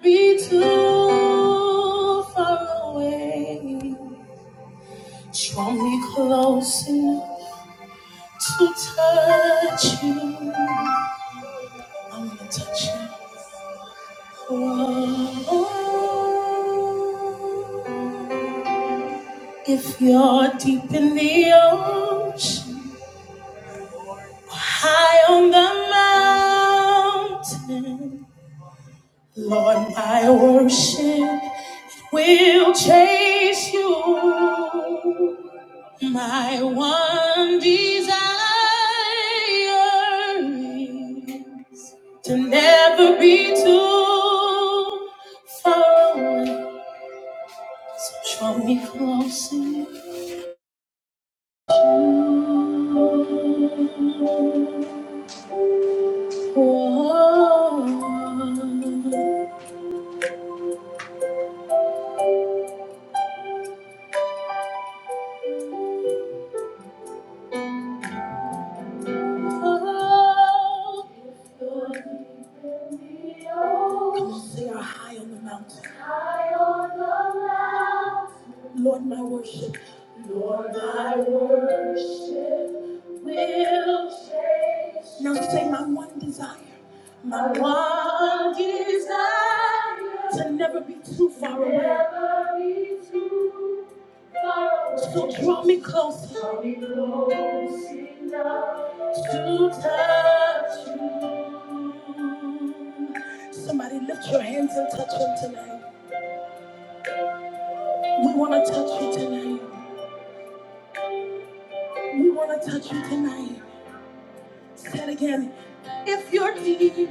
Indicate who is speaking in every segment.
Speaker 1: be too far away. Draw me close enough to touch you. I wanna touch you. Whoa. If you're deep in the ocean, or high on the mountain, Lord, my worship will chase you. My one desire to never be too far away. So draw me closer. Whoa. Come on, sing our high on the mountain. High on the mountain. Lord, my worship. Lord, my worship will change. Now say my one desire. My one desire. To never be too far away. So draw me closer. to touch you. Somebody lift your hands and touch him tonight. We want to touch you tonight. We want to touch you tonight. Say it again. If you're deep,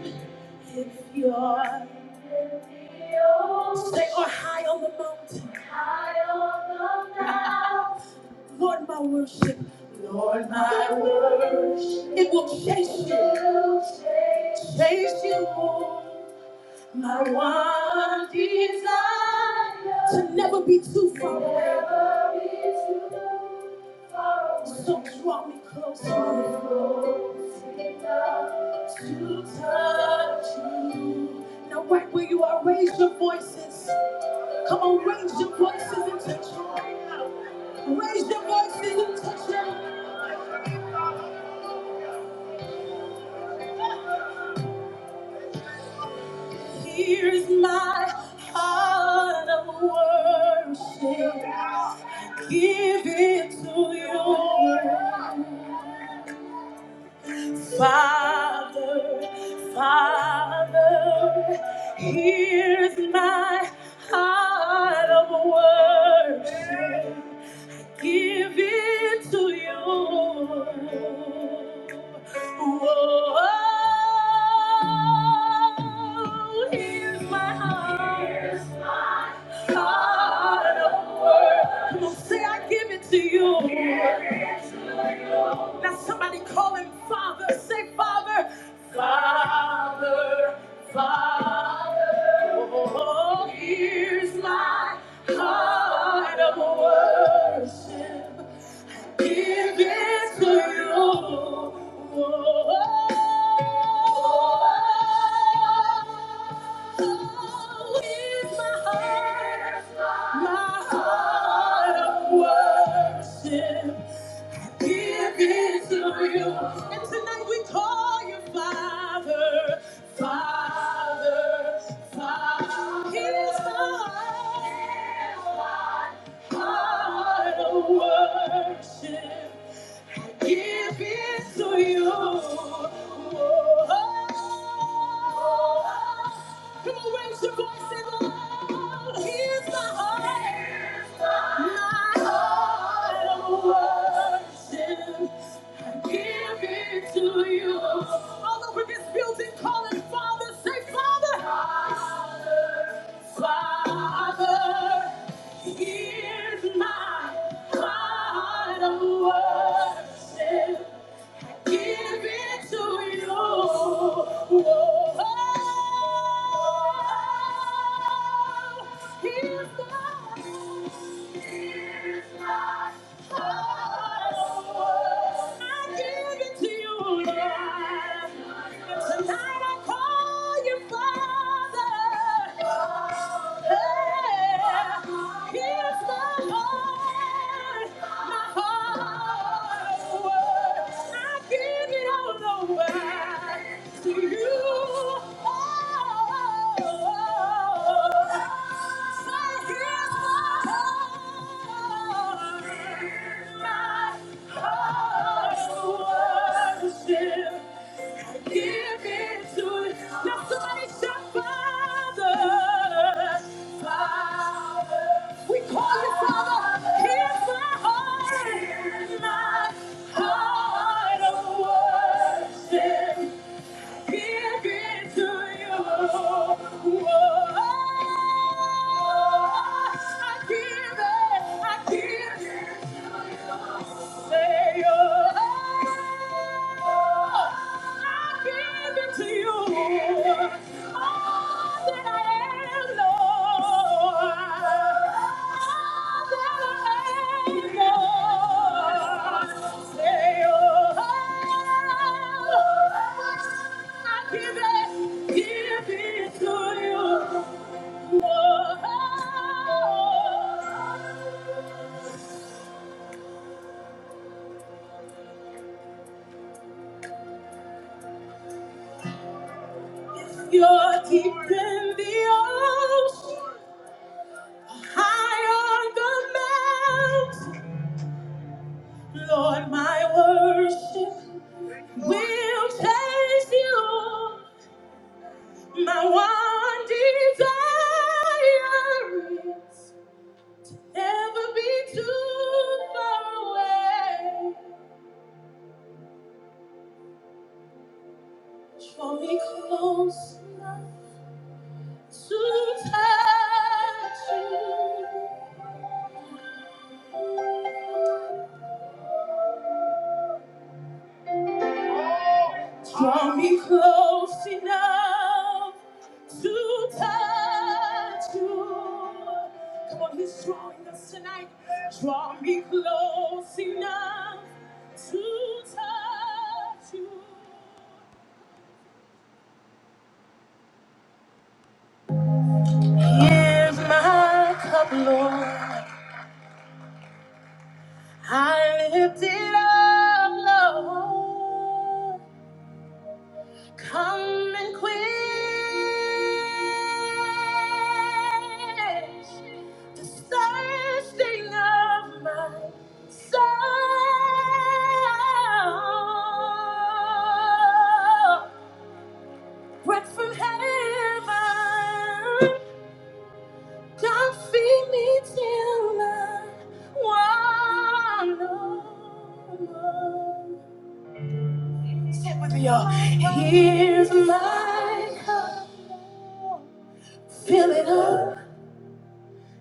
Speaker 1: if you're Stay or high on the mountain. High on the mountain. Lord, my worship. Lord, my worship. It will chase you. It will Chase you. chase you. My one desire to never be too far away. Never be too far away. So draw me closer to touch you. Now, right where you are, raise your voices. Come on, raise your voices and touch him. Raise your voices and touch him. Here is my heart of worship. Give it to you. Father, Father, here's my heart of worship. Give it to you. Whoa, here's my heart. Here's my Heart of worship. Come on, say I give it to you. Now somebody call him Father. Say Father. Father, Father. Oh, here's my heart of worship. Give it to you. Oh, here's my heart. My heart of worship. Give it to you. And tonight we call you Father, Father, Father. Here's my heart, heart of worship. Give it to you. Oh, come on, raise your voice and loud. Here's my heart. My heart of worship. I give it to you. All over this building, calling Father, say Father. Father. Father. Here's my heart of worship. Give it to you. Oh, here's my, here's my heart of worship. I give it to you, Lord. And tonight I call you Father. Hey. Worship. Give it to Now somebody shout, Father, Father. We call you Father. Here's my heart. my heart of worship. Give it to you. Whoa. I give it. I give it. Say, oh, I give it to you. All that I am, All that I am, Say, oh, I give it, give it to you. Oh, You're deep in the ocean, high on the mountain. Lord, my worship will chase you. My one desire is never be too far away. Draw me close enough to touch you. Draw me close enough to touch you. Come on, he's drawing us tonight. Draw me close enough to touch you. Here's my cup, Lord. I lift it up, Lord. Come and quench the thirsting of my soul. Bread from heaven, don't feed me till I want no more. Sit with me, y'all. Here's my cup. Fill it up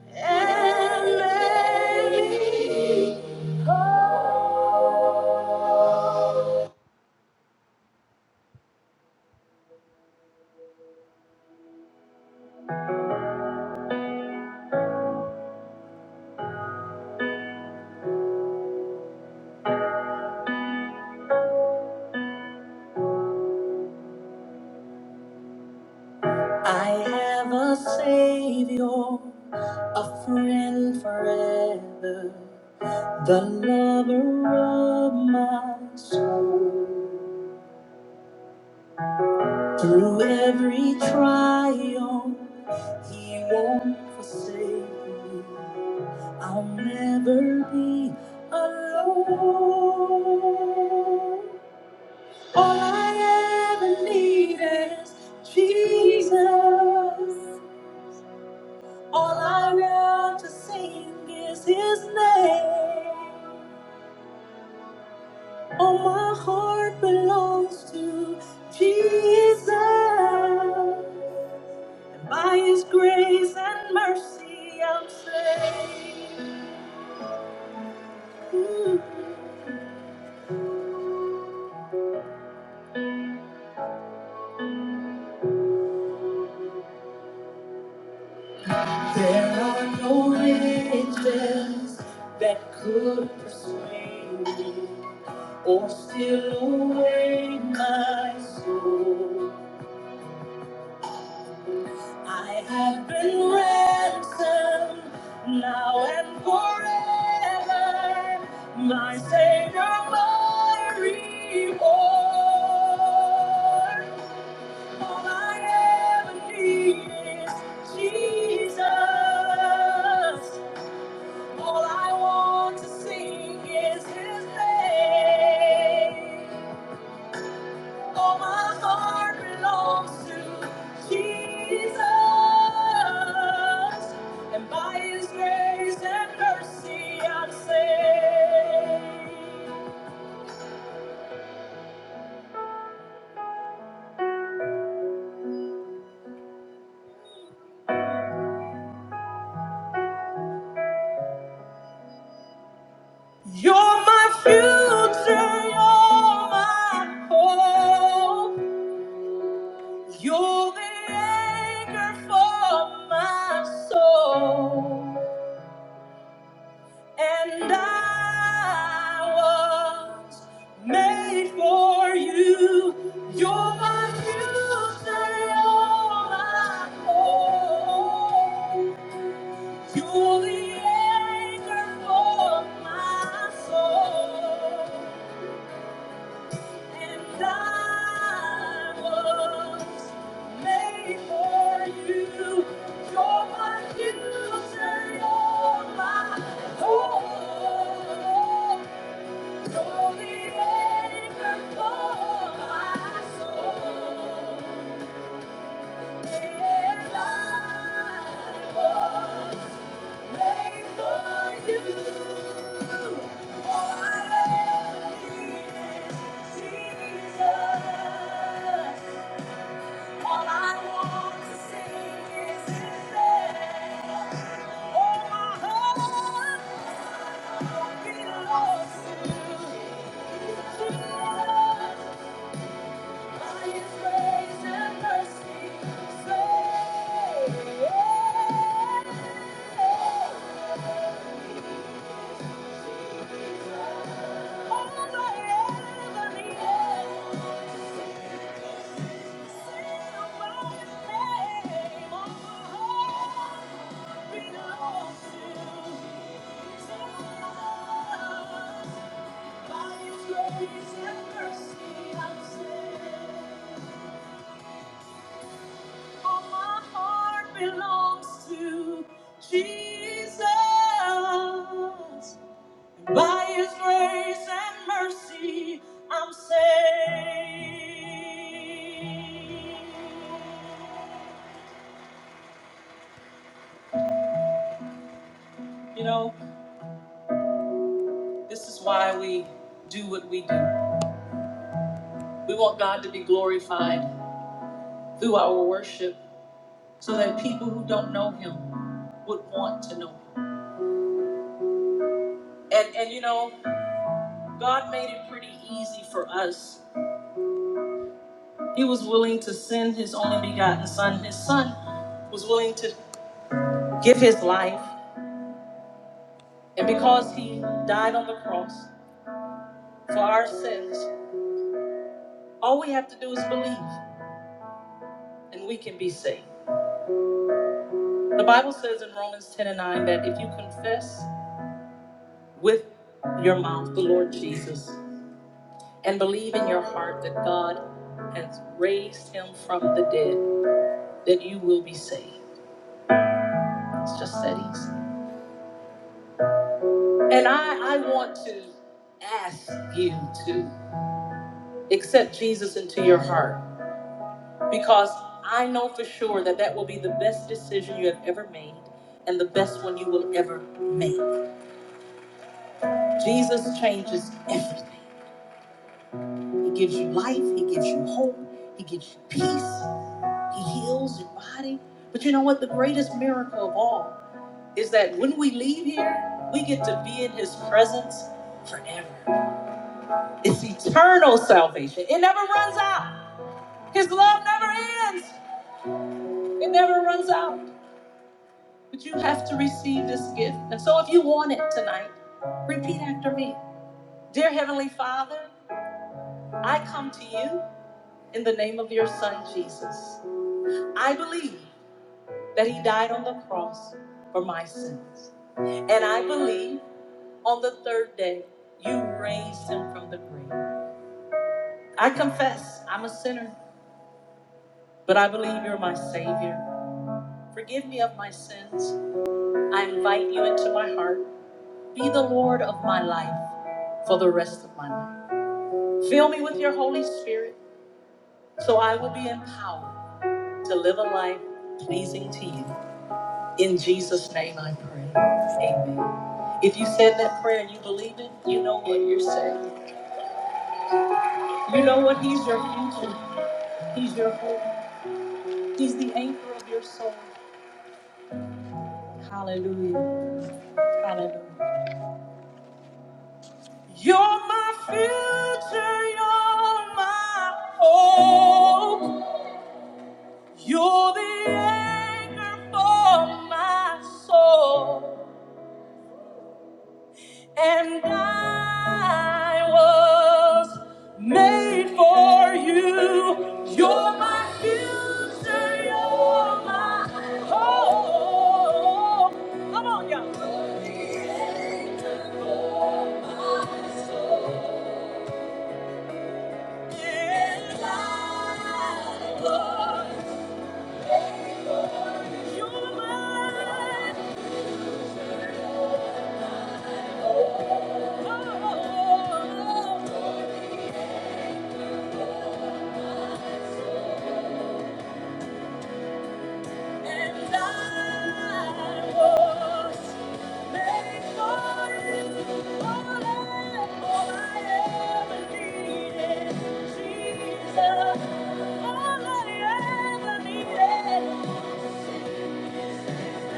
Speaker 1: and let it go. I have a savior, a friend forever, the lover of my soul. Through every trial, he won't forsake me. I'll never be alone. All I ever need is Jesus. All I love to sing is His name. All my heart belongs to Jesus. And by His grace and mercy, I'm saved. Ooh. There are no riches that could persuade me. Oh, still awake, my soul. I have been ransomed now and forever. My Savior, my reward. All I ever need is Jesus. All I want to sing is His name. All my heart belongs to Jesus, and by His grace and mercy I'm saved. You're my future, you're my hope, you're the anchor for my soul. And I was made for you. You're my future, all my hope. You're the anchor for my soul. And I was made for you. You're my future, all my hope. Jesus. By His Grace and mercy, I'm saved. All my heart belongs to Jesus. By his grace and mercy, I'm saved. You know, this is why we do what we do. We want God to be glorified through our worship so that people who don't know him would want to know him. And, and you know, God made it pretty easy for us He was willing to send his only begotten son. His son was willing to give his life. And because he died on the cross for our sins, all we have to do is believe and we can be saved. The Bible says in Romans 10 and 9 that if you confess with your mouth the Lord Jesus and believe in your heart that God has raised him from the dead, that you will be saved. It's just that easy. And I, I want to ask you to. accept Jesus into your heart because I know for sure that that will be the best decision you have ever made and the best one you will ever make. Jesus changes everything. He gives you life, He gives you hope, He gives you peace, He heals your body. But you know what? The greatest miracle of all is that when we leave here, we get to be in His presence forever. It's eternal salvation, it never runs out. His love never ends, it never runs out. But you have to receive this gift. And so if you want it tonight, repeat after me. Dear Heavenly Father, I come to you in the name of your Son, Jesus. I believe that he died on the cross for my sins. And I believe on the third day you raised him from the grave. I confess I'm a sinner, but I believe you're my Savior. Forgive me of my sins. I invite you into my heart. Be the Lord of my life for the rest of my life. Fill me with your Holy Spirit so I will be empowered to live a life pleasing to you. In Jesus' name I pray. Amen. If you said that prayer and you believe it, you know what you're saying. You know what? He's your future. He's your hope. He's the anchor of your soul. Hallelujah. Hallelujah. You're my future. You're my hope. You're the anchor for my soul, and I was made for you. You're my future, you're my hope. Come on, y'all. You're the anchor for my soul, and I was made for you. You're mine. All I ever needed, Jesus. All I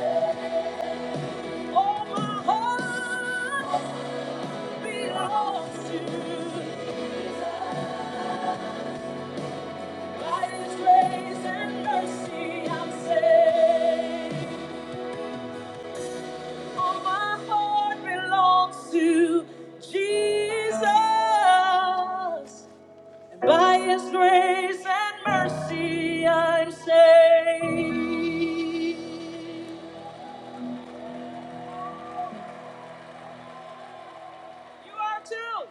Speaker 1: ever needed. All my heart belongs to Jesus. By His grace and mercy, I'm saved. All my heart belongs to Jesus. And By His grace and mercy, I'm saved. You are too.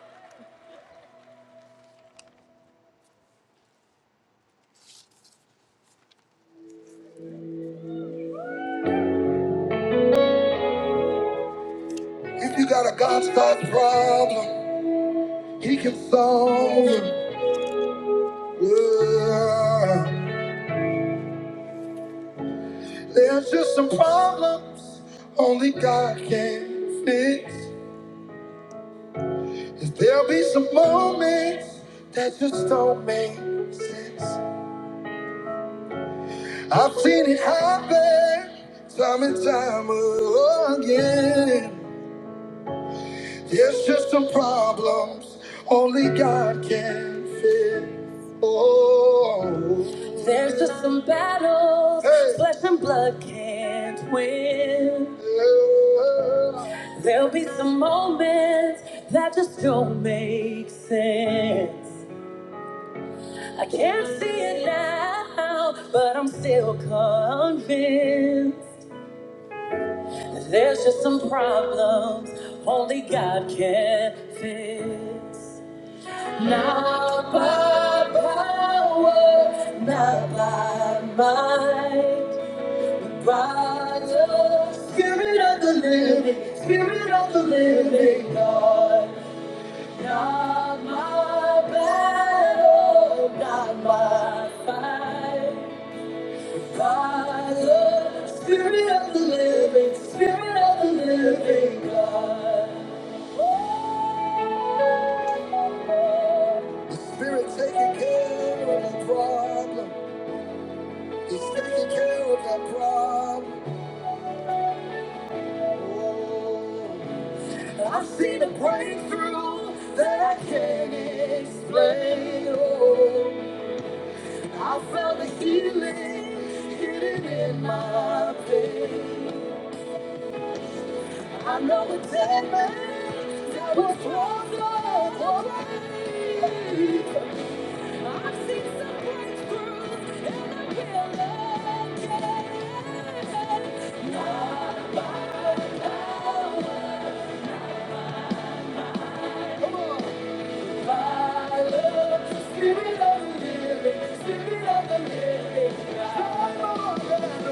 Speaker 1: If you got a God-sized problem, He can solve it. Yeah. There's just some problems only God can fix. And there'll be some moments that just don't make sense. I've seen it happen time and time again. There's just some problems only God can fix. Oh, there's just some battles Hey. flesh and blood can't win. Yeah. There'll be some moments that just don't make sense. I can't see it now, but I'm still convinced. There's just some problems only God can fix. Now power is not mine. Spirit of the living God. my God. The Spirit taking care of the problem. He's taking care of that problem. Oh, I've seen a breakthrough that I can't explain. Oh, I felt the healing hidden in my pain. I know it's in me. I was once lost. I've seen some breakthroughs and I will again. Not by power. Come on. By the Spirit of the living, Spirit of the living. God. Come on, man.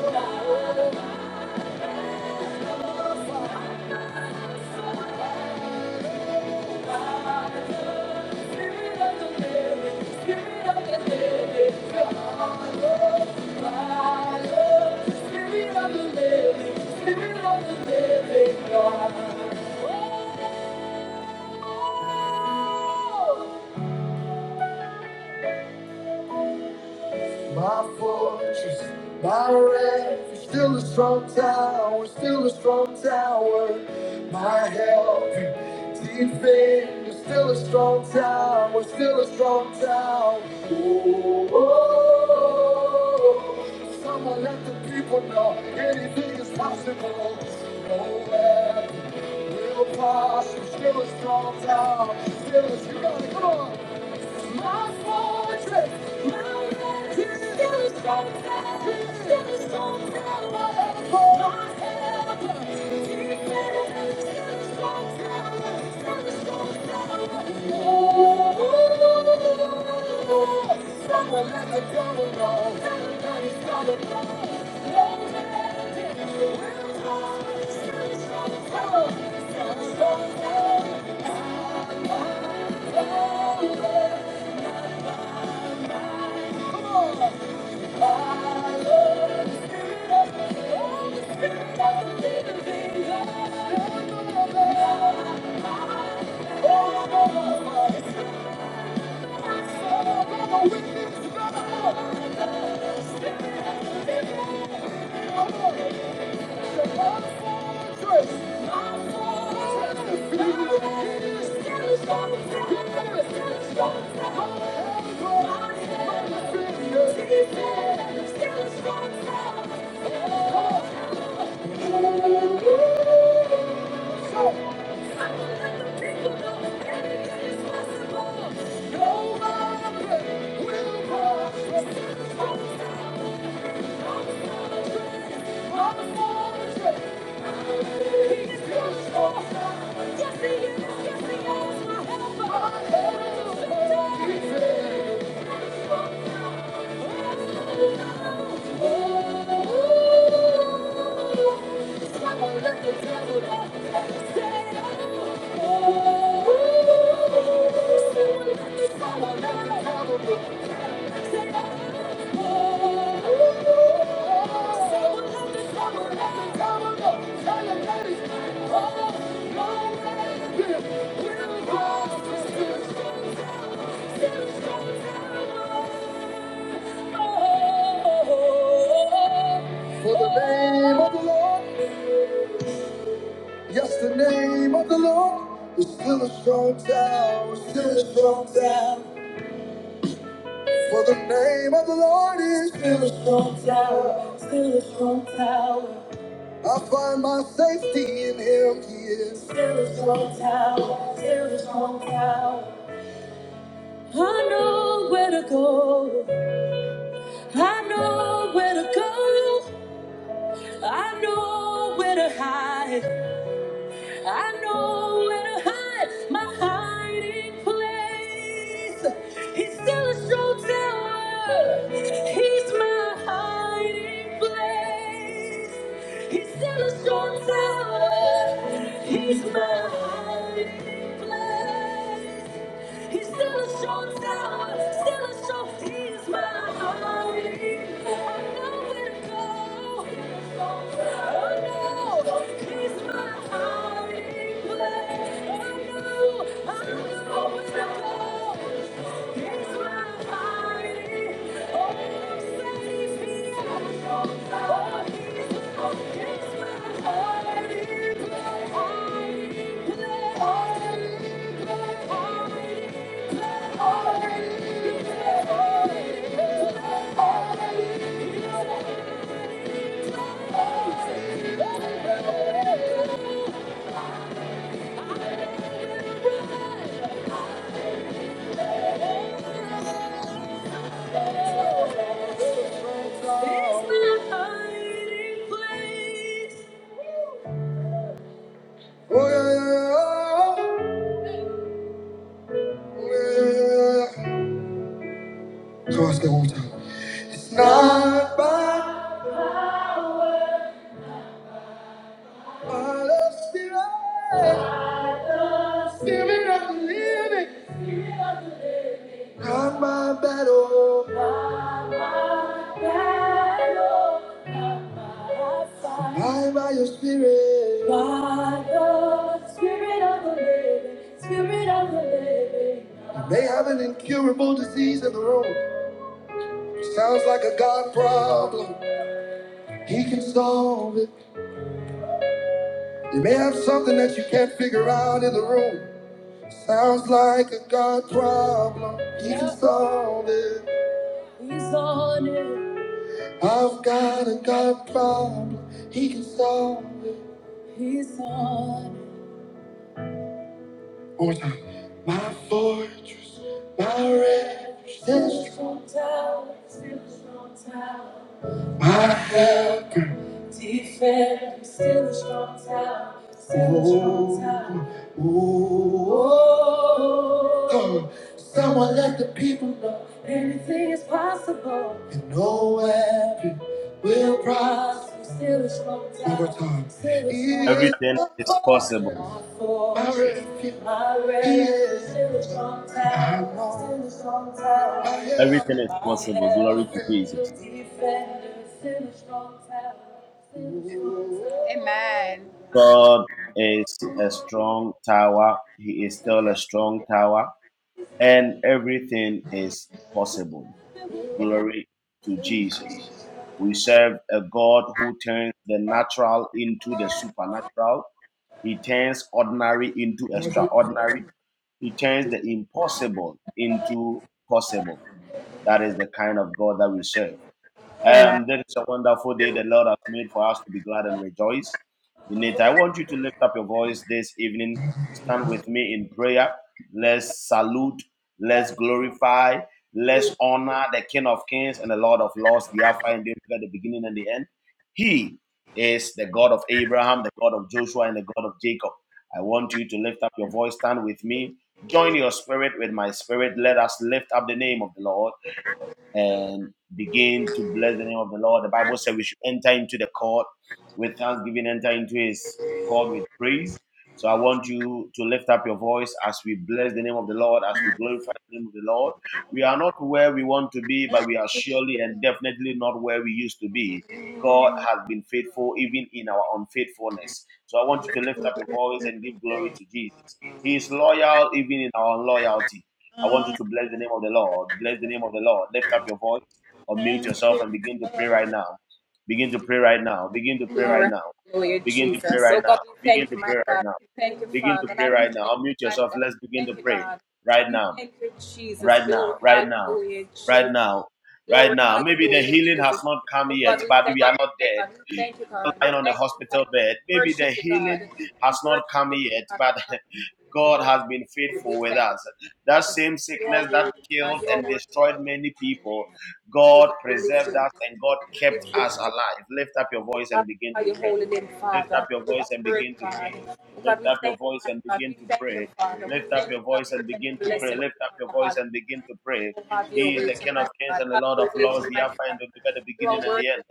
Speaker 1: Not by power. I'm so glad. Spirit of the living God. my fortress, my refuge, still a strong tower, still a strong tower, my help, defender, still a strong tower, still a strong tower. Oh, oh, oh. someone let the people know anything is possible. No weapon will prosper, still a strong tower, still a strong tower. Come on. Someone let the devil know. Everybody's gotta go. No matter real time. Still strong, still strong, still strong. Thank you still Yeah. Thank you. Thank you. For the name of the Lord, yes, the name of the Lord is still a strong tower, still a strong tower. For the name of the Lord is still a I find my safety in Him. He is. Now there is no doubt. I know where to go. I know where to go. I know where to hide. I know where to hide my hiding place. He's still a strong tower. He's my hiding place. He's still a strong tower. He's my hiding place. He's still a strong tower. Still a strong. He's my hiding Oh, Chorus go one time. It's not by my love, spirit, spirit of the living. Not my battle. Not Not my my battle. not my fight. Light by your spirit. By the spirit of the living, spirit of the living. You may have an incurable disease in the room. Sounds like a God problem. He can solve it. You may have something that you can't figure out in the room. Sounds like a God problem. He can Yeah. solve it. He's on it. I've got a God problem. He can solve it. He's on. it. One more time. My fortress, my refuge, this strong tower, still strong tower. My helper, defender, still a strong tower, still a strong tower. Ooh, ooh, oh, oh. Someone let the people know anything is possible. And no weapon. We'll prosper, still a strong tower. One more time. Still a strong tower. He is
Speaker 2: Everything is possible.
Speaker 1: my fortress, my refuge. My refuge, He is still a strong tower. my Lord. Still a strong tower. My
Speaker 2: Everything
Speaker 1: help.
Speaker 2: is
Speaker 1: My
Speaker 2: possible. Glory
Speaker 1: help.
Speaker 2: to Jesus.
Speaker 1: Defender. still a strong tower. Still a strong
Speaker 2: God is a strong tower. He is still a strong tower. And everything is possible. Glory to Jesus. We serve a God who turns the natural into the supernatural. He turns ordinary into extraordinary. He turns the impossible into possible. That is the kind of God that we serve. Um, this is a wonderful day the Lord has made for us to be glad and rejoice in it. I want you to lift up your voice this evening. Stand with me in prayer. Let's salute, let's glorify, let's honor the King of Kings and the Lord of Lords, the Alpha and the Omega, the beginning and the end. He is the God of Abraham, the God of Joshua, and the God of Jacob. I want you to lift up your voice. Stand with me. Join your spirit with my spirit. Let us lift up the name of the Lord and begin to bless the name of the Lord. The Bible says we should enter into the court with thanksgiving, enter into his court with praise. So I want you to lift up your voice as we bless the name of the Lord, as we glorify the name of the Lord. We are not where we want to be, but we are surely and definitely not where we used to be. God has been faithful even in our unfaithfulness. So I want you to lift up your voice and give glory to Jesus. He is loyal even in our unloyalty. I want you to bless the name of the Lord. Bless the name of the Lord. Lift up your voice or mute yourself and begin to pray right now. Begin to pray right now. Begin to pray right now. Begin to pray right now. Begin to pray right now. Begin to pray right now. Unmute yourself. Let's begin to pray right now. Right now. Right now. Right now. Right now. Maybe the healing has not come yet, but we are not dead. Lying on a hospital bed. Maybe the healing has not come yet, but God has been faithful with us. That same sickness that killed and destroyed many people, God preserved us and God kept us alive. Lift up your voice and begin to pray. Lift up your voice and begin to pray. Lift up your voice and begin to pray. Lift up your voice and begin to pray. Lift up your voice and begin to pray. He is the King of Kings and the Lord of Lords, the Alpha and the Omega, the beginning and the end.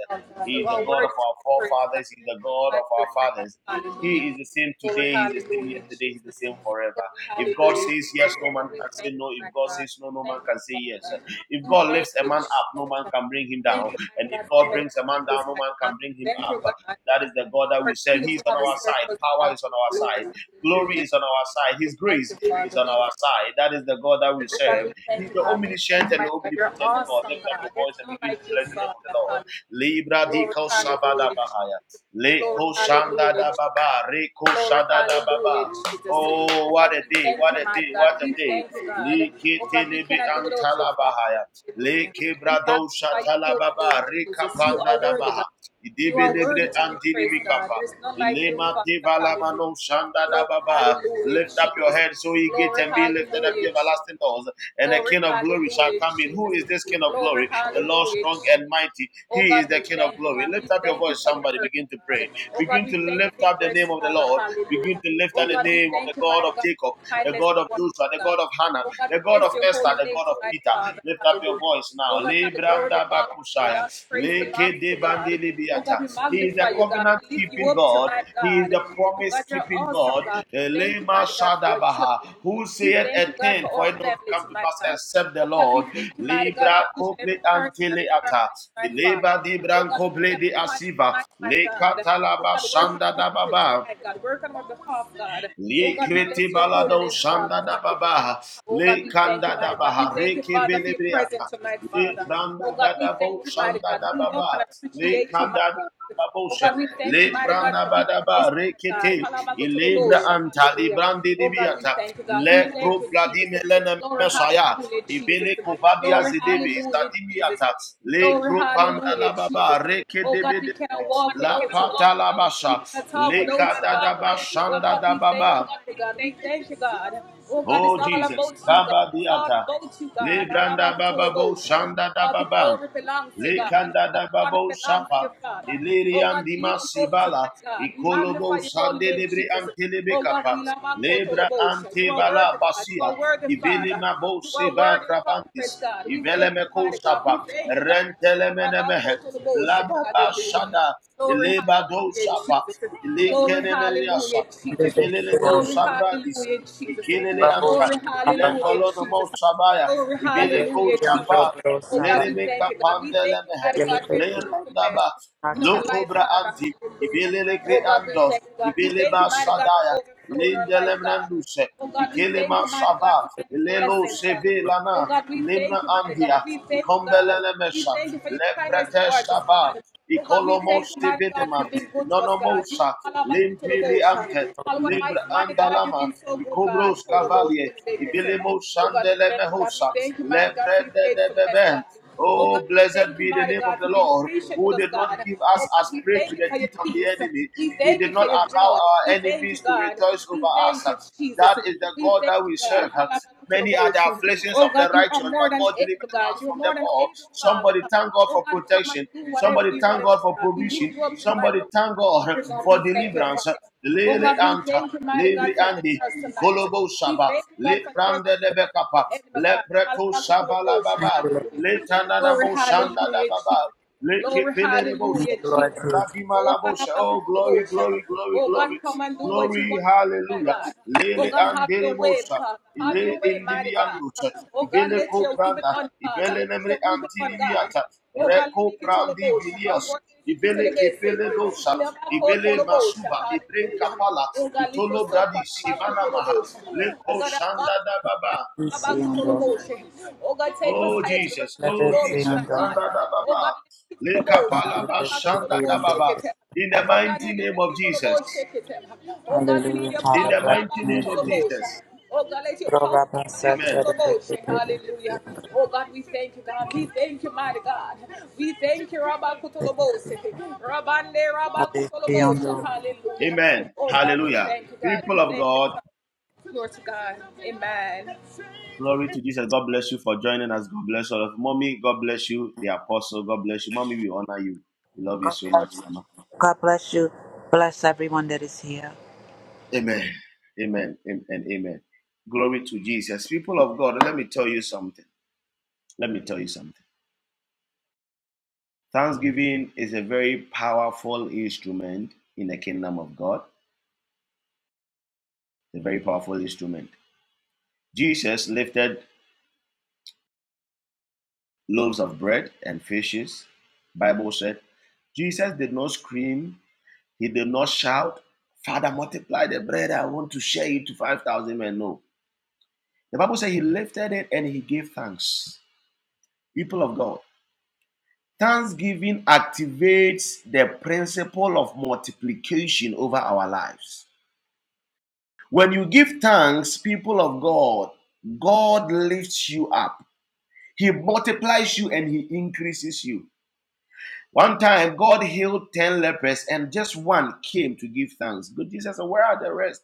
Speaker 2: He is the God of our forefathers. He is the God of our fathers. He is the same today, He's the same yesterday, He's the same forever. If God says yes, no man can say no. If God says no, no man can say yes. If God lifts a man up, no man can bring him down. And if God brings a man down, no man can bring him up. That is the God that we serve. He is on our side. Power is on our side. Glory is on our side. His grace is on our side. That is the God that we serve. He's the omniscient and the omnipotent God. Lift up your voice and begin to bless the name of the Lord. Libra di Savada Bahaya. Leko shanda da baba, reko shanda da baba. Oh, what a day, what a day, what a day. Li kiti libi antala bahaya. Le brado shatala baba, reka kapanda da baha. Idibi libre antini mikapa. Ilema tivala mano shanda da baba. Lift up your head so ye get and be lifted up, ye everlasting doors. And the King of glory shall come in. Who is this King of glory? The Lord strong and mighty. He is the King of glory. Lift up your voice, somebody. Begin to pray. Begin to lift up the name of the Lord. Begin to lift up the name of the God of Jacob, the God of Joshua, the God of Hannah, the God of Esther, the God of Peter. Lift up your voice now. Le branda bakusaya. Le kede bandi libiata. He is the covenant keeping God. He is the promise keeping God. Eh, Le mashadabaha. Who saith a thing for it not to come to pass except the Lord. Libra koble anteleata. Leba di branco ble di asiva. Le katalaba shanda da baba. Le kreti balado shanda da baba. Le kanda da baha. Reke velebriata. Le branda da da bo shanda da baba. Le kada da babosha. Le branda badaba rekete. Ilebra anta librandi dibiata. Le pro bladime lene mesaya. Ibele kobabia zedebe zadimi ata le kropanda la baba reke debe de la pata la basha le kada da bashanda da baba. Oh Jesus, kaba diata le branda baba bo shanda da baba. Le kandada babo sapa. Ilirian dimasivala. Ikolobo sande lebre antelebekapa kapa. Lebra ante bala basia. Ibili mabo seba krabantis. Ivele meko sapa. Rentele menemehe. Lababa shada. Ileba do sapa. Ilikene meniasa.
Speaker 3: Thank
Speaker 2: Ibele mo
Speaker 3: Liberación,
Speaker 2: savradis. Ikelele
Speaker 3: Babu,
Speaker 2: anta.
Speaker 3: Baba,
Speaker 2: Ilembalono mo sabaya. Ibele ko
Speaker 3: Liberación,
Speaker 2: sapa.
Speaker 3: Dobro, Saba,
Speaker 2: Lelebeka pandelemehe.
Speaker 3: Liberación,
Speaker 2: Lerandaba.
Speaker 3: Tata,
Speaker 2: Lokobra anti. Ibelele creandos. Ibeleba sadaya. Lindelemranduse. Ikelema saba. lelo seve lana. Ilemna andia. Ikombelelemesha. Leprete saba. Ikolomo sevedema. Nonomosa, Limpiri Ante,
Speaker 3: Thank
Speaker 2: Libra Andalama, Icobros Cavalier, Ibilimo Sandele Mehosa, Leprende de Beben. Oh, blessed be the name of the Lord, who did not give us as prey to the teeth of the enemy. He did not allow our enemies to rejoice over us. That is the God that we serve. Many are the afflictions of the righteous, but God delivered us from them all. Somebody thank God for protection. Somebody thank God for provision. Somebody thank God for deliverance. Lele anta, lebre andi. Kolobo Shaba, Le Prande de Bekapa, Le Preto Shaba La Baba,
Speaker 3: you, Lord.
Speaker 2: Le Tananamo Shanda da Baba,
Speaker 3: Thank
Speaker 2: Lekepeledebosha.
Speaker 3: you, Lord Jesus.
Speaker 2: Radimalabosha. Oh, glory, glory, glory, glory. Glory, hallelujah. Lele anderebosha. Ile indiliandosha. Ibele kopranda. Ibele nemre antinimiata. Reko prandi vilias. Ibele kepele dosa. Ibele masuba. Ibren kapala. Itolo bradis. Ivana maha. Leko shanda da baba.
Speaker 3: Luciando,
Speaker 2: Oh Jesus, oh Jesus,
Speaker 3: Liberación,
Speaker 2: Shanda da ba ba. Leka pala
Speaker 3: Brando,
Speaker 2: ba, shanda da
Speaker 3: Liberación,
Speaker 2: ba ba. in the
Speaker 3: Dobro.
Speaker 2: mighty name of Jesus,
Speaker 3: Hallelujah,
Speaker 2: in
Speaker 3: Father,
Speaker 2: the
Speaker 3: bless
Speaker 2: mighty
Speaker 3: me.
Speaker 2: name of Jesus,
Speaker 3: Proba, Pasa,
Speaker 2: Amen,
Speaker 3: Tere, Liberación, Liberación,
Speaker 2: Amen, Hallelujah. People of God, glory to Jesus. God bless you for joining us. God bless all of mommy. God bless you, the apostle. God bless you, mommy. We honor you. We love you
Speaker 3: God
Speaker 2: so
Speaker 3: bless
Speaker 2: much,
Speaker 3: you.
Speaker 2: mama.
Speaker 3: God bless you. Bless everyone that is here.
Speaker 2: Amen, Amen, and amen. amen. Glory to Jesus. People of God, let me tell you something. Let me tell you something. Thanksgiving is a very powerful instrument in the kingdom of God, a very powerful instrument. Jesus lifted loaves of bread and fishes. Bible said Jesus did not scream, he did not shout, Father, multiply the bread, I want to share it to 5,000 men. No. The Bible said he lifted it and he gave thanks. People of God, thanksgiving activates the principle of multiplication over our lives. When you give thanks, people of God, God lifts you up. He multiplies you and he increases you. One time, God healed 10 lepers and just one came to give thanks. But Jesus said, Where are the rest?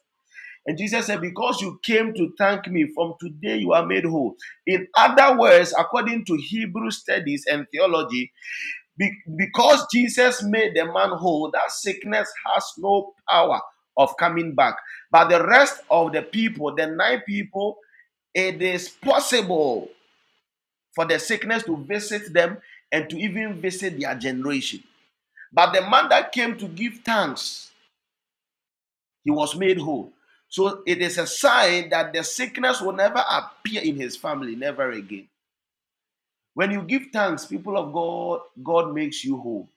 Speaker 2: And Jesus said, Because you came to thank me, from today you are made whole. In other words, according to Hebrew studies and theology, be- because Jesus made the man whole, that sickness has no power of coming back. But the rest of the people, the nine people, it is possible for the sickness to visit them and to even visit their generation. But the man that came to give thanks, he was made whole. So it is a sign that the sickness will never appear in his family, never again. When you give thanks, people of God, God makes you whole.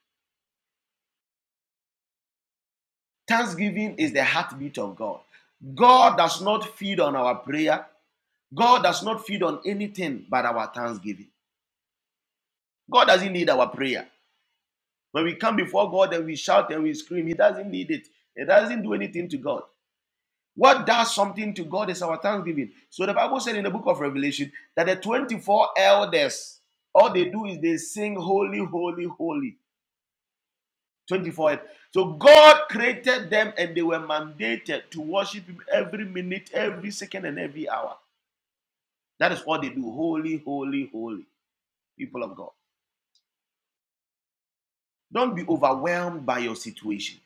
Speaker 2: Thanksgiving is the heartbeat of God. God does not feed on our prayer. God does not feed on anything but our thanksgiving. God doesn't need our prayer. When we come before God and we shout and we scream, He doesn't need it. It doesn't do anything to God. What does something to God is our thanksgiving. So the Bible said in the book of Revelation that the 24 elders, all they do is they sing, Holy, Holy, Holy. 24. So God created them and they were mandated to worship Him every minute, every second, and every hour. That is what they do. Holy, holy, holy. People of God. Don't be overwhelmed by your situation.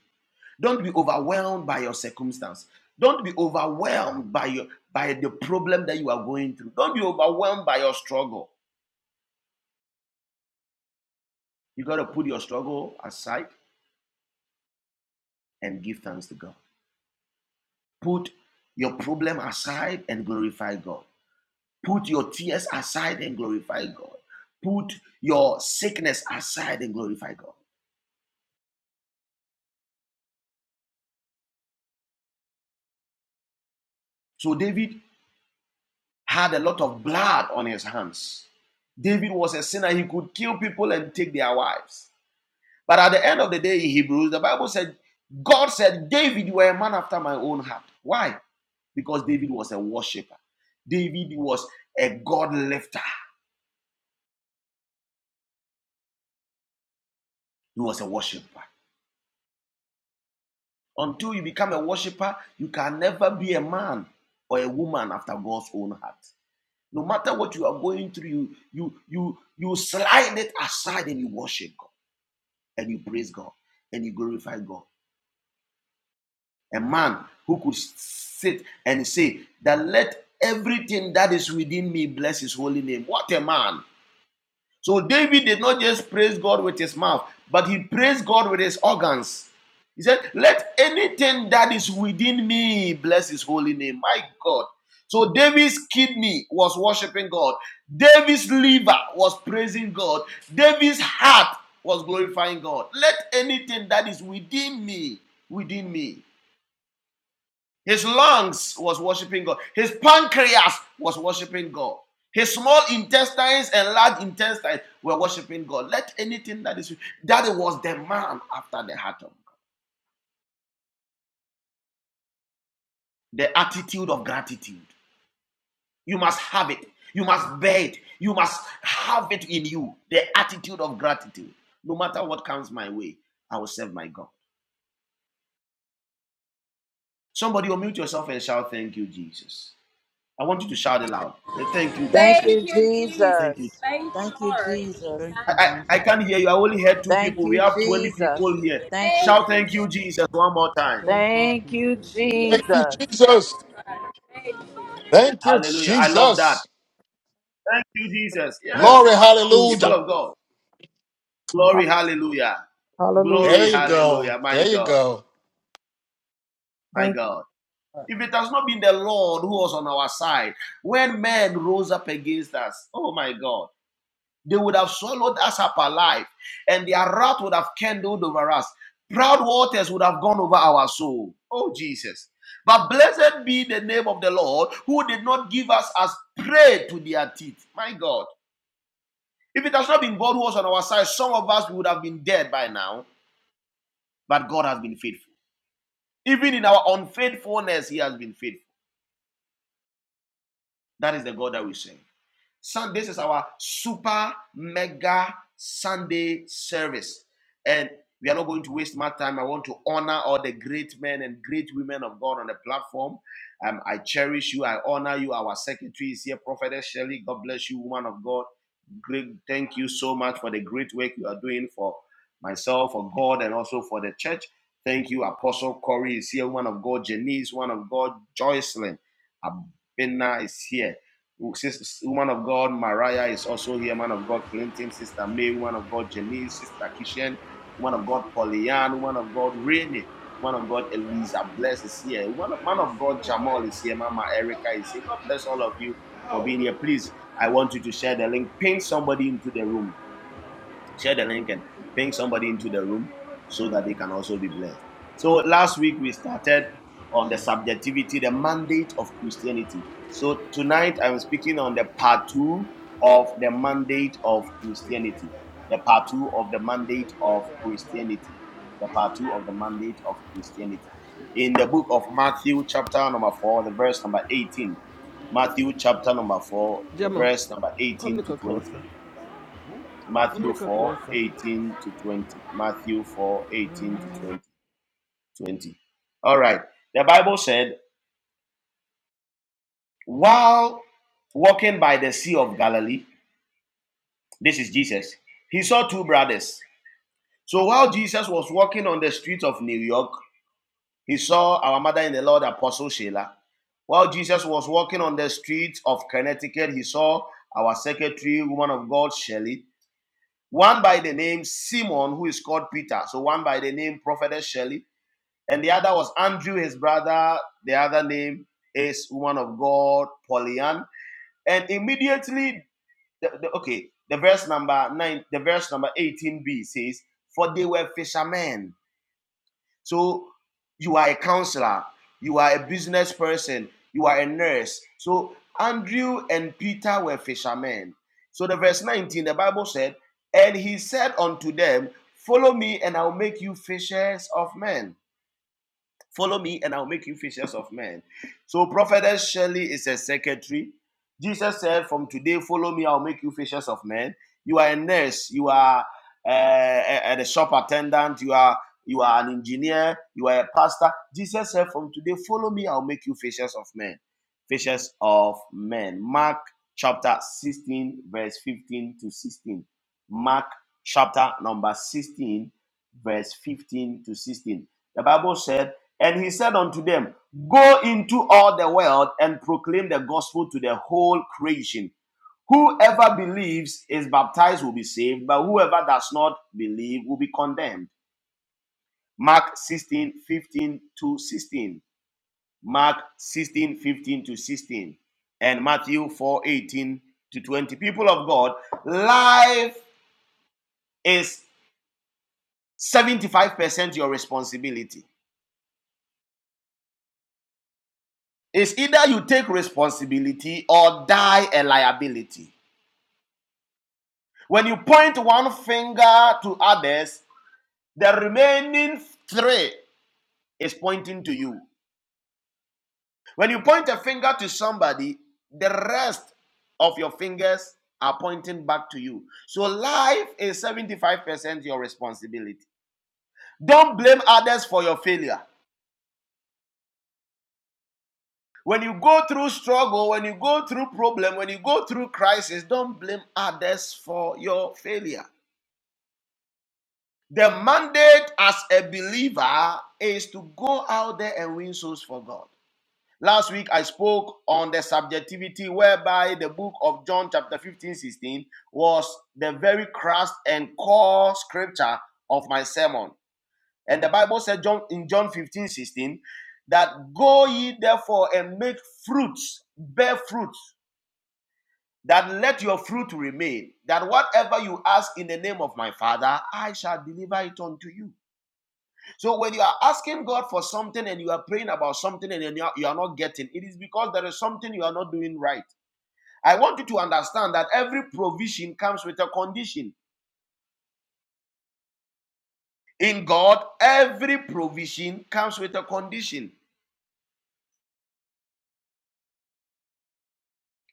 Speaker 2: Don't be overwhelmed by your circumstance. Don't be overwhelmed by your by the problem that you are going through. Don't be overwhelmed by your struggle. You got to put your struggle aside and give thanks to God. Put your problem aside and glorify God. Put your tears aside and glorify God. Put your sickness aside and glorify God. So David had a lot of blood on his hands. David was a sinner. He could kill people and take their wives. But at the end of the day, in Hebrews, the Bible said, God said, David, you are a man after my own heart. Why? Because David was a worshiper. David was a God lifter. He was a worshiper. Until you become a worshiper, you can never be a man or a woman after God's own heart. No matter what you are going through, you you you you slide it aside and you worship God and you praise God and you glorify God. A man who could sit and say that let everything that is within me bless his holy name. What a man! So David did not just praise God with his mouth, but he praised God with his organs. He said, Let anything that is within me bless his holy name. My God. So David's kidney was worshiping God. David's liver was praising God. David's heart was glorifying God. Let anything that is within me, within me. His lungs was worshiping God. His pancreas was worshiping God. His small intestines and large intestines were worshiping God. Let anything that is that was the man after the heart of God. The attitude of gratitude. You must have it. You must bear it. You must have it in you. The attitude of gratitude. No matter what comes my way, I will serve my God. Somebody unmute yourself and shout, Thank you, Jesus. I want you to shout it loud. Thank you,
Speaker 3: Thank
Speaker 2: Jesus.
Speaker 3: you,
Speaker 2: Thank you,
Speaker 3: Jesus. Thank you, Jesus.
Speaker 4: Thank
Speaker 2: I,
Speaker 4: you,
Speaker 2: I, I
Speaker 4: Jesus.
Speaker 2: can't hear you. I only heard two
Speaker 3: Thank
Speaker 2: people. We
Speaker 3: you,
Speaker 2: have 20
Speaker 3: Jesus.
Speaker 2: people here.
Speaker 3: Thank you,
Speaker 2: Shout thank you,
Speaker 3: Jesus.
Speaker 2: Jesus, one more time.
Speaker 4: Thank you,
Speaker 3: Thank you,
Speaker 4: Jesus.
Speaker 5: Thank you,
Speaker 3: Jesus.
Speaker 5: Jesus. Thank you,
Speaker 2: Hallelujah. I love that.
Speaker 5: Jesus.
Speaker 2: Thank you, Jesus. Yes,
Speaker 5: Glory,
Speaker 2: people
Speaker 6: Jesus.
Speaker 5: hallelujah.
Speaker 2: of God. Glory, hallelujah.
Speaker 6: Hallelujah.
Speaker 5: There
Speaker 2: Glory,
Speaker 5: you
Speaker 2: hallelujah.
Speaker 5: go.
Speaker 2: My
Speaker 5: There you
Speaker 2: God,
Speaker 5: go.
Speaker 2: my
Speaker 6: Thank
Speaker 2: God.
Speaker 6: you.
Speaker 2: If it has not been the Lord who was on our side, when men rose up against us, oh my God. They would have swallowed us up alive, and their wrath would have kindled over us. Proud waters would have gone over our soul. Oh, Jesus. But blessed be the name of the Lord, who did not give us as prey to their teeth. My God. If it has not been God who was on our side, some of us would have been dead by now. But God has been faithful. Even in our unfaithfulness, He has been faithful. That is the God that we serve. Sun, this is our super mega Sunday service. And we are not going to waste my time. I want to honor all the great men and great women of God on the platform. Um, I cherish you. I honor you. Our secretary is here, Prophetess Shelley. God bless you, woman of God. Great. Thank you so much for the great work you are doing for myself, for God, and also for the church. Thank you, Apostle Corey is here, woman of God. Janice, woman of God. Joycelyn Abena is here. Sister, Woman of God, Mariah is also here. Man of God, Clinton. Sister May. Woman of God, Janice. Sister Kishen, Woman of God, Pollyann. Woman of God, Rainy. Woman of God, Eliza Bless is here. One
Speaker 7: I
Speaker 2: of, man
Speaker 7: never
Speaker 2: of
Speaker 7: seen
Speaker 2: God,
Speaker 7: no
Speaker 2: Jamal
Speaker 7: fire.
Speaker 2: is here. Mama Erica is here. God bless all of you for
Speaker 7: How?
Speaker 2: being here. Please, I want you to share the link. Pin somebody into the room share the link and bring somebody into the room so that they can also be blessed. So last week we started on the subjectivity, the mandate of Christianity. So tonight I'm speaking on the part two of the mandate of Christianity.
Speaker 7: Is
Speaker 2: The part two of the mandate of Christianity. The part two of the mandate of Christianity. In the book of Matthew, chapter number four, the verse number 18. Matthew chapter number four, the
Speaker 7: Gemma,
Speaker 2: verse number
Speaker 7: come
Speaker 2: 18 to
Speaker 7: look
Speaker 2: 20.
Speaker 7: closer. Come
Speaker 2: Matthew
Speaker 7: look
Speaker 2: 4
Speaker 7: closer.
Speaker 2: 18 to 20. Matthew 4 18 to 20. 20. All right. The Bible said, while walking by the Sea of Galilee, this is Jesus, he saw two brothers. So while Jesus was walking on the streets of New York, he saw our mother in the Lord, Apostle Sheila. While Jesus was walking on the streets of Connecticut, he saw our secretary, woman of God, Shelley. One by the name Simon, who is called Peter. So one by the name Prophetess Shelley And the other was Andrew, his brother. The other name is woman of God, Polyan. And immediately, the, the- okay, the verse number nine, the verse number 18b says, For they were fishermen. So you are a counselor, you are a business person, you are a nurse. So Andrew and Peter were fishermen. So the verse 19, the Bible said, And he said unto them, Follow me, and I'll make you fishers of men. Follow me and I'll make you fishers of men. So, prophetess Shirley is a secretary. Jesus said, From today, follow me, I'll make you fishers of men. You are a nurse, you are uh, a, a shop attendant, you are you are an engineer, you are a pastor. Jesus said, From today, follow me, I'll make you fishers of men. Fishers of men. Mark chapter 16, verse 15 to 16. Mark chapter number 16, verse 15 to 16. The Bible said, and he said unto them, Go into all the world and proclaim the gospel to the whole creation. Whoever believes is baptized will be saved, but whoever does not believe will be condemned. Mark sixteen fifteen to 16. Mark 16 15 to 16. And Matthew 4 18 to 20. People of God, life is 75% your responsibility. It's either you take responsibility or die a liability. When you point one finger to others, the remaining three is pointing to you. When you point a finger to somebody, the rest of your fingers are pointing back to you. So life is 75% your responsibility. Don't blame others for your failure. When you go through struggle, when you go through problem, when you go through crisis, don't blame others for your failure. The mandate as a believer is to go out there and win souls for God. Last week I spoke on the subjectivity whereby the book of John chapter 15 16 was the very crust and core scripture of my sermon. And the Bible said John in John 15 16 that go ye therefore and make fruits, bear fruits, that let your fruit remain, that whatever you ask in the name of my Father, I shall deliver it unto you. So when you are asking God for something and you are praying about something and then you are, you are not getting, it is because there is something you are not doing right. I want you to understand that every provision comes with a condition. In God, every provision comes with a condition.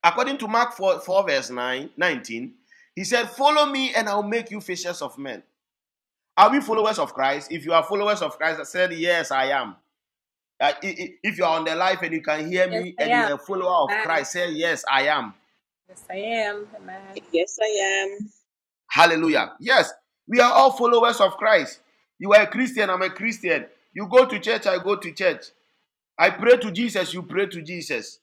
Speaker 2: According to Mark 4, 4 verse 9 19, he said, Follow me and I'll make you fishers of men. Are we followers of Christ? If you are followers of Christ, I said, Yes, I am. Uh, if you are on the life and you can hear me and you are a follower of Christ, say, Yes, I am.
Speaker 8: Yes, I am.
Speaker 2: Hallelujah. Yes, we are all followers of Christ. You are a Christian, I'm a Christian. You go to church, I go to church. I pray to Jesus, you pray to Jesus.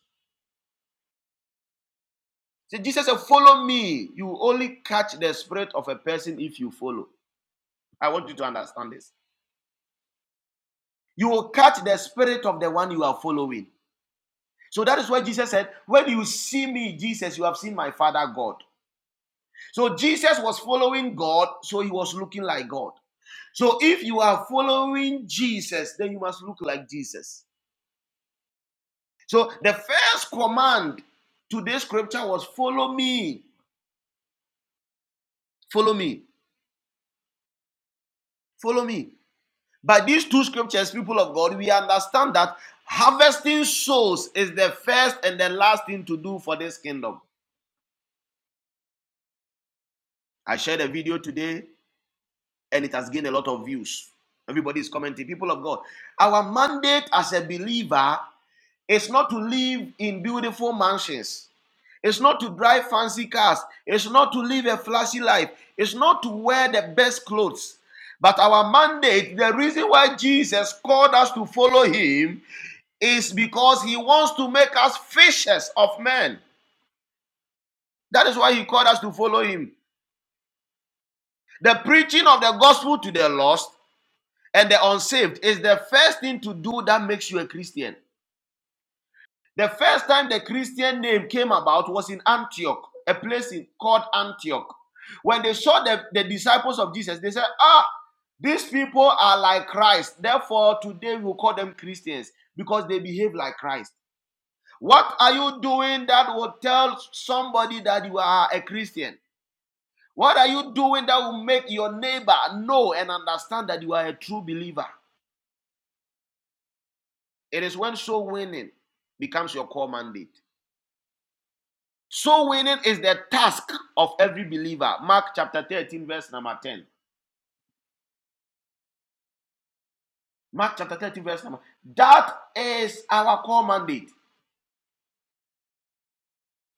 Speaker 2: Say, Jesus said, Follow me. You only catch the spirit of a person if you follow. I want you to understand this. You will catch the spirit of the one you are following. So that is why Jesus said, When you see me, Jesus, you have seen my Father God. So Jesus was following God, so he was looking like God. So if you are following Jesus, then you must look like Jesus. So the first command to this scripture was follow me, follow me, follow me. By these two scriptures, people of God, we understand that harvesting souls is the first and the last thing to do for this kingdom. I shared a video today and it has gained a lot of views. Everybody is commenting. People of God, our mandate as a believer is not to live in beautiful mansions. It's not to drive fancy cars. It's not to live a flashy life. It's not to wear the best clothes. But our mandate, the reason why Jesus called us to follow him, is because he wants to make us fishers of men. That is why he called us to follow him. The preaching of the gospel to the lost and the unsaved is the first thing to do that makes you a Christian. The first time the Christian name came about was in Antioch, a place called Antioch. When they saw the, the disciples of Jesus, they said, Ah, these people are like Christ. Therefore, today we call them Christians because they behave like Christ. What are you doing that will tell somebody that you are a Christian? What are you doing that will make your neighbor know and understand that you are a true believer? It is when soul winning becomes your core mandate. Soul winning is the task of every believer. Mark chapter 13, verse number 10. Mark chapter 13, verse number. ten. That is our core mandate.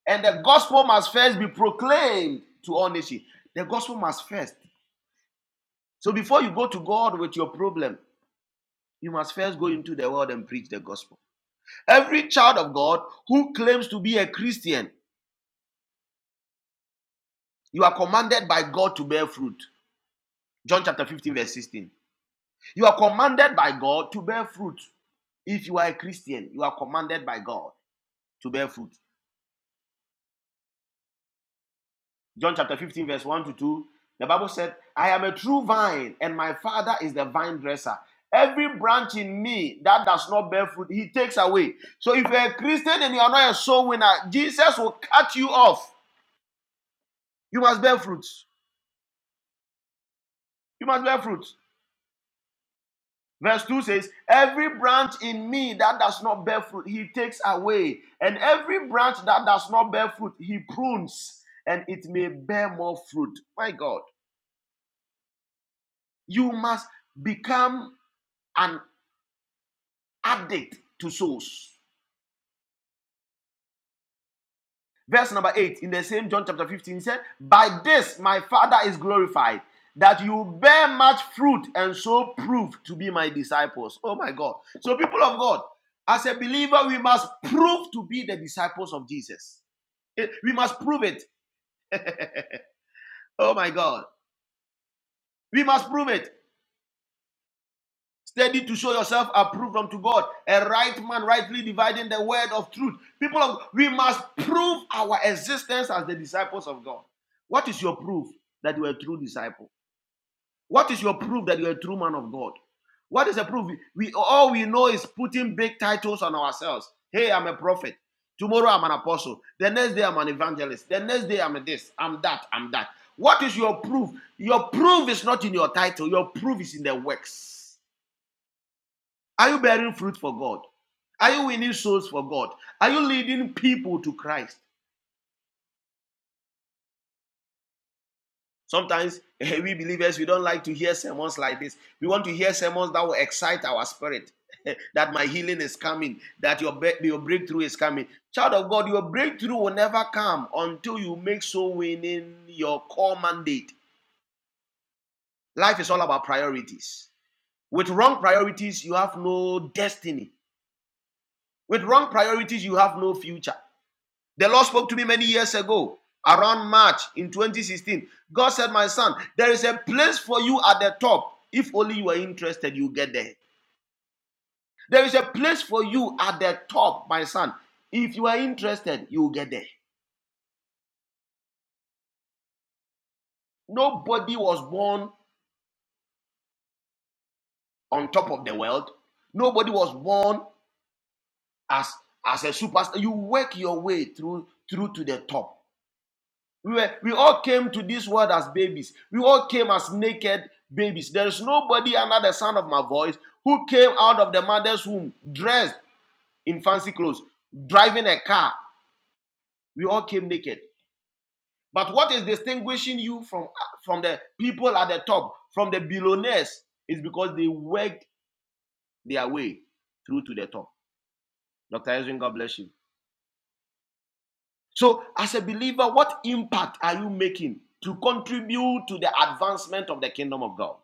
Speaker 2: And the gospel must first be proclaimed to all nations. The gospel must first. So before you go to God with your problem, you must first go into the world and preach the gospel. Every child of God who claims to be a Christian, you are commanded by God to bear fruit. John chapter 15, verse 16. You are commanded by God to bear fruit. If you are a Christian, you are commanded by God to bear fruit. John chapter 15, verse 1 to 2. The Bible said, I am a true vine, and my Father is the vine dresser. Every branch in me that does not bear fruit, he takes away. So if you're a Christian and you are not a soul winner, Jesus will cut you off. You must bear fruit. You must bear fruit. Verse 2 says, Every branch in me that does not bear fruit, he takes away. And every branch that does not bear fruit, he prunes, and it may bear more fruit. My God, you must become an addict to souls. Verse number 8 in the same John chapter 15 he said, By this my Father is glorified, that you bear much fruit and so prove to be my disciples. Oh my God. So, people of God, as a believer, we must prove to be the disciples of Jesus. It- we must prove it. Oh my God. We must prove it. Steady to show yourself approved unto God, a right man rightly dividing the word of truth. People of we must prove our existence as the disciples of God. What is your proof that you are a true disciple? What is your proof that you're a true man of God? What is the proof? We all we know is putting big titles on ourselves. Hey, I'm a prophet. Tomorrow I'm an apostle. The next day I'm an evangelist. The next day I'm a this, I'm that, I'm that. What is your proof? Your proof is not in your title. Your proof is in the works. Are you bearing fruit for God? Are you winning souls for God? Are you leading people to Christ? Sometimes eh, we believers we don't like to hear sermons like this. We want to hear sermons that will excite our spirit. that my healing is coming, that your be- your breakthrough is coming. Child of God, your breakthrough will never come until you make so winning your core mandate. Life is all about priorities. With wrong priorities, you have no destiny. With wrong priorities, you have no future. The Lord spoke to me many years ago, around March in 2016. God said, My son, there is a place for you at the top. If only you are interested, you get there. There is a place for you at the top, my son. If you are interested, you get there. Nobody was born on top of the world. Nobody was born as, as a superstar. You work your way through through to the top. We, were, we all came to this world as babies. We all came as naked babies. There is nobody under the sound of my voice who came out of the mother's womb dressed in fancy clothes, driving a car. We all came naked. But what is distinguishing you from, from the people at the top, from the billionaires, is because they worked their way through to the top. Dr. Ezrin, God bless you. So, as a believer, what impact are you making to contribute to the advancement of the kingdom of God?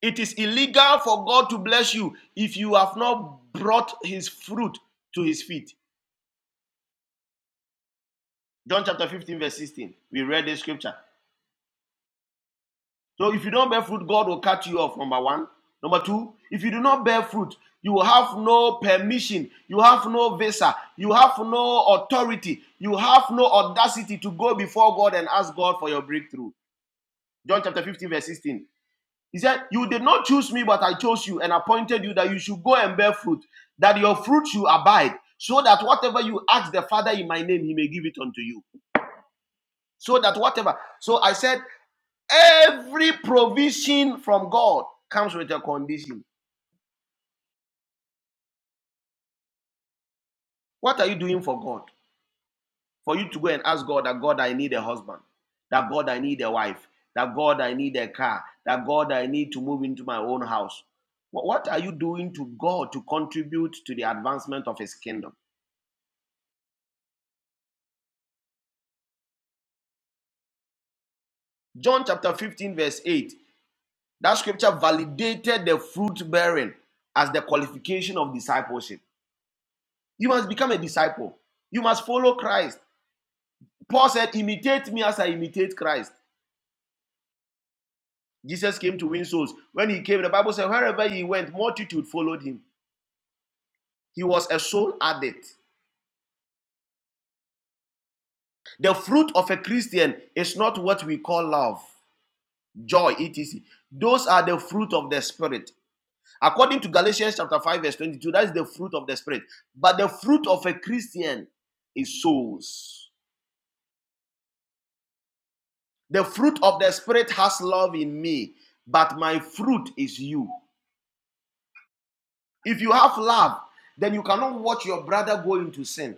Speaker 2: It is illegal for God to bless you if you have not brought his fruit to his feet. John chapter 15, verse 16. We read this scripture. So if you don't bear fruit, God will cut you off. Number one. Number two, if you do not bear fruit, you will have no permission, you have no visa, you have no authority, you have no audacity to go before God and ask God for your breakthrough. John chapter 15, verse 16. He said, You did not choose me, but I chose you and appointed you that you should go and bear fruit, that your fruit should abide, so that whatever you ask the Father in my name, he may give it unto you. So that whatever. So I said, Every provision from God comes with a condition. What are you doing for God? For you to go and ask God that God, I need a husband, that God, I need a wife, that God, I need a car, that God, I need to move into my own house. What what are you doing to God to contribute to the advancement of his kingdom? John chapter 15, verse 8. That scripture validated the fruit bearing as the qualification of discipleship. You must become a disciple, you must follow Christ. Paul said, Imitate me as I imitate Christ. Jesus came to win souls. When he came, the Bible said, wherever he went, multitude followed him. He was a soul addict. The fruit of a Christian is not what we call love, joy, etc. Those are the fruit of the Spirit. According to Galatians chapter 5, verse 22, that is the fruit of the Spirit. But the fruit of a Christian is souls. The fruit of the Spirit has love in me, but my fruit is you. If you have love, then you cannot watch your brother go into sin.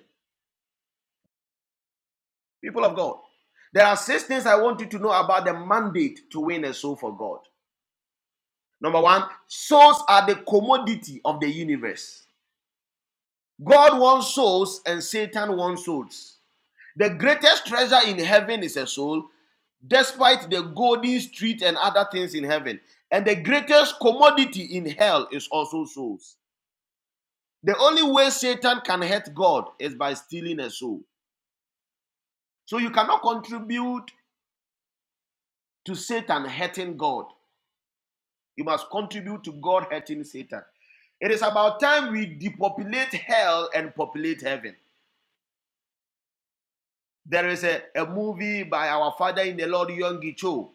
Speaker 2: People of God, there are six things I want you to know about the mandate to win a soul for God. Number one, souls are the commodity of the universe. God wants souls and Satan wants souls. The greatest treasure in heaven is a soul, despite the golden street and other things in heaven. And the greatest commodity in hell is also souls. The only way Satan can hurt God is by stealing a soul. So you cannot contribute to Satan hurting God. You must contribute to God hurting Satan. It is about time we depopulate hell and populate heaven. There is a, a movie by our father in the Lord, Yonggi Cho.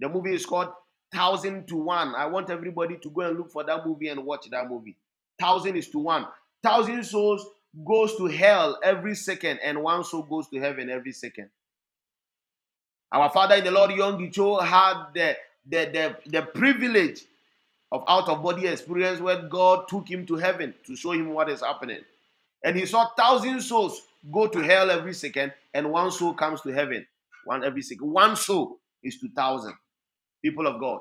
Speaker 2: The movie is called Thousand to One. I want everybody to go and look for that movie and watch that movie. Thousand is to one. Thousand souls goes to hell every second, and one soul goes to heaven every second. Our father in the Lord, Young Cho, had the, the, the, the privilege of out of body experience where God took him to heaven to show him what is happening. And he saw thousand souls go to hell every second, and one soul comes to heaven. One every second. One soul is to thousand people of God.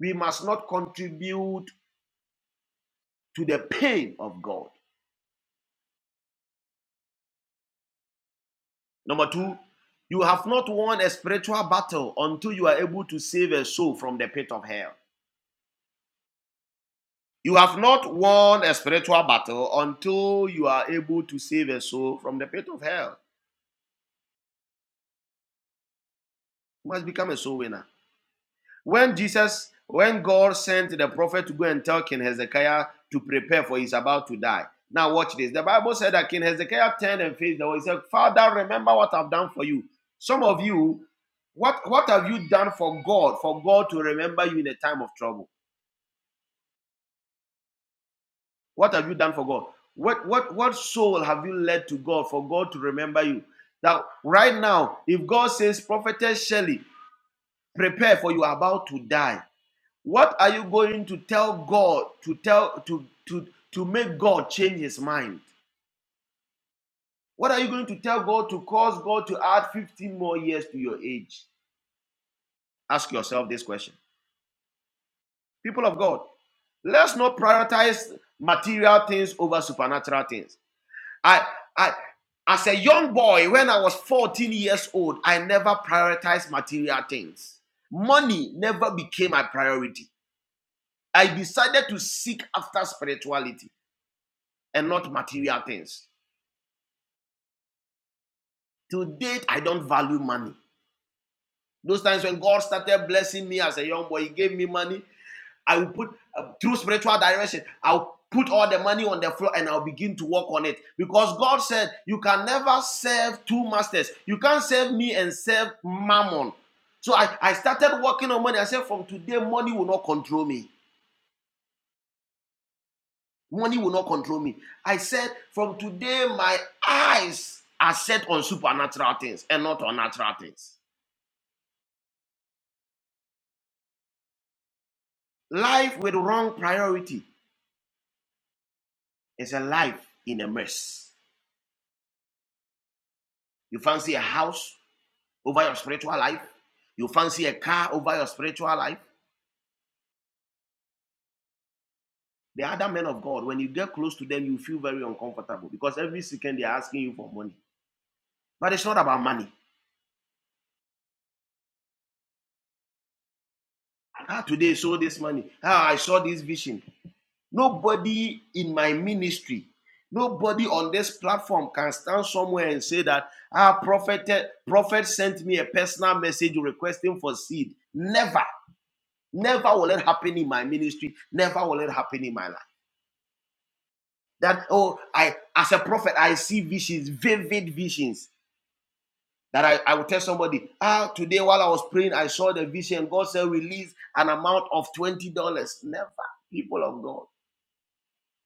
Speaker 2: we must not contribute to the pain of God. Number two, you have not won a spiritual battle until you are able to save a soul from the pit of hell. You have not won a spiritual battle until you are able to save a soul from the pit of hell. You must become a soul winner. When Jesus, when God sent the prophet to go and tell King Hezekiah to prepare for he's about to die. Now watch this. The Bible said that King Hezekiah turned and faced the wall. He said, Father, remember what I've done for you. Some of you, what, what have you done for God, for God to remember you in a time of trouble? What have you done for God? What, what, what soul have you led to God for God to remember you? Now right now, if God says, Prophetess Shelley, prepare for you are about to die What are you going to tell God to tell to to to make God change his mind? What are you going to tell God to cause God to add 15 more years to your age? Ask yourself this question. People of God, let's not prioritize material things over supernatural things. I I as a young boy when I was 14 years old, I never prioritized material things. Money never became my priority. I decided to seek after spirituality. and not material things. To date, I don't value money. Those times when God started blessing me as a young boy, He gave me money. I will put uh, through spiritual direction. I'll put all the money on the floor and I'll begin to work on it because God said you can never serve two masters. You can't serve me and serve Mammon. So I, I started working on money. I said from today money will not control me. Money will not control me. I said from today my eyes are set on supernatural things and not on natural things. Life with wrong priority is a life in a mess. You fancy a house over your spiritual life. You fancy a car over your spiritual life. The other men of God, when you get close to them, you feel very uncomfortable because every second they're asking you for money. But it's not about money. Ah, today I saw this money. Ah, I saw this vision. Nobody in my ministry, nobody on this platform can stand somewhere and say that ah, prophet, prophet sent me a personal message requesting for seed. Never. Never will it happen in my ministry. Never will it happen in my life. That, oh, I as a prophet, I see visions, vivid visions. That I, I will tell somebody, ah, today while I was praying, I saw the vision. God said, release an amount of $20. Never, people of God.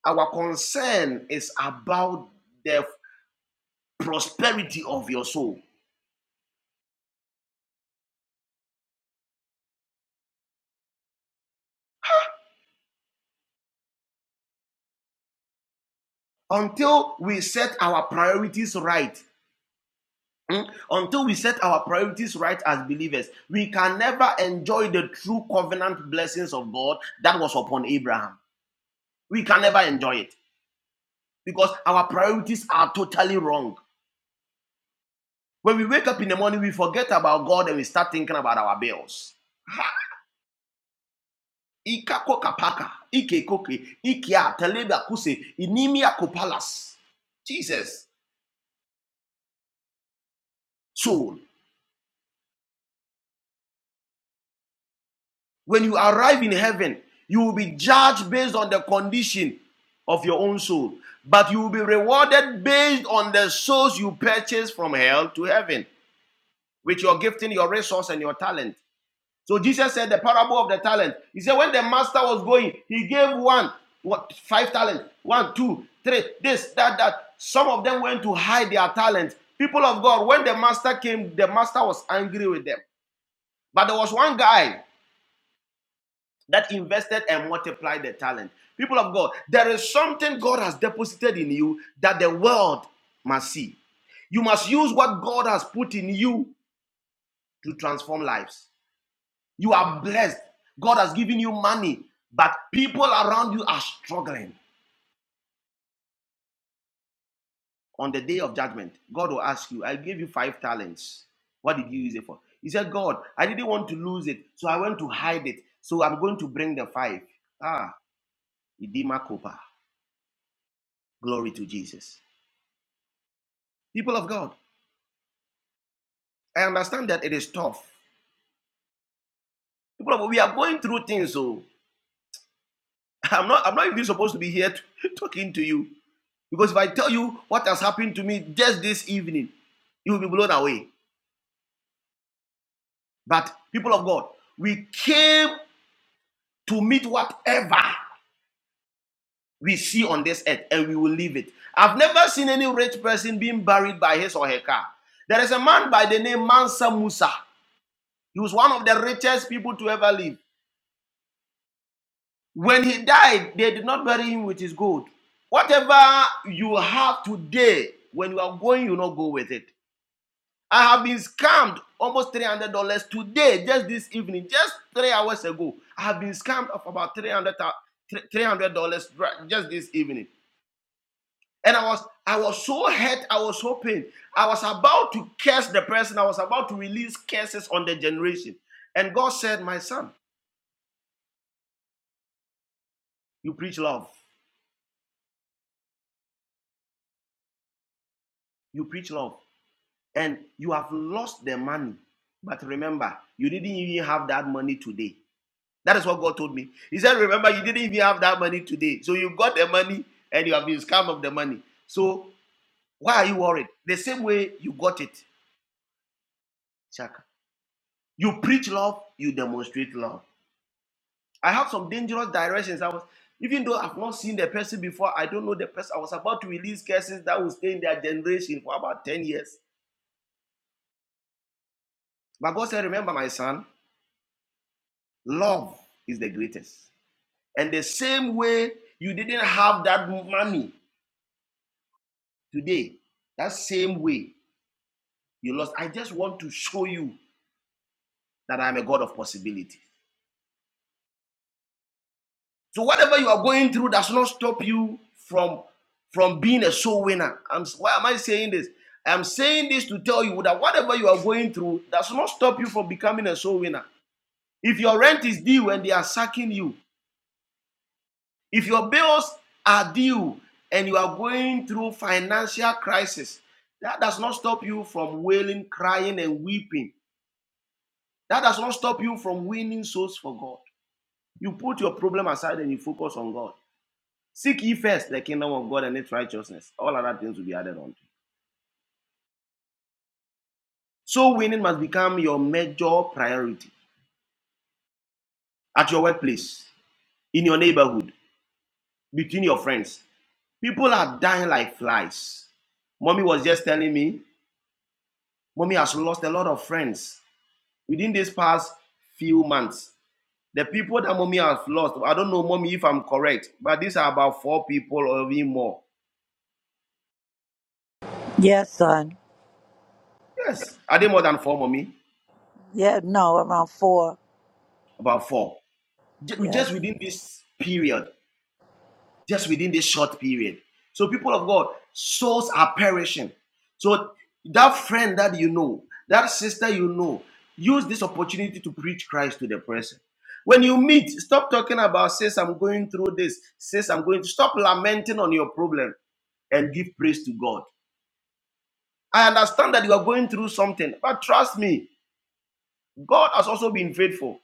Speaker 2: Our concern is about the prosperity of your soul. Until we set our priorities right, Mm? Until we set our priorities right as believers, we can never enjoy the true covenant blessings of God that was upon Abraham. We can never enjoy it because our priorities are totally wrong. When we wake up in the morning, we forget about God and we start thinking about our bills. Ika koka paka, ike koke, ikia teleba kuse, inimia kopalas. Jesus, soul. When you arrive in heaven, you will be judged based on the condition of your own soul, but you will be rewarded based on the souls you purchase from hell to heaven with your gifting, your resource, and your talent. So Jesus said the parable of the talent. He said, when the master was going, he gave one, what, five talents, one, two, three, this, that, that. Some of them went to hide their talents. People of God, when the master came, the master was angry with them. But there was one guy that invested and multiplied the talent. People of God, there is something God has deposited in you that the world must see. You must use what God has put in you to transform lives. You are blessed. God has given you money, but people around you are struggling. On the day of judgment, God will ask you, I gave you five talents. What did you use it for? He said, God, I didn't want to lose it, so I went to hide it. So I'm going to bring the five. Ah, Idima Kopa. Glory to Jesus. People of God, I understand that it is tough. People of God, we are going through things, so I'm not I'm not even supposed to be here t- talking to you. Because if I tell you what has happened to me just this evening, you will be blown away. But people of God, we came to meet whatever we see on this earth and we will leave it. I've never seen any rich person being buried by his or her car. There is a man by the name Mansa Musa. He was one of the richest people to ever live. When he died, they did not bury him with his gold. Whatever you have today, when you are going, you not go with it. I have been scammed almost three hundred dollars today, just this evening, just three hours ago. I have been scammed of about three hundred dollars just this evening, and I was I was so hurt, I was so pained. I was about to curse the person. I was about to release curses on the generation, and God said, "My son, you preach love. You preach love. and you have lost the money. But remember, you didn't even have that money today. That is what God told me. He said, Remember, you didn't even have that money today. So you got the money and you have been scammed of the money. So why are you worried? The same way you got it, Chaka. You preach love, you demonstrate love. I have some dangerous directions. I was, even though I've not seen the person before, I don't know the person. I was about to release curses that will stay in their generation for about 10 years. But God said, Remember, my son, love is the greatest. And the same way you didn't have that money today, that same way you lost. I just want to show you that I'm a God of possibility. So whatever you are going through does not stop you from from being a soul winner. I'm, why am I saying this? I'm saying this to tell you that whatever you are going through does not stop you from becoming a soul winner. If your rent is due and they are sacking you, If your bills are due and you are going through financial crisis, that does not stop you from wailing, crying, and weeping. That does not stop you from winning souls for God. You put your problem aside and you focus on God. Seek ye first the kingdom of God and its righteousness. All other things will be added unto. you. So winning must become your major priority at your workplace, in your neighborhood, between your friends. People are dying like flies. Mommy was just telling me, mommy has lost a lot of friends within this past few months. The people that mommy has lost, I don't know, mommy, if I'm correct, but these are about four people or even more.
Speaker 3: Yes, son.
Speaker 2: Yes, are they more than four, mommy?
Speaker 3: Yeah, no, around four.
Speaker 2: About four. Ju- Just
Speaker 3: Yes.
Speaker 2: within this period, just within this short period. So, people of God, souls are perishing. So, that friend that you know, that sister you know, use this opportunity to preach Christ to the person. When you meet, stop talking about, says I'm going through this, says I'm going to stop lamenting on your problem and give praise to God. I understand that you are going through something, but trust me, God has also been faithful.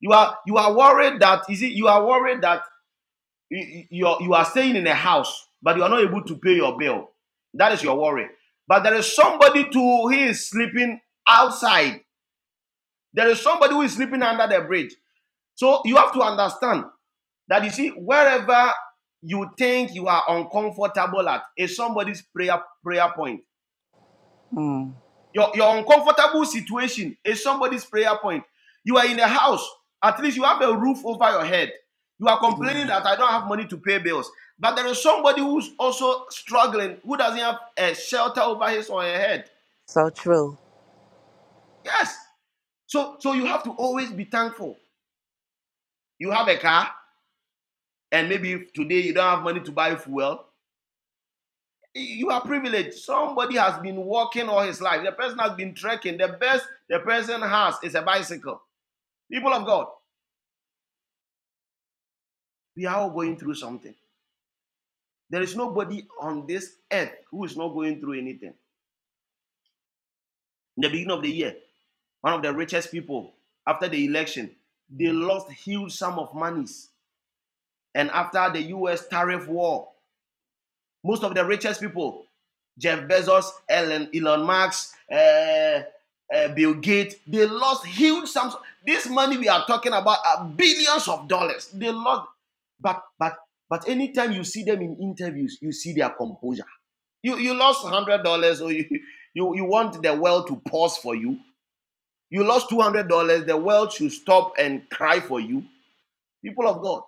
Speaker 2: You are you are worried that is it you are worried that you, you, are you are staying in a house, but you are not able to pay your bill. That is your worry. But there is somebody too who is sleeping outside. There is somebody who is sleeping under the bridge. So you have to understand that you see wherever you think you are uncomfortable at is somebody's prayer prayer point.
Speaker 3: Mm.
Speaker 2: Your, your uncomfortable situation is somebody's prayer point. You are in a house, at least you have a roof over your head. You are complaining
Speaker 3: Amen.
Speaker 2: that I don't have money to pay bills. But there is somebody who's also struggling who doesn't have a shelter over his or her head.
Speaker 3: So true.
Speaker 2: Yes. So so you have to always be thankful. You have a car, and maybe today you don't have money to buy fuel. You are privileged. Somebody has been walking all his life. The person has been trekking. The best the person has is a bicycle. People of God. We are all going through something. There is nobody on this earth who is not going through anything. In the beginning of the year, one of the richest people after the election, they lost huge sum of monies. And after the US tariff war, most of the richest people, Jeff Bezos, Elon, Elon Musk, uh, uh, Bill Gates, they lost huge sums. This money we are talking about are billions of dollars. They lost, but but but anytime you see them in interviews, you see their composure. You you lost one hundred dollars, or you, you you want the world to pause for you. You lost two hundred dollars. The world should stop and cry for you. People of God,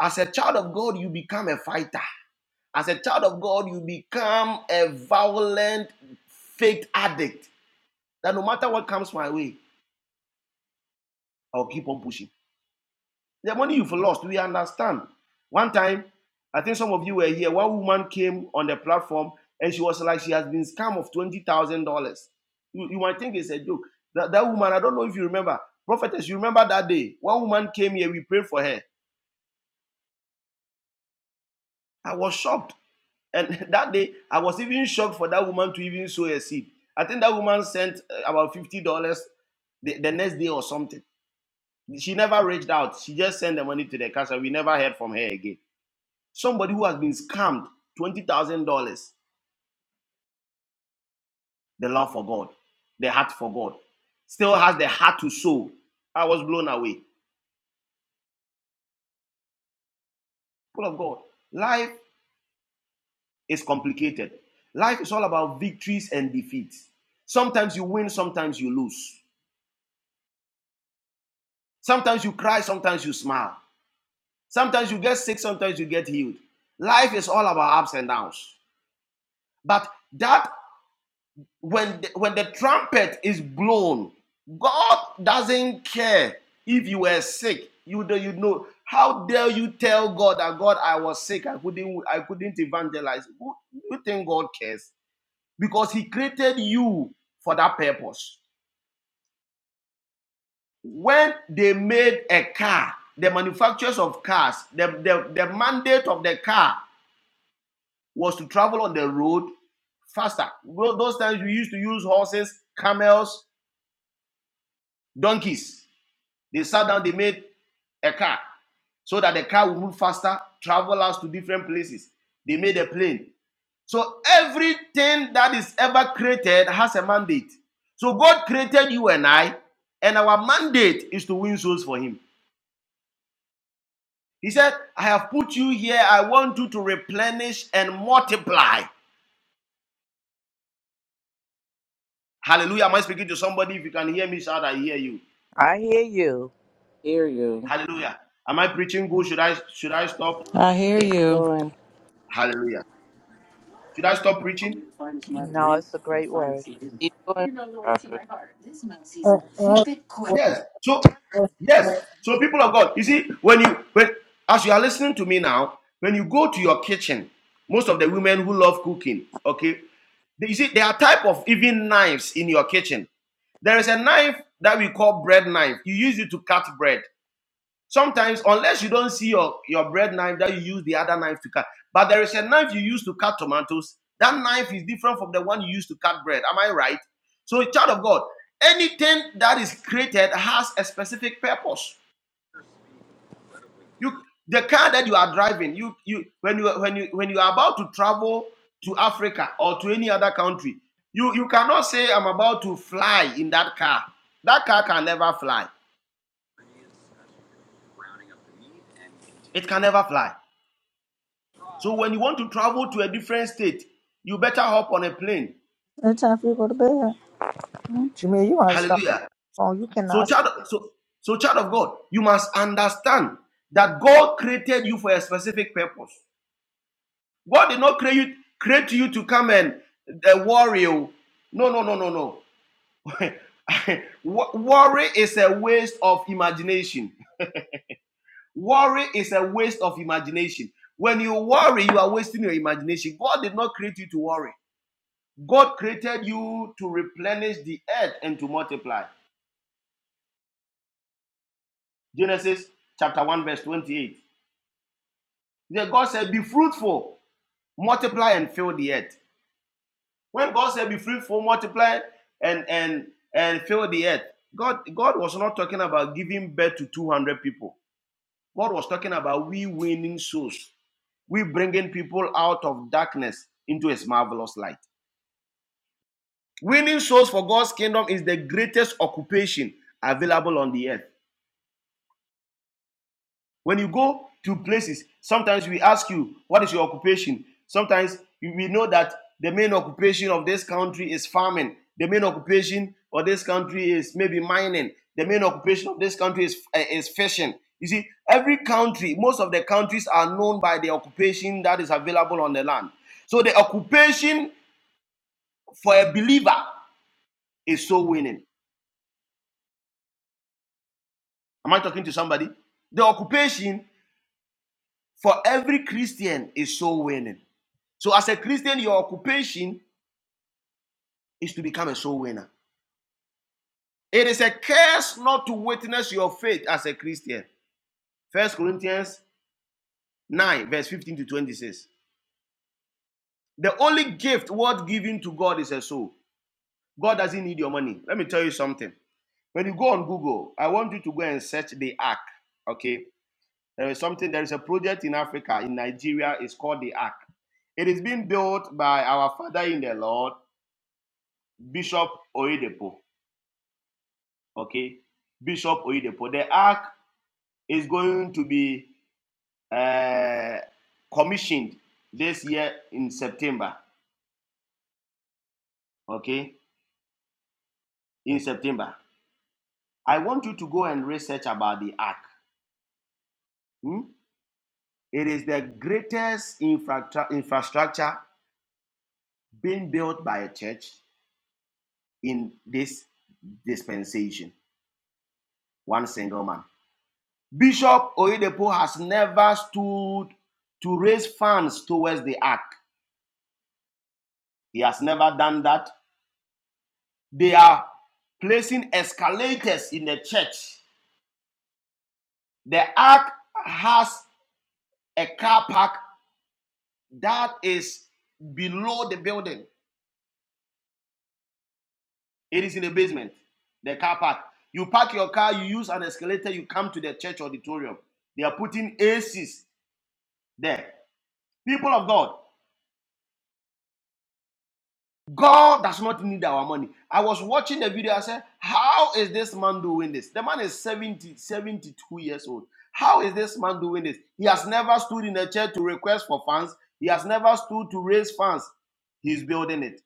Speaker 2: as a child of God, you become a fighter. As a child of God, you become a violent, fake addict. That no matter what comes my way, I'll keep on pushing. The money you've lost, we understand. One time, I think some of you were here, one woman came on the platform and she was like, she has been scammed of $20,000. You, you might think it's a joke. That, that woman, I don't know if you remember, prophetess, you remember that day? One woman came here, we prayed for her. I was shocked. And that day, I was even shocked for that woman to even sow a seed. I think that woman sent uh, about $50 the, the next day or something. She never reached out. She just sent the money to the cash and we never heard from her again. Somebody who has been scammed $20,000, the love for God, the heart for God, still has the heart to sow. I was blown away. Full of God. Life is complicated. Life is all about victories and defeats. Sometimes you win, sometimes you lose. Sometimes you cry, sometimes you smile. Sometimes you get sick, sometimes you get healed. Life is all about ups and downs. But that when the, when the trumpet is blown, God doesn't care if you were sick. You do you know how dare you tell God that God I was sick I couldn't I couldn't evangelize. Who- You think God cares because He created you for that purpose. When they made a car, the manufacturers of cars, the, the, the mandate of the car was to travel on the road faster. Those those times we used to use horses, camels, donkeys They sat down, they made a car so that the car would move faster, travel us to different places. They made a plane. So everything that is ever created has a mandate. So God created you and I, and our mandate is to win souls for Him. He said, I have put you here. I want you to replenish and multiply. Hallelujah. Am I speaking to somebody? If you can hear me, shout, I hear you.
Speaker 3: I hear you.
Speaker 9: Hear you.
Speaker 2: Hallelujah. Am I preaching good? Should I should I stop?
Speaker 10: I hear you.
Speaker 9: Doing
Speaker 2: Hallelujah. Should I stop preaching?
Speaker 3: No, it's a great word.
Speaker 9: Keep going, Prophet.
Speaker 6: Lord. Uh, uh, uh,
Speaker 2: Yes. So
Speaker 6: uh,
Speaker 2: yes.
Speaker 6: uh,
Speaker 2: So people of God, you see, when you when as you are listening to me now, when you go to your kitchen, most of the women who love cooking, okay, they- you see, there are type of even knives in your kitchen. There is a knife that we call bread knife. You use it to cut bread. Sometimes, unless you don't see your, your bread knife that you use the other knife to cut, but there is a knife you use to cut tomatoes. That knife is different from the one you use to cut bread. Am I right? So, child of God, anything that is created has a specific purpose. You, the car that you are driving, you, you, when you, when you, when you are about to travel to Africa or to any other country, you, you cannot say I'm about to fly in that car. That car can never fly. It can never fly. So when you want to travel to a different state, you better hop on a plane.
Speaker 6: It's time for you to go to bed. Jamil, you want to stop
Speaker 2: Hallelujah.
Speaker 6: the phone. You
Speaker 2: So
Speaker 6: cannot speak.
Speaker 2: child, so, so child of God, you must understand that God created you for a specific purpose. God did not create you, create you to come and uh, worry. oh. No, no, no, no, no. worry is a waste of imagination. Worry is a waste of imagination. When you worry, you are wasting your imagination. God did not create you to worry. God created you to replenish the earth and to multiply. Genesis chapter 1, verse 28. Then God said, Be fruitful, multiply and fill the earth. When God said, Be fruitful, multiply and and and fill the earth, God, God was not talking about giving birth to 200 people. God was talking about we winning souls, we bringing people out of darkness into his marvelous light. Winning souls for God's kingdom is the greatest occupation available on the earth. When you go to places, sometimes we ask you, What is your occupation? Sometimes we know that the main occupation of this country is farming. The main occupation of this country is maybe mining. The main occupation of this country is, eh, is fishing. You see, every country, most of the countries are known by the occupation that is available on the land. So the occupation for a believer is so winning. Am I talking to somebody? The occupation for every Christian is so winning. So, as a Christian, your occupation is to become a soul winner. It is a curse not to witness your faith as a Christian. First Corinthians 9, verse 15 to 26. The only gift worth giving to God is a soul. God doesn't need your money. Let me tell you something. When you go on Google, I want you to go and search the Ark. Okay. There is something, there is a project in Africa, in Nigeria, it's called the Ark. It is being built by our father in the Lord, Bishop Oyedepo. okay, Bishop Oyedepo. The ark is going to be uh, commissioned this year in September, okay, in September. I want you to go and research about the ark. hmm? It is the greatest infra infrastructure being built by a church in this dispensation. One single man. Bishop Oyedepo has never stood to raise funds towards the ark. He has never done that They are placing escalators in the church. The ark has a car park that is below the building. It is in the basement, the car park. You park your car, you use an escalator, you come to the church auditorium. They are putting ACs there. People of God, God does not need our money. I was watching the video. I said, How is this man doing this? The man is 70, 72 years old. How is this man doing this? He has never stood in a chair to request for funds. He has never stood to raise funds. He's building it.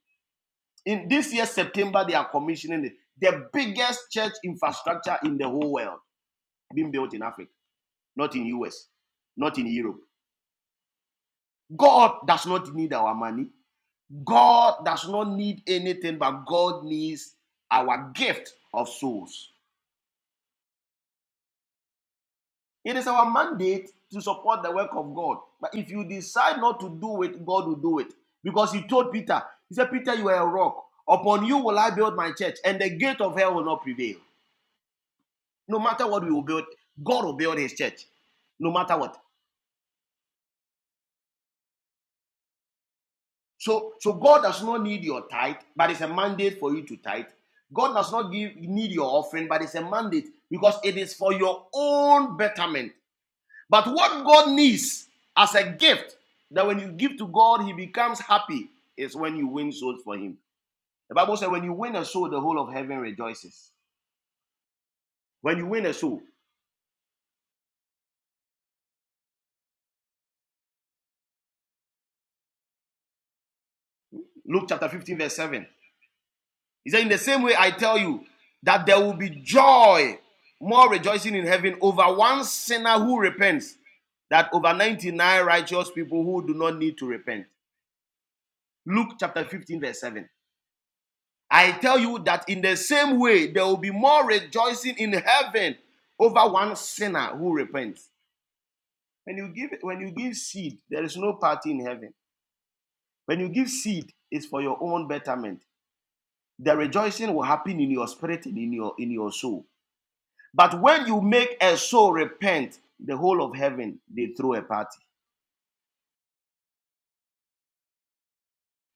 Speaker 2: In this year, September, they are commissioning it. The biggest church infrastructure in the whole world being built in Africa, not in US, not in Europe. God does not need our money. God does not need anything, but God needs our gift of souls. It is our mandate to support the work of God. But if you decide not to do it, God will do it. Because he told Peter, he said, Peter, you are a rock. Upon you will I build my church, and the gate of hell will not prevail. No matter what we will build, God will build his church. No matter what. So, so God does not need your tithe, but it's a mandate for you to tithe. God does not give need your offering, but it's a mandate because it is for your own betterment. But what God needs as a gift that when you give to God, He becomes happy is when you win souls for Him. The Bible says, when you win a soul, the whole of heaven rejoices. When you win a soul, Luke chapter 15, verse 7. He said, In the same way, I tell you that there will be joy, more rejoicing in heaven over one sinner who repents, that over 99 righteous people who do not need to repent. Luke chapter 15, verse 7. I tell you that in the same way, there will be more rejoicing in heaven over one sinner who repents. When you give, when you give seed, there is no party in heaven. When you give seed, it's for your own betterment. The rejoicing will happen in your spirit and in your in your soul. But when you make a soul repent, the whole of heaven, they throw a party.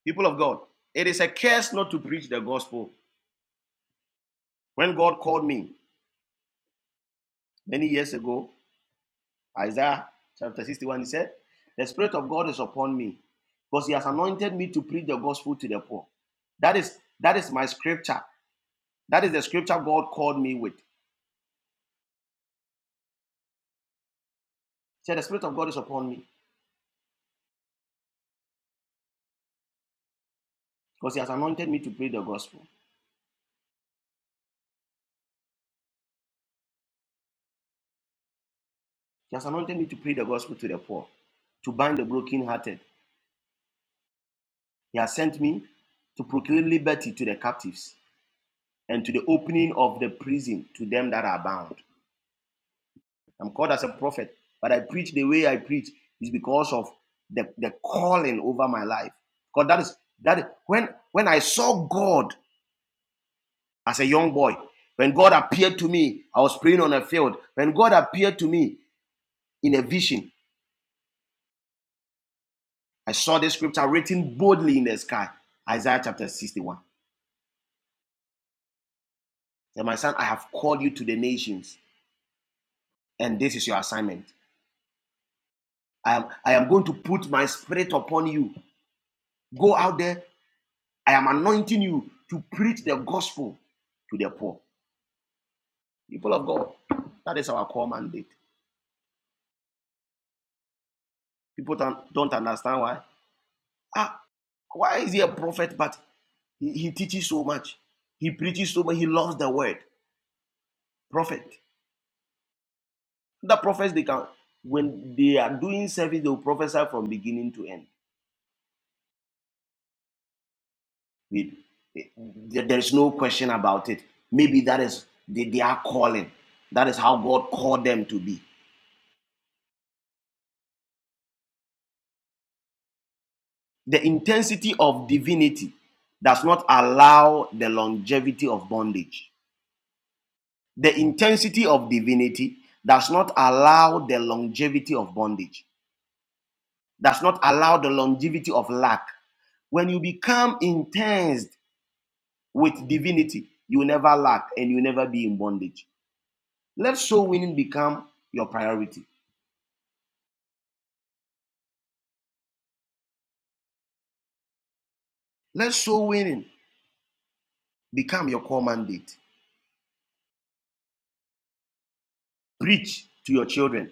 Speaker 2: People of God, it is a curse not to preach the gospel. When God called me many years ago, Isaiah chapter 61, he said, The Spirit of God is upon me because he has anointed me to preach the gospel to the poor. That is that is my scripture. That is the scripture God called me with. He said, The Spirit of God is upon me because he has anointed me to preach the gospel. He has anointed me to preach the gospel to the poor, to bind the brokenhearted, He has sent me to proclaim liberty to the captives and to the opening of the prison to them that are bound. I'm called as a prophet, but I preach the way I preach is because of the, the calling over my life. Because that is that when when I saw God as a young boy, when God appeared to me, I was praying on a field. When God appeared to me in a vision, I saw this scripture written boldly in the sky, Isaiah chapter 61. Say, my son, I have called you to the nations, and this is your assignment. I am, I am going to put my spirit upon you. Go out there. I am anointing you to preach the gospel to the poor. People of God, that is our core mandate. People don't, don't understand why. Ah, why is he a prophet? But he, he teaches so much. He preaches so much. He loves the word. Prophet. The prophets, they can, when they are doing service, they will prophesy from beginning to end. We, there's no question about it. Maybe that is they, are calling. That is how God called them to be. The intensity of divinity does not allow the longevity of bondage. The intensity of divinity does not allow the longevity of bondage, does not allow the longevity of lack. When you become intense with divinity, you will never lack and you will never be in bondage. Let soul winning become your priority. Let soul winning become your core mandate. Preach to your children.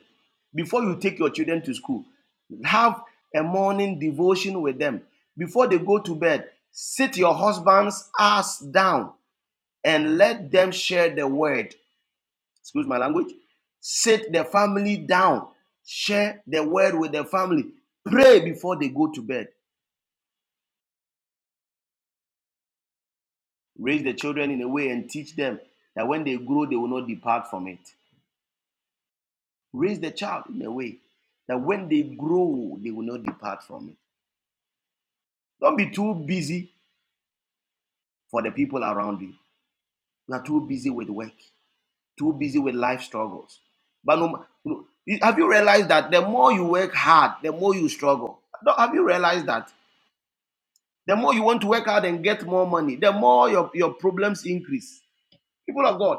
Speaker 2: Before you take your children to school, have a morning devotion with them. Before they go to bed, sit your husband's ass down and let them share the word. Excuse my language. Sit the family down. Share the word with the family. Pray before they go to bed. Raise the children in a way and teach them that when they grow, they will not depart from it. Raise the child in a way that when they grow, they will not depart from it. Don't be too busy for the people around you. You are too busy with work, too busy with life struggles. But no, no- have you realized that the more you work hard, the more you struggle? No, Have you realized that? The more you want to work hard and get more money, the more your, your problems increase. People of God,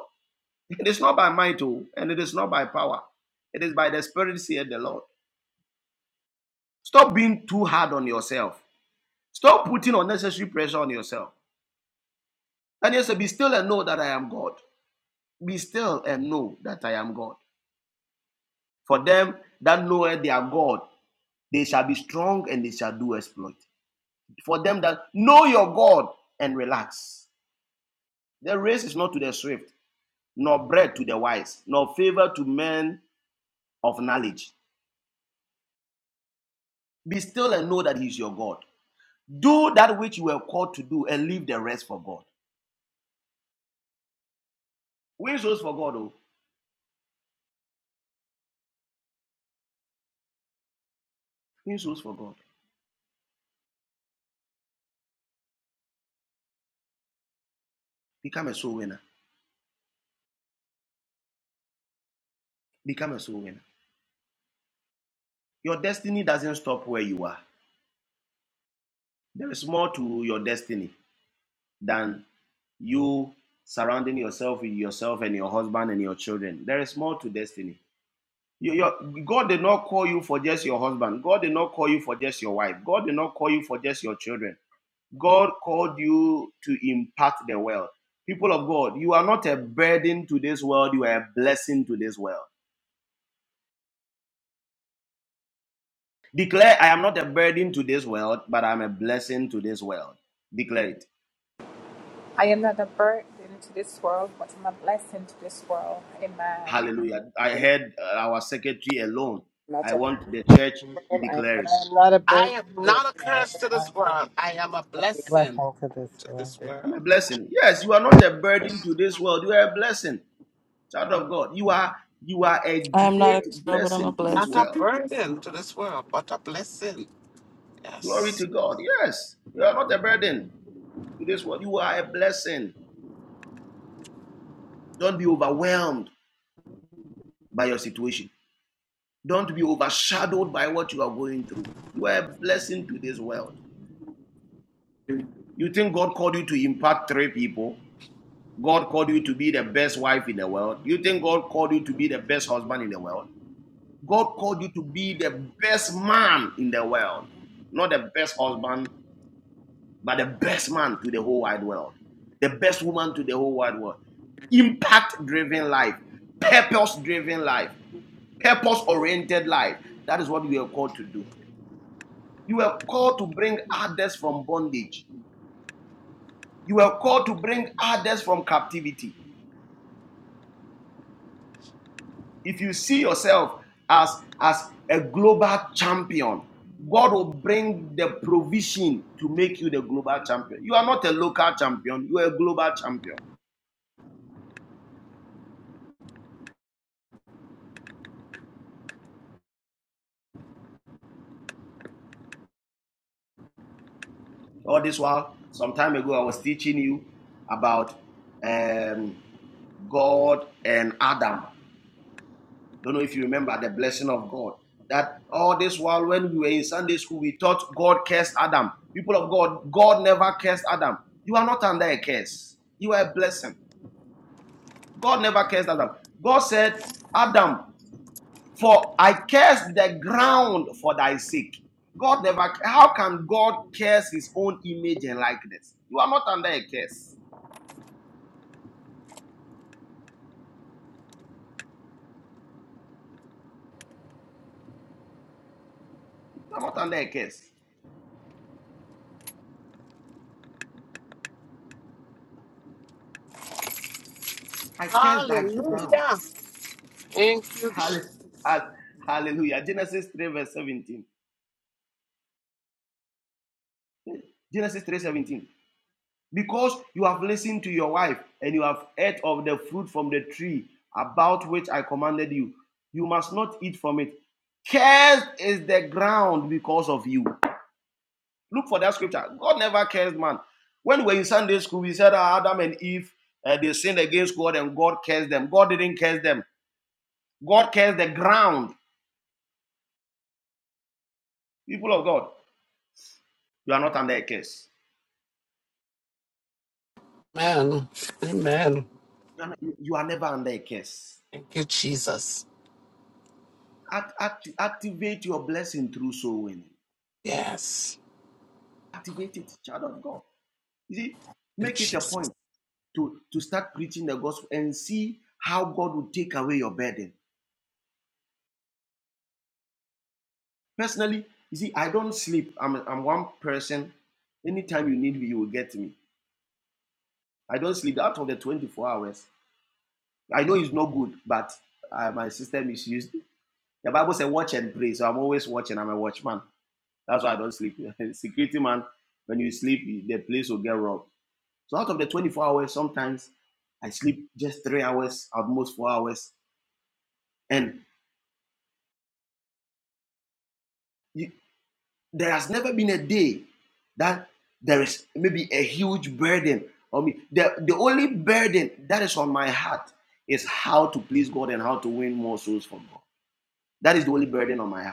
Speaker 2: it is not by might, oh, and it is not by power. It is by the Spirit, said the Lord. Stop being too hard on yourself. Stop putting unnecessary pressure on yourself. Daniel said, Be still and know that I am God. Be still and know that I am God. For them that know they are God, they shall be strong and they shall do exploit. For them that know your God and relax. The race is not to the swift, nor bread to the wise, nor favor to men of knowledge. Be still and know that He is your God. Do that which you were called to do and leave the rest for God. Win souls for God, oh. Win souls for God. Become a soul winner. Become a soul winner. Your destiny doesn't stop where you are. There is more to your destiny than you surrounding yourself with yourself and your husband and your children. There is more to destiny. You- your- God did not call you for just your husband. God did not call you for just your wife. God did not call you for just your children. God called you to impact the world. People of God, you are not a burden to this world, you are a blessing to this world. Declare, I am not a burden to this world, but I'm a blessing to this world. Declare it. Hallelujah. I heard uh, our secretary alone.
Speaker 9: not
Speaker 2: I
Speaker 9: a
Speaker 2: want the church to
Speaker 9: problem. I
Speaker 2: declare
Speaker 11: I
Speaker 2: it.
Speaker 11: am not a
Speaker 12: I
Speaker 11: burden
Speaker 12: am
Speaker 11: to this
Speaker 12: not a
Speaker 11: world.
Speaker 12: curse to
Speaker 11: I am
Speaker 12: this world.
Speaker 11: a
Speaker 12: I am a
Speaker 9: am
Speaker 12: blessing
Speaker 11: blessing to this
Speaker 12: to
Speaker 11: world.
Speaker 12: this
Speaker 2: I'm a
Speaker 12: world.
Speaker 2: blessing. Yes, you are not a burden to this world. You are a blessing, child of God. You are you are a
Speaker 10: I am not a
Speaker 2: great
Speaker 10: control, but I'm a
Speaker 2: blessing to this
Speaker 12: Not a
Speaker 10: blessing.
Speaker 2: world.
Speaker 12: burden to this world, but a blessing.
Speaker 2: Glory
Speaker 12: Yes.
Speaker 2: to God. Yes, you are not a burden to this world. You are a blessing. Don't be overwhelmed by your situation. Don't be overshadowed by what you are going through. You are a blessing to this world. You think God called you to impact three people? God called you to be the best wife in the world. You think God called you to be the best husband in the world? God called you to be the best man in the world. Not the best husband, but the best man to the whole wide world. The best woman to the whole wide world. Impact driven life, purpose driven life, purpose oriented life. That is what we are called to do. You were called to bring others from bondage. You were called to bring others from captivity. If you see yourself as, as a global champion, God will bring the provision to make you the global champion. You are not a local champion, you are a global champion. All this while, some time ago, I was teaching you about um, God and Adam. Don't know if you remember the blessing of God. That all this while, when we were in Sunday school, we thought God cursed Adam. People of God, God never cursed Adam. You are not under a curse, you are a blessing. God never cursed Adam. God said, Adam, for I cursed the ground for thy sake. God never, how can God curse his own image and likeness? You are not under a curse. You are not under a curse. I curse thy ground.
Speaker 12: Hallelujah. Thank you. Je-
Speaker 2: Hall- hall- Hallelujah. Genesis 3, verse 17. Genesis 3:17. Because you have listened to your wife and you have ate of the fruit from the tree about which I commanded you, you must not eat from it. Cursed is the ground because of you. Look for that scripture. God never cursed man. When we were in Sunday school, we said ah, Adam and Eve uh, they sinned against God and God cursed them. God didn't curse them. God cursed the ground. People of God, you are not under a curse.
Speaker 12: Amen. Amen.
Speaker 2: You are, not- you are never under a curse.
Speaker 12: Thank you, Jesus.
Speaker 2: Act- act- activate your blessing through soul winning.
Speaker 12: Yes.
Speaker 2: Activate it, child of God. You see,
Speaker 12: Thank
Speaker 2: make it
Speaker 12: you,
Speaker 2: a
Speaker 12: Jesus.
Speaker 2: point to, to start preaching the gospel and see how God will take away your burden. Personally, you see, I don't sleep. I'm, I'm one person. Anytime you need me, you will get me. I don't sleep out of the 24 hours. I know it's not good, but uh, my system is used. The Bible says watch and pray, so I'm always watching. I'm a watchman. That's why I don't sleep. Security man, when you sleep, the place will get robbed. So out of the 24 hours, sometimes I sleep just three hours, at most four hours. And you, there has never been a day that there is maybe a huge burden on me. The, the only burden that is on my heart is how to please God and how to win more souls for God. That is the only burden on my heart.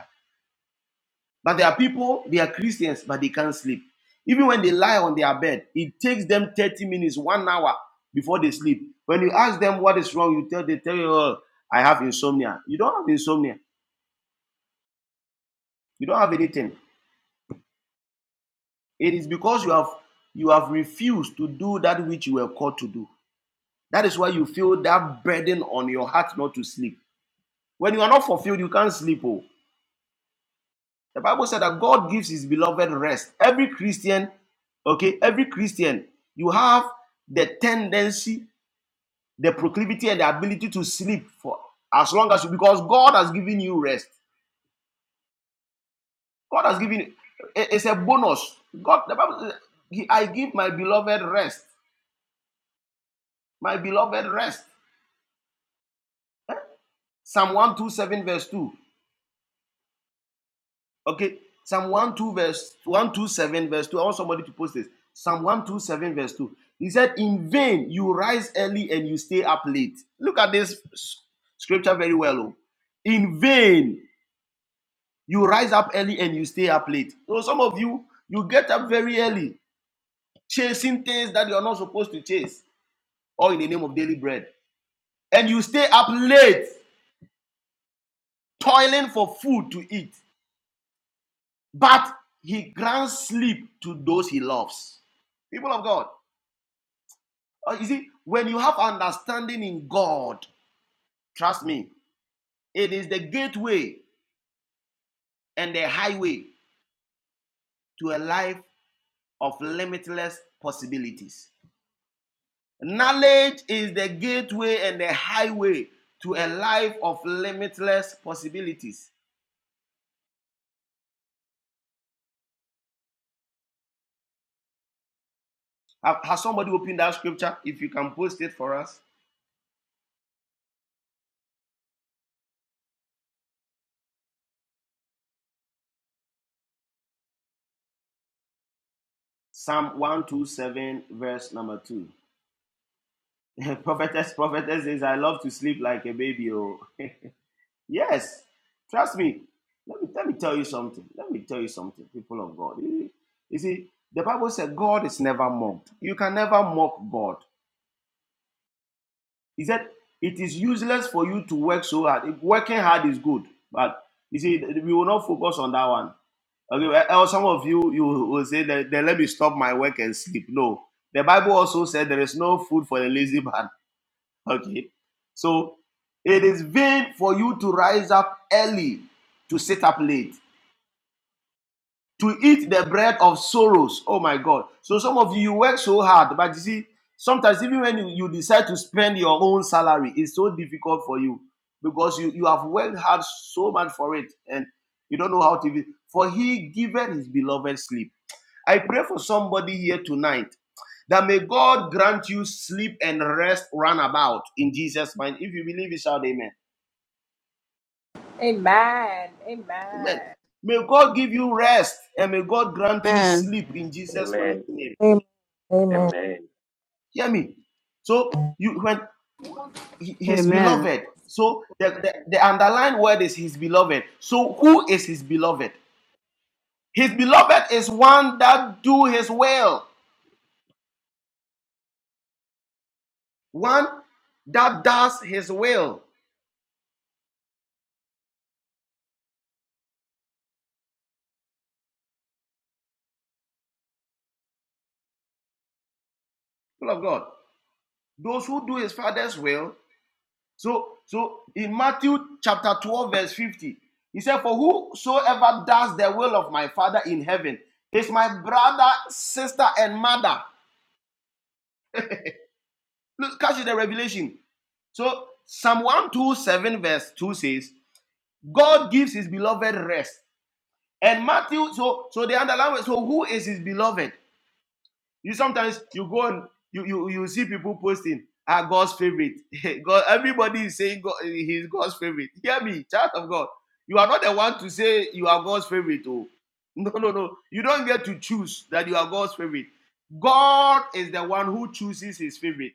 Speaker 2: But there are people, they are Christians, but they can't sleep. Even when they lie on their bed, it takes them 30 minutes, one hour before they sleep. When you ask them what is wrong, you tell they tell you, oh, I have insomnia. You don't have insomnia. You don't have anything. It is because you have you have refused to do that which you were called to do. That is why you feel that burden on your heart not to sleep. When you are not fulfilled, you can't sleep. Oh. The Bible said that God gives his beloved rest. Every Christian, okay, every Christian, you have the tendency, the proclivity, and the ability to sleep for as long as you, because God has given you rest. God has given you, it- it's a bonus. God, the Bible says, I give my beloved rest, my beloved rest. Psalm 127, verse 2. Okay, Psalm one two verse 127, verse 2. I want somebody to post this. Psalm 127, verse 2. He said, In vain you rise early and you stay up late. Look at this scripture very well. oh. In vain you rise up early and you stay up late. So some of you, you get up very early, chasing things that you are not supposed to chase, or in the name of daily bread. And you stay up late, toiling for food to eat. But he grants sleep to those he loves. People of God. Uh, you see, when you have understanding in God, trust me, it is the gateway and the highway to a life of limitless possibilities. Knowledge is the gateway and the highway to a life of limitless possibilities. Has somebody opened that scripture? If you can post it for us. Psalm 127, verse number 2. prophetess, prophetess says, I love to sleep like a baby. Oh. Yes, trust me. Let me let me tell you something. Let me tell you something, people of God. You you see, the Bible said God is never mocked. You can never mock God. He said it is useless for you to work so hard. If working hard is good, but you see, we will not focus on that one. Okay, well, or some of you you will say that then let me stop my work and sleep. No, the Bible also said there is no food for the lazy man. Okay. So it is vain for you to rise up early, to sit up late, to eat the bread of sorrows. Oh my God. So some of you, you work so hard, but you see, sometimes even when you, you decide to spend your own salary, it's so difficult for you because you, you have worked hard so much for it and you don't know how to. be- For he giveth his beloved sleep. I pray for somebody here tonight that may God grant you sleep and rest runabout in Jesus' mind. If you believe it, shout amen. Amen. May God give you rest and may God grant you
Speaker 10: Amen.
Speaker 2: sleep
Speaker 4: Man.
Speaker 2: in Jesus' mighty
Speaker 13: Amen.
Speaker 2: name.
Speaker 6: Amen. Amen.
Speaker 13: Amen.
Speaker 2: Hear me. So you when his
Speaker 10: Amen.
Speaker 2: beloved. So the, the, the underlying word is his beloved. So who is his beloved? His beloved is one that do his will. One that does his will. People of God. Those who do his father's will So, so in Matthew chapter 12, verse 50, he said, For whosoever does the will of my father in heaven is my brother, sister, and mother. Look, catch the revelation. So Psalm 127, verse 2 says, God gives his beloved rest. And Matthew, so so the underline so who is his beloved? You sometimes you go and you you you see people posting are God's favorite. God, everybody is saying God, he's God's favorite. Hear me, child of God. You are not the one to say you are God's favorite. Oh, no, no, no. You don't get to choose that you are God's favorite. God is the one who chooses his favorite.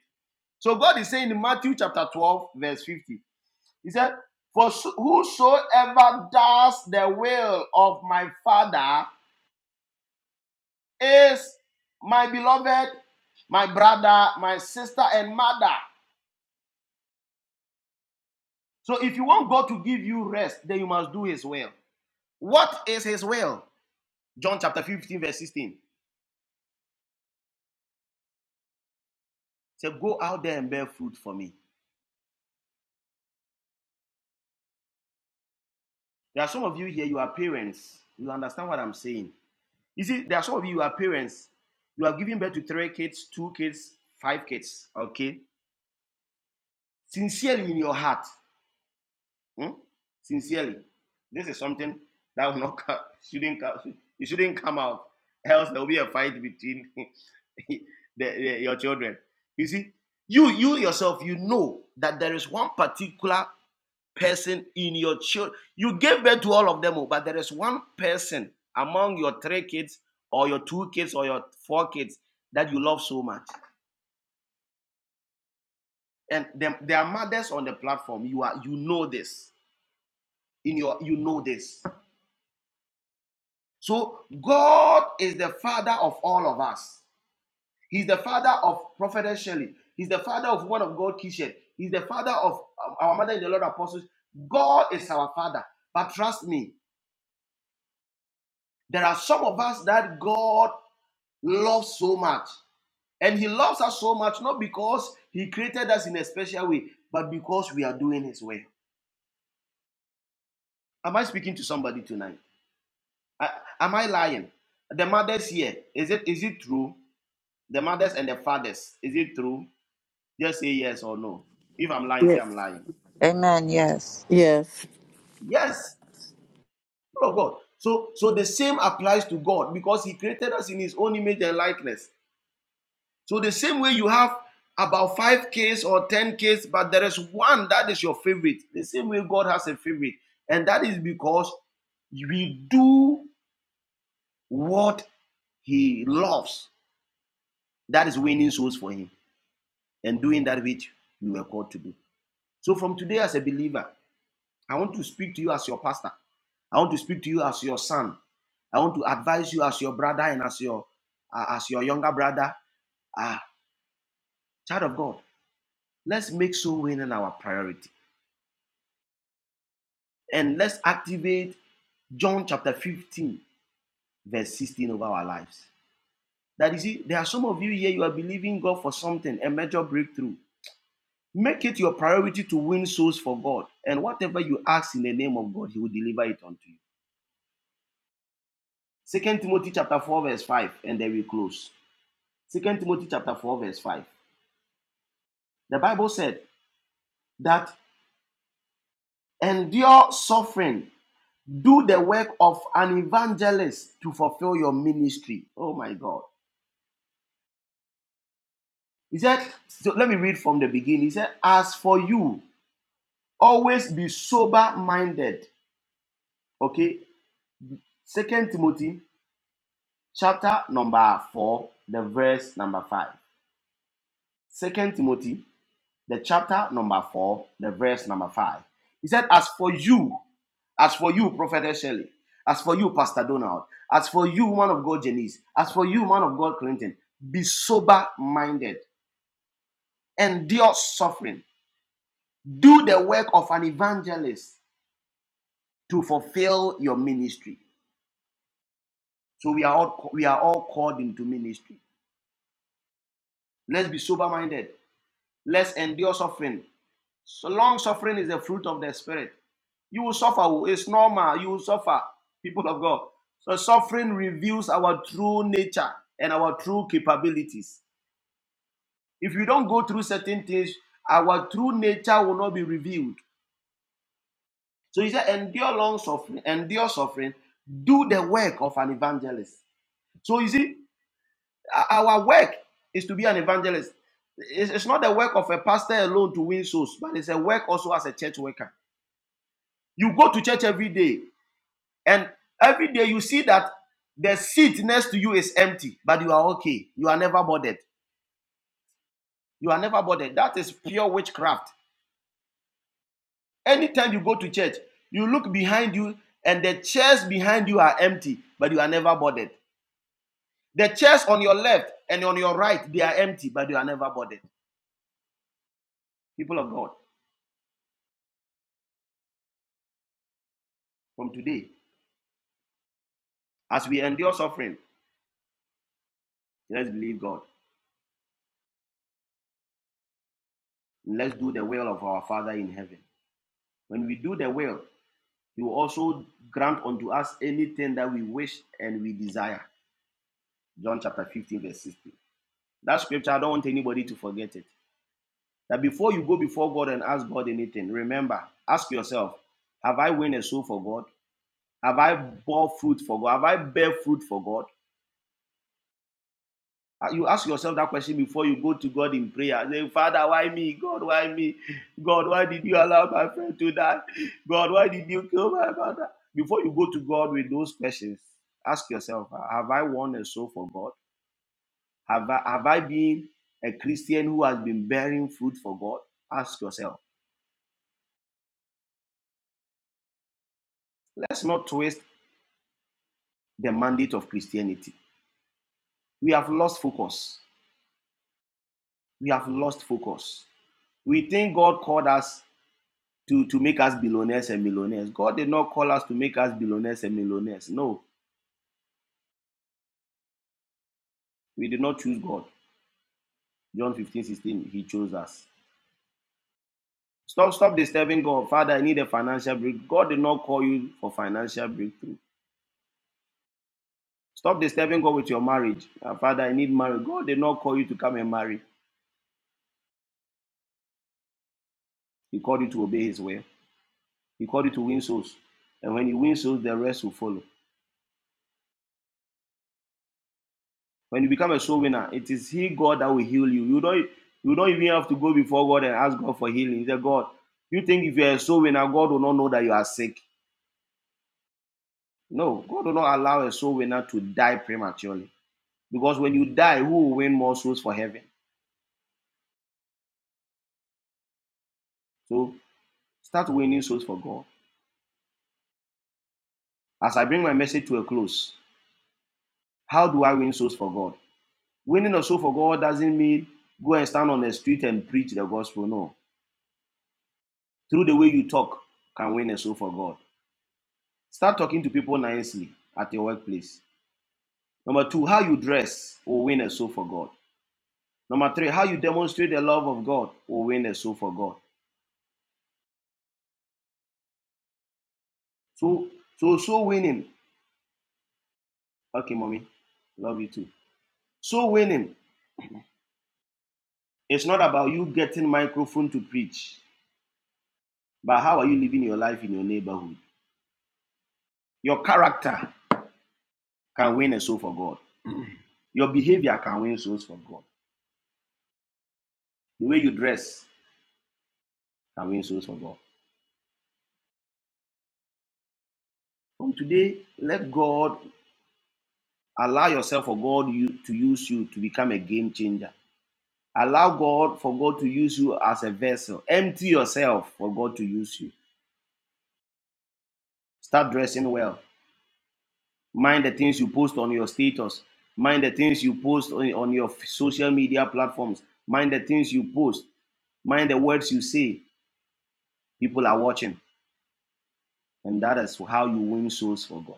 Speaker 2: So God is saying in Matthew chapter 12, verse 50, He said, For so- whosoever does the will of my Father is my beloved, my brother, my sister, and mother. So if you want God to give you rest, then you must do his will. What is his will? John chapter 15, verse 16. Say, go out there and bear fruit for me. There are some of you here, you are parents. You understand what I'm saying. You see, there are some of you, you are parents. You are giving birth to three kids, two kids, five kids. Okay? Sincerely in your heart. Hmm? Sincerely, this is something that will not come, shouldn't come, it shouldn't come out. Else there will be a fight between the, the- your children. You see, you you yourself, you know that there is one particular person in your child. You gave birth to all of them, oh, but there is one person among your three kids or your two kids or your four kids that you love so much. And there are mothers on the platform. You are you know this in your you know this So God is the father of all of us. He's the father of Prophetess Shelley. He's the father of one of God Kishan. He's the father of um, our mother in the Lord apostles. God is our father. But trust me, there are some of us that God loves so much. And he loves us so much, not because he created us in a special way, but because we are doing his will. Am I speaking to somebody tonight? I, am I lying? The mothers here, is it is it true? The mothers and the fathers, is it true? Just say yes or no. If I'm lying, say
Speaker 10: Yes.
Speaker 2: I'm lying.
Speaker 3: Amen. Yes.
Speaker 10: Yes.
Speaker 2: Yes, people of God. So, so the same applies to God because He created us in His own image and likeness. So the same way you have about five Ks or ten Ks, but there is one that is your favorite. The same way God has a favorite, and that is because we do what He loves. That is winning souls for Him and doing that which we were called to do. So from today, as a believer, I want to speak to you as your pastor. I want to speak to you as your son. I want to advise you as your brother and as your uh, as your younger brother. Ah, child of God, let's make soul winning our priority. And let's activate John chapter 15, verse 16 over our lives. That is it. There are some of you here, you are believing God for something, a major breakthrough. Make it your priority to win souls for God. And whatever you ask in the name of God, He will deliver it unto you. Second Timothy chapter 4, verse 5, and then we close. Second Timothy chapter 4, verse 5. The Bible said that endure suffering, do the work of an evangelist to fulfill your ministry. Oh my God. He said, so let me read from the beginning. He said, As for you, always be sober minded. Okay. Second Timothy chapter number four, the verse number five. Second Timothy, the chapter number four, the verse number five. He said, As for you, As for you, Prophetess Shelley. As for you, Pastor Donald. As for you, man of God, Janice. As for you, man of God, Clinton. Be sober minded. Endure suffering. Do the work of an evangelist to fulfill your ministry. So we are all we are all called into ministry. Let's be sober minded. Let's endure suffering. So long suffering is the fruit of the spirit. You will suffer. Oh, It's normal. You will suffer, people of God. So suffering reveals our true nature and our true capabilities. If you don't go through certain things, our true nature will not be revealed. So he said, endure long suffering, endure suffering, do the work of an evangelist. So you see, our work is to be an evangelist. It's it's not the work of a pastor alone to win souls, but it's a work also as a church worker. You go to church every day. And every day you see that the seat next to you is empty, but you are okay. You are never bothered. You are never bothered. That is pure witchcraft. Anytime you go to church, you look behind you and the chairs behind you are empty, but you are never bothered. The chairs on your left and on your right, they are empty, but you are never bothered. People of God, from today, as we endure suffering, let's believe God. Let's do the will of our Father in heaven. When we do the will, He will also grant unto us anything that we wish and we desire. John chapter 15, verse 16. That scripture, I don't want anybody to forget it. That before you go before God and ask God anything, remember, ask yourself, have I won a soul for God? Have I bore fruit for God? Have I bear fruit for God? Ah, You ask yourself that question before you go to God in prayer. Say, Father, why me? God, why me? God, why did you allow my friend to die? God, why did you kill my mother? Before you go to God with those questions, ask yourself, ah, have I won a soul for God? Have I, have I been a Christian who has been bearing fruit for God? Ask yourself. Let's not twist the mandate of Christianity. We have lost focus. We have lost focus. We think God called us to, to make us billionaires and millionaires. God did not call us to make us billionaires and millionaires. No, we did not choose God. John 15 16, He chose us. Stop, stop disturbing God. Father, I need a financial breakthrough. God did not call you for financial breakthrough. Stop disturbing God with your marriage. "Ah, Father, I need marriage. God did not call you to come and marry. He called you to obey His will. He called you to win souls. And when you win souls, the rest will follow. When you become a soul winner, it is He, God, that will heal you. You don't, you don't even have to go before God and ask God for healing. He said, God, you think if you're a soul winner, God will not know that you are sick. No, God will not allow a soul winner to die prematurely. Because when you die, who will win more souls for heaven? So start winning souls for God. As I bring my message to a close, how do I win souls for God? Winning a soul for God doesn't mean go and stand on the street and preach the gospel. No. Through the way you talk you can win a soul for God. Start talking to people nicely at your workplace. Number two, how you dress will win a soul for God. Number three, how you demonstrate the love of God will win a soul for God. So, so, so winning. Okay, mommy, love you too. So winning. It's not about you getting microphone to preach, but how are you living your life in your neighborhood? Your character can win a soul for God. Your behavior can win souls for God. The way you dress can win souls for God. From today, let God Allow yourself for God you, to use you to become a game changer. Allow God for God to use you as a vessel. Empty yourself for God to use you. Start dressing well. Mind the things you post on your status. Mind the things you post on, on your social media platforms. Mind the things you post. Mind the words you say. People are watching. And that is how you win souls for God.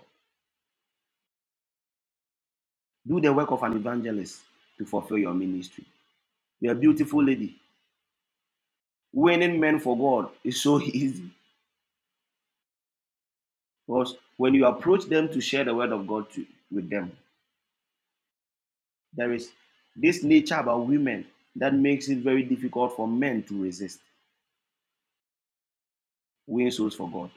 Speaker 2: Do the work of an evangelist to fulfill your ministry. You're a beautiful lady. Winning men for God is so easy. Because when you approach them to share the word of God to, with them, there is this nature about women that makes it very difficult for men to resist winning souls for God.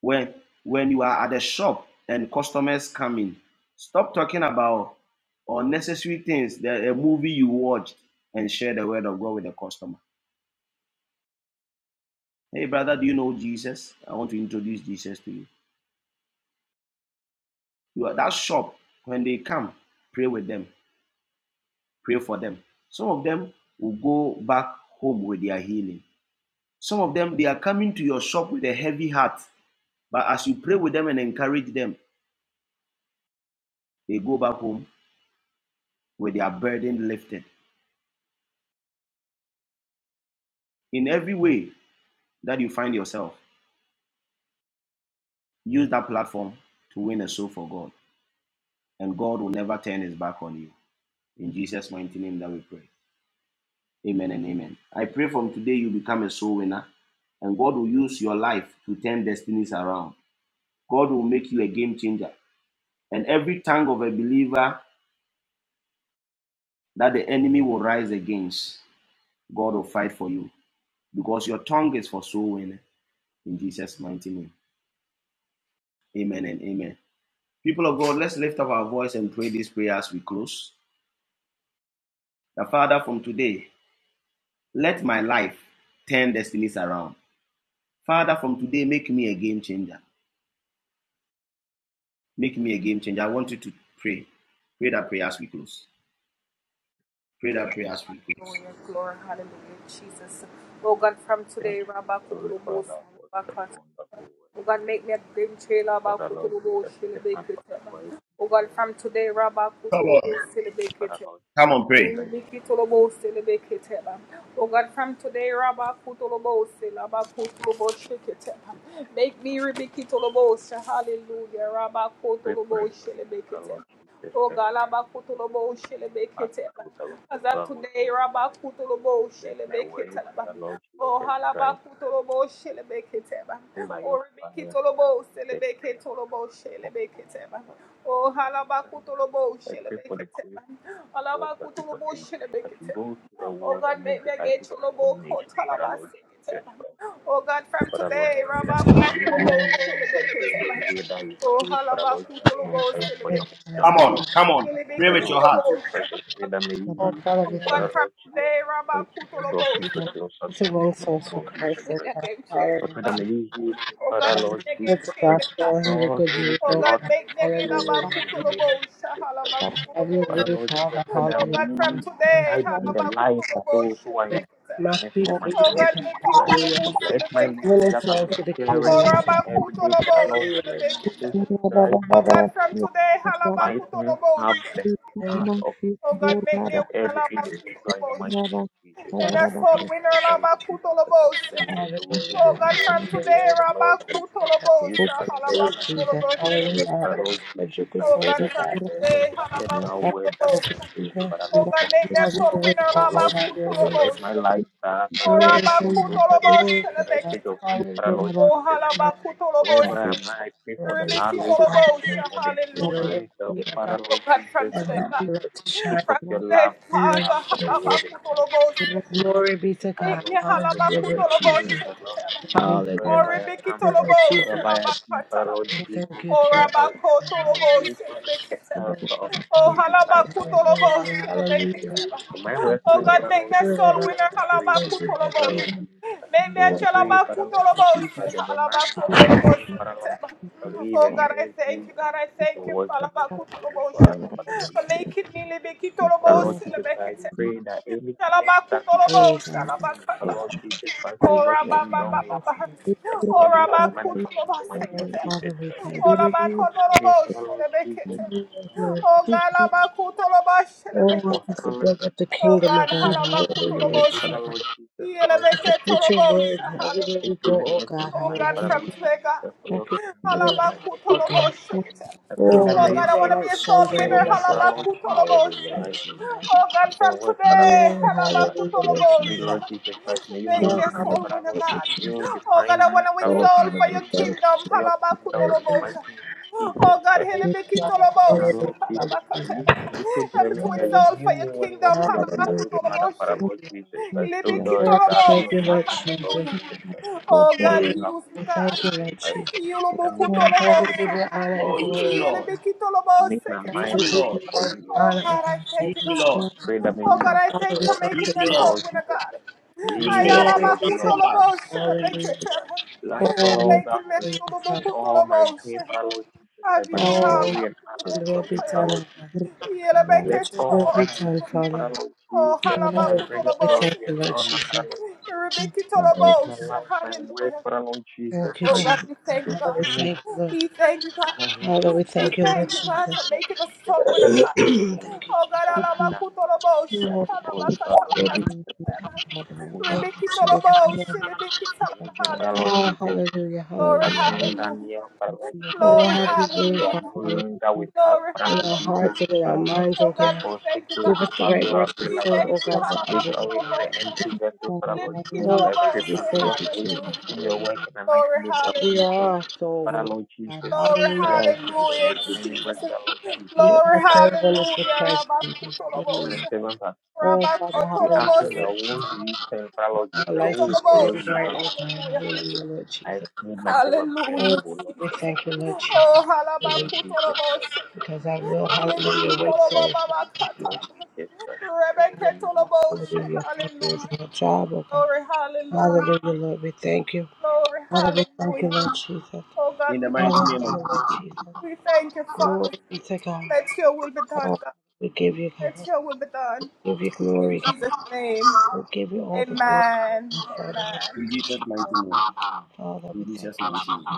Speaker 2: When when you are at the shop and customers come in, stop talking about unnecessary things, the, a movie you watched, and share the word of God with the customer. Hey brother, do you know Jesus? I want to introduce Jesus to you. You are that shop when they come, pray with them pray for them. Some of them will go back home with their healing. Some of them, they are coming to your shop with a heavy heart. But as you pray with them and encourage them, they go back home with their burden lifted. In every way that you find yourself, use that platform to win a soul for God. And God will never turn his back on you. In Jesus' mighty name that we pray. Amen and amen. I pray from today you become a soul winner and God will use your life to turn destinies around. God will make you a game changer. And every tongue of a believer that the enemy will rise against, God will fight for you. Because your tongue is for soul winning. In Jesus' mighty name. Amen and amen. People of God, let's lift up our voice and pray this prayer as we close. The Father, from today, let my life turn destinies around. Father, from today, make me a game changer. Make me a game changer. I want you to pray. Pray that prayer as we close. Pray that prayer as we close.
Speaker 13: Lord Jesus, thank you, Heavenly Father, for such a wonderful word. Father, Lord Jesus, I lift up my voice in prayer.
Speaker 2: Come
Speaker 13: I
Speaker 2: on.
Speaker 13: pray that Father, Lord
Speaker 2: Come on,
Speaker 13: Jesus,
Speaker 2: pray.
Speaker 13: strengthen my life, help strength to the around in the mighty name of Jesus. I pray for the grace, Father, Lord Jesus Christ, to make divine impact to those around me, Father, Lord Jesus Christ. Let my word, Father, Lord Jesus Christ, in by your fire, to change the thing around the mighty name of Jesus. Dear Lord Jesus, I pray for the grace to do the work that you contain. As you go to the world and make disciples of all nations, Father Lord Jesus Christ. Father Lord, I pray that may you use me in any way that you could, Father Lord Jesus
Speaker 11: Oh God,
Speaker 13: Christ, for your kingdom's
Speaker 2: Come
Speaker 11: hallelujah.
Speaker 13: sake.
Speaker 2: on, come on. Pray
Speaker 13: Father
Speaker 2: with
Speaker 13: Lord
Speaker 2: your heart.
Speaker 13: Jesus Christ, I pray that may
Speaker 11: Oh
Speaker 13: you
Speaker 14: Thank
Speaker 13: use
Speaker 11: Father, we
Speaker 13: me,
Speaker 11: thank
Speaker 13: Father Lord Jesus Christ, to draw people closer
Speaker 11: you
Speaker 13: to
Speaker 11: to
Speaker 13: you, in
Speaker 11: win
Speaker 13: the
Speaker 11: souls for
Speaker 13: mighty name of
Speaker 11: Christ.
Speaker 13: Jesus
Speaker 11: Oh
Speaker 13: Christ.
Speaker 11: God,
Speaker 13: I
Speaker 11: hallelujah.
Speaker 13: pray that may you use me, Father Lord Jesus
Speaker 11: It's the
Speaker 13: Christ, to
Speaker 11: gospel and your
Speaker 13: draw
Speaker 11: good
Speaker 13: those
Speaker 11: news. Oh
Speaker 13: around
Speaker 11: God,
Speaker 13: me to you
Speaker 11: hallelujah.
Speaker 13: in the
Speaker 11: Lord
Speaker 13: mighty name
Speaker 11: Jesus.
Speaker 13: of Jesus Christ.
Speaker 11: Have your
Speaker 13: Father
Speaker 11: way,
Speaker 13: Lord Jesus,
Speaker 11: Father.
Speaker 13: I pray that may
Speaker 11: Hallelujah.
Speaker 13: you may I be the light of those who are in
Speaker 11: Must
Speaker 13: darkness
Speaker 11: be
Speaker 13: in the
Speaker 11: free.
Speaker 13: mighty name
Speaker 11: Oh
Speaker 13: of
Speaker 11: God,
Speaker 13: Jesus Christ.
Speaker 11: hallelujah.
Speaker 13: Let my message
Speaker 11: Winning
Speaker 13: that has
Speaker 11: souls
Speaker 13: been
Speaker 11: to the kingdom.
Speaker 13: sharing
Speaker 11: of God.
Speaker 13: each and every day, Father Lord
Speaker 11: Hallelujah. Lord Jesus.
Speaker 13: Jesus Christ, lighten up the
Speaker 11: Thank
Speaker 13: heart
Speaker 11: you,
Speaker 13: of each and every individual in the mighty name of Jesus
Speaker 11: Father.
Speaker 13: Christ. Father Lord Jesus Christ, I pray that those who don't
Speaker 11: Hallelujah.
Speaker 13: even read it, may the
Speaker 11: Hallelujah.
Speaker 13: Lord Jesus Christ, may you touch their
Speaker 11: Praise
Speaker 13: hearts to
Speaker 11: Jesus.
Speaker 13: read it.
Speaker 11: Hallelujah.
Speaker 13: Father
Speaker 11: Let
Speaker 13: Lord
Speaker 11: us spread
Speaker 13: Jesus
Speaker 11: your good
Speaker 13: Christ,
Speaker 11: word, O God. Hallelujah.
Speaker 13: accept that
Speaker 11: Let us
Speaker 13: word that
Speaker 11: know good
Speaker 13: comes from you, Father
Speaker 11: Jesus.
Speaker 13: Lord Jesus.
Speaker 11: Have your way,
Speaker 13: Oh
Speaker 11: Father.
Speaker 13: Lord
Speaker 11: Have your
Speaker 13: Jesus,
Speaker 11: way.
Speaker 13: let my life start, Father
Speaker 11: Glory
Speaker 13: Lord
Speaker 11: to
Speaker 13: Jesus
Speaker 11: God.
Speaker 13: Christ, with
Speaker 11: Glory to
Speaker 13: the
Speaker 11: God.
Speaker 13: message of you, Father
Speaker 11: Hallelujah.
Speaker 13: Lord Jesus Christ. Wherever I am, I pray for the
Speaker 11: Hallelujah. Help
Speaker 13: knowledge, I
Speaker 11: my
Speaker 13: pray for the
Speaker 11: feet, O Lord,
Speaker 13: divine help,
Speaker 11: O
Speaker 13: Father
Speaker 11: God.
Speaker 13: Lord Jesus
Speaker 11: And
Speaker 13: Christ.
Speaker 11: help my light to shine.
Speaker 13: Speak of your love, your
Speaker 11: Hallelujah.
Speaker 13: love for the
Speaker 11: Thank you,
Speaker 13: world in the mighty
Speaker 11: Jesus.
Speaker 13: name of Jesus Christ.
Speaker 11: Glory be to
Speaker 13: Para
Speaker 11: God.
Speaker 13: Lord Jesus
Speaker 11: Hallelujah,
Speaker 13: Christ, I
Speaker 11: Lord
Speaker 13: pray
Speaker 11: Jesus.
Speaker 13: that Lord Jesus,
Speaker 11: Hallelujah.
Speaker 13: wherever I
Speaker 11: Thank
Speaker 13: am,
Speaker 11: you, Lord
Speaker 13: wherever
Speaker 11: Jesus.
Speaker 13: I be, Father Lord
Speaker 11: Thank you, Jesus. Hallelujah.
Speaker 13: the
Speaker 11: Pray,
Speaker 13: character of
Speaker 11: Father,
Speaker 13: the
Speaker 11: for
Speaker 13: true disciple
Speaker 11: the
Speaker 13: in the mighty name
Speaker 11: Hallelujah.
Speaker 13: of Jesus.
Speaker 11: Hallelujah.
Speaker 13: In my workplace,
Speaker 11: Holy
Speaker 13: Father Lord
Speaker 11: Spirit,
Speaker 13: Jesus,
Speaker 11: oh God, I
Speaker 13: Christ, I
Speaker 11: just
Speaker 13: pray,
Speaker 11: thank you that
Speaker 13: Father Lord
Speaker 11: Jesus,
Speaker 13: Jesus, Christ, I
Speaker 11: that
Speaker 13: pray, Father Lord that
Speaker 11: Jesus,
Speaker 13: in my house, Father Lord live and
Speaker 14: you.
Speaker 13: serve you and
Speaker 14: Thank
Speaker 13: see the words that you ordained for us, Father the Lord
Speaker 11: Spirit,
Speaker 13: Jesus, I pray that any gift that is
Speaker 11: oh God. Oh,
Speaker 13: not for me, but Lord Jesus Christ, and your kingdom is
Speaker 11: yes, Lord.
Speaker 13: established and manifest in my
Speaker 11: Oh,
Speaker 13: name of
Speaker 11: Father,
Speaker 13: Jesus
Speaker 11: we
Speaker 13: Christ.
Speaker 11: thank you.
Speaker 13: We pray for the Lord Jesus
Speaker 11: Hallelujah,
Speaker 13: Christ,
Speaker 11: glory to God.
Speaker 13: the
Speaker 11: Oh, help us to
Speaker 13: apostolic
Speaker 11: build up the kingdom, of God. Hallelujah, Lord
Speaker 13: gift for the
Speaker 11: Jesus.
Speaker 13: Lord Jesus Christ.
Speaker 11: It's a preacher word
Speaker 13: May His
Speaker 11: everywhere we
Speaker 13: faith
Speaker 11: go, oh
Speaker 13: manifest in
Speaker 11: God.
Speaker 13: my life for the
Speaker 11: Hallelujah.
Speaker 13: Lord Jesus Christ, for
Speaker 11: I
Speaker 13: your
Speaker 11: pray for
Speaker 13: kingdom
Speaker 11: your
Speaker 13: in the mighty
Speaker 11: light,
Speaker 13: name of
Speaker 11: oh
Speaker 13: Jesus.
Speaker 11: God.
Speaker 13: I pray
Speaker 11: Oh,
Speaker 13: that may
Speaker 11: let
Speaker 13: you
Speaker 11: your
Speaker 13: Holy
Speaker 11: light
Speaker 13: Spirit
Speaker 11: shine bright in
Speaker 13: me
Speaker 11: us,
Speaker 13: for
Speaker 11: oh
Speaker 13: the Lord
Speaker 11: God.
Speaker 13: Jesus
Speaker 11: Hallelujah,
Speaker 13: Christ.
Speaker 11: Lord Jesus.
Speaker 13: to do the work,
Speaker 11: Oh,
Speaker 13: Father Lord Jesus Christ.
Speaker 11: hallelujah, Lord
Speaker 13: I pray,
Speaker 11: Jesus.
Speaker 13: Lord Jesus Christ, may you mold
Speaker 11: Oh,
Speaker 13: me,
Speaker 11: Father, we
Speaker 13: Father Lord
Speaker 11: thank you,
Speaker 13: Jesus, may you
Speaker 11: Jesus.
Speaker 13: redefine me, Father
Speaker 11: Oh,
Speaker 13: Lord
Speaker 11: Father,
Speaker 13: Jesus, may
Speaker 11: we
Speaker 13: you
Speaker 11: thank
Speaker 13: use
Speaker 11: you,
Speaker 13: me
Speaker 11: Jesus.
Speaker 13: for your kingdom in the mighty
Speaker 11: Hallelujah.
Speaker 13: name of Jesus Christ.
Speaker 11: Praise God.
Speaker 13: Father
Speaker 11: Hallelujah.
Speaker 13: Lord Jesus Christ, listen. you told me
Speaker 11: Glory.
Speaker 13: that you
Speaker 11: to
Speaker 13: knew me when I was
Speaker 11: God.
Speaker 13: in the womb of
Speaker 11: Hallelujah.
Speaker 13: his mother, Father Lord
Speaker 11: Hallelujah.
Speaker 13: Jesus Christ. So Lord,
Speaker 11: Oh, we
Speaker 13: that you
Speaker 11: thank you,
Speaker 13: also
Speaker 11: Lord
Speaker 13: know me, Lord
Speaker 11: Jesus.
Speaker 13: Jesus Christ. What do
Speaker 11: Oh,
Speaker 13: you have for
Speaker 11: We
Speaker 13: me, Lord
Speaker 11: thank you,
Speaker 13: Jesus
Speaker 11: Lord
Speaker 13: Christ?
Speaker 11: Jesus.
Speaker 13: I make my heart
Speaker 11: Oh, we give
Speaker 13: open
Speaker 11: you
Speaker 13: for
Speaker 11: honor
Speaker 13: you,
Speaker 11: and
Speaker 13: Lord
Speaker 2: Oh, use me,
Speaker 11: glory.
Speaker 13: Jesus
Speaker 2: Lord.
Speaker 13: Christ. I make my
Speaker 11: Oh,
Speaker 2: Use
Speaker 11: we
Speaker 13: mind
Speaker 2: me,
Speaker 13: open
Speaker 11: give you
Speaker 2: Lord.
Speaker 11: all
Speaker 13: for
Speaker 11: the
Speaker 13: you, Lord
Speaker 11: honor and
Speaker 13: Jesus
Speaker 11: God.
Speaker 13: Christ.
Speaker 2: Use
Speaker 11: Thank you,
Speaker 2: me, Lord.
Speaker 11: Jesus.
Speaker 13: Pray that may you use me
Speaker 11: Father,
Speaker 13: for
Speaker 11: we
Speaker 13: your
Speaker 11: thank
Speaker 2: Use
Speaker 11: you,
Speaker 13: kingdom,
Speaker 2: me,
Speaker 11: Lord
Speaker 13: Father
Speaker 2: Lord.
Speaker 13: Lord
Speaker 11: Jesus.
Speaker 13: Jesus Christ. May you
Speaker 2: Use
Speaker 13: use
Speaker 2: me,
Speaker 13: me
Speaker 11: Glory
Speaker 13: for
Speaker 2: Lord.
Speaker 11: be
Speaker 13: your
Speaker 11: to
Speaker 13: glory,
Speaker 11: God.
Speaker 2: Transform lives.
Speaker 13: in the name of
Speaker 11: Hallelujah.
Speaker 13: Jesus Christ. Let
Speaker 11: Oh,
Speaker 13: all that concerns
Speaker 11: hallelujah,
Speaker 13: me,
Speaker 11: Father. Thank
Speaker 13: all
Speaker 11: you,
Speaker 13: my
Speaker 11: Jesus.
Speaker 13: doing, Father Lord Jesus Christ, bring
Speaker 11: Oh,
Speaker 13: glory and honor
Speaker 11: to
Speaker 13: to
Speaker 11: will
Speaker 13: your
Speaker 11: be
Speaker 13: name, Father
Speaker 11: done, O
Speaker 13: Lord Jesus
Speaker 11: God.
Speaker 13: Christ. Let
Speaker 11: Let your will
Speaker 13: all
Speaker 11: be
Speaker 13: that I
Speaker 11: done,
Speaker 13: do,
Speaker 11: Father.
Speaker 13: Father Lord Jesus
Speaker 11: Oh,
Speaker 13: Christ,
Speaker 11: Father,
Speaker 13: bring
Speaker 11: we
Speaker 13: glory
Speaker 11: thank you,
Speaker 13: and
Speaker 11: Lord
Speaker 13: honor,
Speaker 11: Jesus.
Speaker 13: Father Lord Jesus Christ. Use my life, my word, Father Lord Jesus
Speaker 11: Thank you,
Speaker 13: Christ,
Speaker 11: Jesus.
Speaker 13: to
Speaker 11: Father, we
Speaker 13: bring you
Speaker 11: thank you, Lord.
Speaker 13: glory to
Speaker 11: Father, we
Speaker 13: your
Speaker 11: thank you,
Speaker 13: name, in
Speaker 11: Lord
Speaker 13: the mighty
Speaker 11: Jesus.
Speaker 13: name of Jesus. Christ.
Speaker 11: thank you, Jesus.
Speaker 13: Father, I
Speaker 11: Oh,
Speaker 13: thank
Speaker 11: Father,
Speaker 13: you
Speaker 11: we
Speaker 13: for you, Father.
Speaker 11: Thank
Speaker 13: Lord
Speaker 11: you,
Speaker 14: you.
Speaker 13: Swedish,
Speaker 11: Jesus.
Speaker 13: Swedish,
Speaker 14: Hallelujah.
Speaker 13: Swedish, who the parallel
Speaker 11: Oh,
Speaker 13: Jesus Christ.
Speaker 11: hallelujah, hallelujah.
Speaker 13: Peter,
Speaker 11: hallelujah.
Speaker 13: John, Daniel, parallel
Speaker 11: Oh,
Speaker 13: Jesus
Speaker 11: have
Speaker 13: Christ.
Speaker 11: you been,
Speaker 13: They are no
Speaker 11: Father,
Speaker 13: longer with us,
Speaker 11: in
Speaker 13: parallel
Speaker 11: our
Speaker 14: Good
Speaker 13: Jesus
Speaker 11: hearts and in our
Speaker 13: Christ.
Speaker 11: minds, oh God.
Speaker 13: Therefore, take those
Speaker 11: Give us
Speaker 13: of
Speaker 11: the
Speaker 13: us who
Speaker 14: evening,
Speaker 11: right
Speaker 13: are
Speaker 11: words to say,
Speaker 13: available,
Speaker 11: oh God,
Speaker 14: brother.
Speaker 11: to
Speaker 13: take
Speaker 11: others, oh
Speaker 13: away any
Speaker 11: God.
Speaker 13: empty
Speaker 14: Thank you,
Speaker 13: vessels,
Speaker 14: God.
Speaker 13: parallel Jesus
Speaker 14: Hallelujah.
Speaker 11: Oh,
Speaker 13: Christ.
Speaker 11: Father,
Speaker 13: Create
Speaker 11: we
Speaker 13: us with
Speaker 11: thank
Speaker 13: just
Speaker 11: you,
Speaker 13: for you
Speaker 11: Jesus.
Speaker 13: to do your work
Speaker 11: Hallelujah.
Speaker 13: in the mighty name of
Speaker 11: We
Speaker 13: Jesus.
Speaker 11: are so winners,
Speaker 13: Parallel
Speaker 11: for God.
Speaker 13: Jesus
Speaker 11: Hallelujah. God.
Speaker 13: Christ, we
Speaker 11: We thank
Speaker 13: have
Speaker 11: you,
Speaker 13: many
Speaker 11: Jesus.
Speaker 13: works, parallel Jesus
Speaker 11: We
Speaker 13: Christ.
Speaker 11: are so winners for Christ, Jesus.
Speaker 13: When the
Speaker 11: Hallelujah.
Speaker 13: servants are
Speaker 11: Oh,
Speaker 13: you,
Speaker 11: Father,
Speaker 13: you
Speaker 11: hallelujah,
Speaker 13: ask him
Speaker 11: Lord
Speaker 13: now, whom do
Speaker 11: Jesus.
Speaker 13: you serve, parallel Jesus,
Speaker 11: Our
Speaker 13: Christ? who
Speaker 11: life
Speaker 13: will
Speaker 11: is
Speaker 13: follow
Speaker 11: shining
Speaker 13: you,
Speaker 11: bright, oh
Speaker 13: parallel
Speaker 11: God.
Speaker 13: Jesus Christ?
Speaker 11: Hallelujah, Lord
Speaker 13: I
Speaker 11: Jesus.
Speaker 13: feel myself
Speaker 11: Oh, Father,
Speaker 13: available, Lord
Speaker 11: we
Speaker 13: Jesus.
Speaker 11: thank you, Lord
Speaker 13: Use
Speaker 11: Jesus.
Speaker 13: the
Speaker 11: Hallelujah.
Speaker 13: Lord Jesus Christ.
Speaker 11: Because
Speaker 13: Use
Speaker 11: I
Speaker 13: the
Speaker 11: will,
Speaker 13: Father, Lord Jesus
Speaker 11: hallelujah, win
Speaker 13: Christ.
Speaker 11: souls for
Speaker 13: Use
Speaker 11: Christ,
Speaker 13: me,
Speaker 11: Lord
Speaker 13: Lord Jesus Christ. Oh,
Speaker 11: Jesus. Hallelujah. Thank you. It's my job, oh God. Hallelujah, Lord. We thank you. Father, we thank you, Lord Jesus.
Speaker 2: In the mighty
Speaker 11: Hallelujah,
Speaker 2: name of
Speaker 11: Lord
Speaker 2: Jesus.
Speaker 11: Jesus. Glory be to God. Oh, we give you God. We give you glory, God. We give you all the glory, Father.
Speaker 2: In Jesus' mighty name.
Speaker 11: Father, we
Speaker 2: In
Speaker 11: thank
Speaker 2: Jesus' mighty name.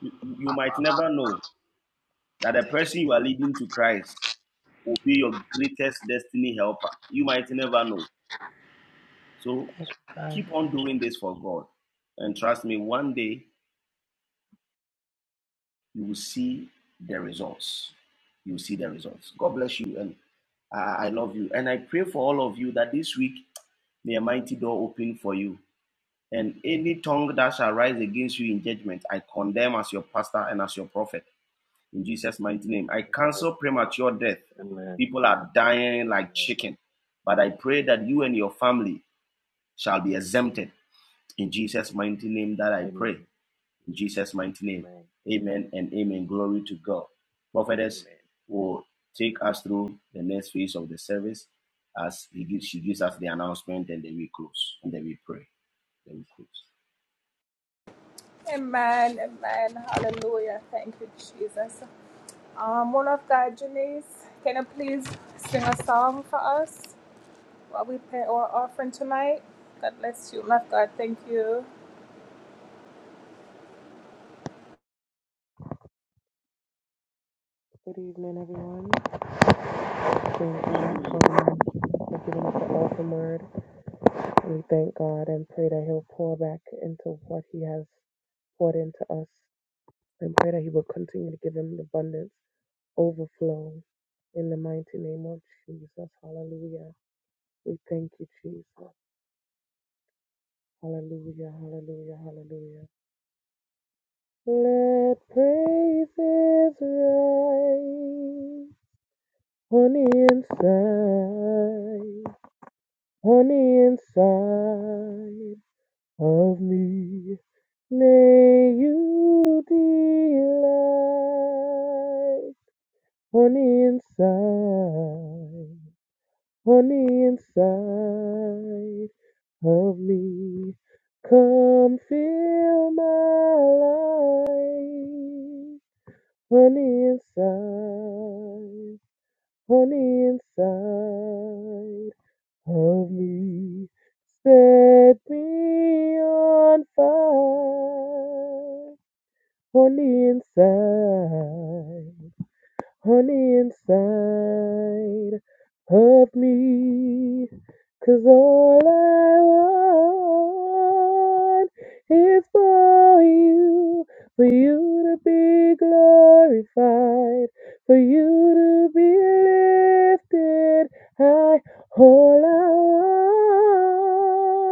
Speaker 2: You, you might never know that the person you are leading to Christ will be your greatest destiny helper. You might never know. So
Speaker 11: you.
Speaker 2: keep on doing this for God. And trust me, one day you will see the results. You will see the results. God bless you, and I I love you. And I pray for all of you that this week may a mighty door open for you. And any tongue that shall rise against you in judgment, I condemn as your pastor and as your prophet. In Jesus' mighty name, I cancel premature death.
Speaker 13: Amen.
Speaker 2: People are dying like
Speaker 13: Amen.
Speaker 2: chicken. But I pray that you and your family shall be exempted. In Jesus' mighty name, that
Speaker 13: Amen.
Speaker 2: I
Speaker 13: Amen.
Speaker 2: pray. In Jesus' mighty name.
Speaker 13: Amen.
Speaker 2: Amen and amen. Glory to God. Prophetess
Speaker 13: Amen.
Speaker 2: will take us through the next phase of the service as he gives, she gives us the announcement and then we close. And then we pray. Then we close.
Speaker 14: Good evening, everyone. Thank God for,
Speaker 2: Amen.
Speaker 14: for giving us the awesome word. We thank God and pray that He'll pour back into what He has poured into us and pray that He will continue to give Him the abundance, overflow in the mighty name of Jesus. Hallelujah. We thank you, Jesus. Hallelujah. Hallelujah. Hallelujah. Let praises rise on the inside, on the inside of me. May you delight on the inside, on the inside of me. Come fill my life. on the inside, on the inside of me. Set me on fire on the inside on the inside of me, 'cause all I want is for you, for you to be glorified, for you to be lifted high. All I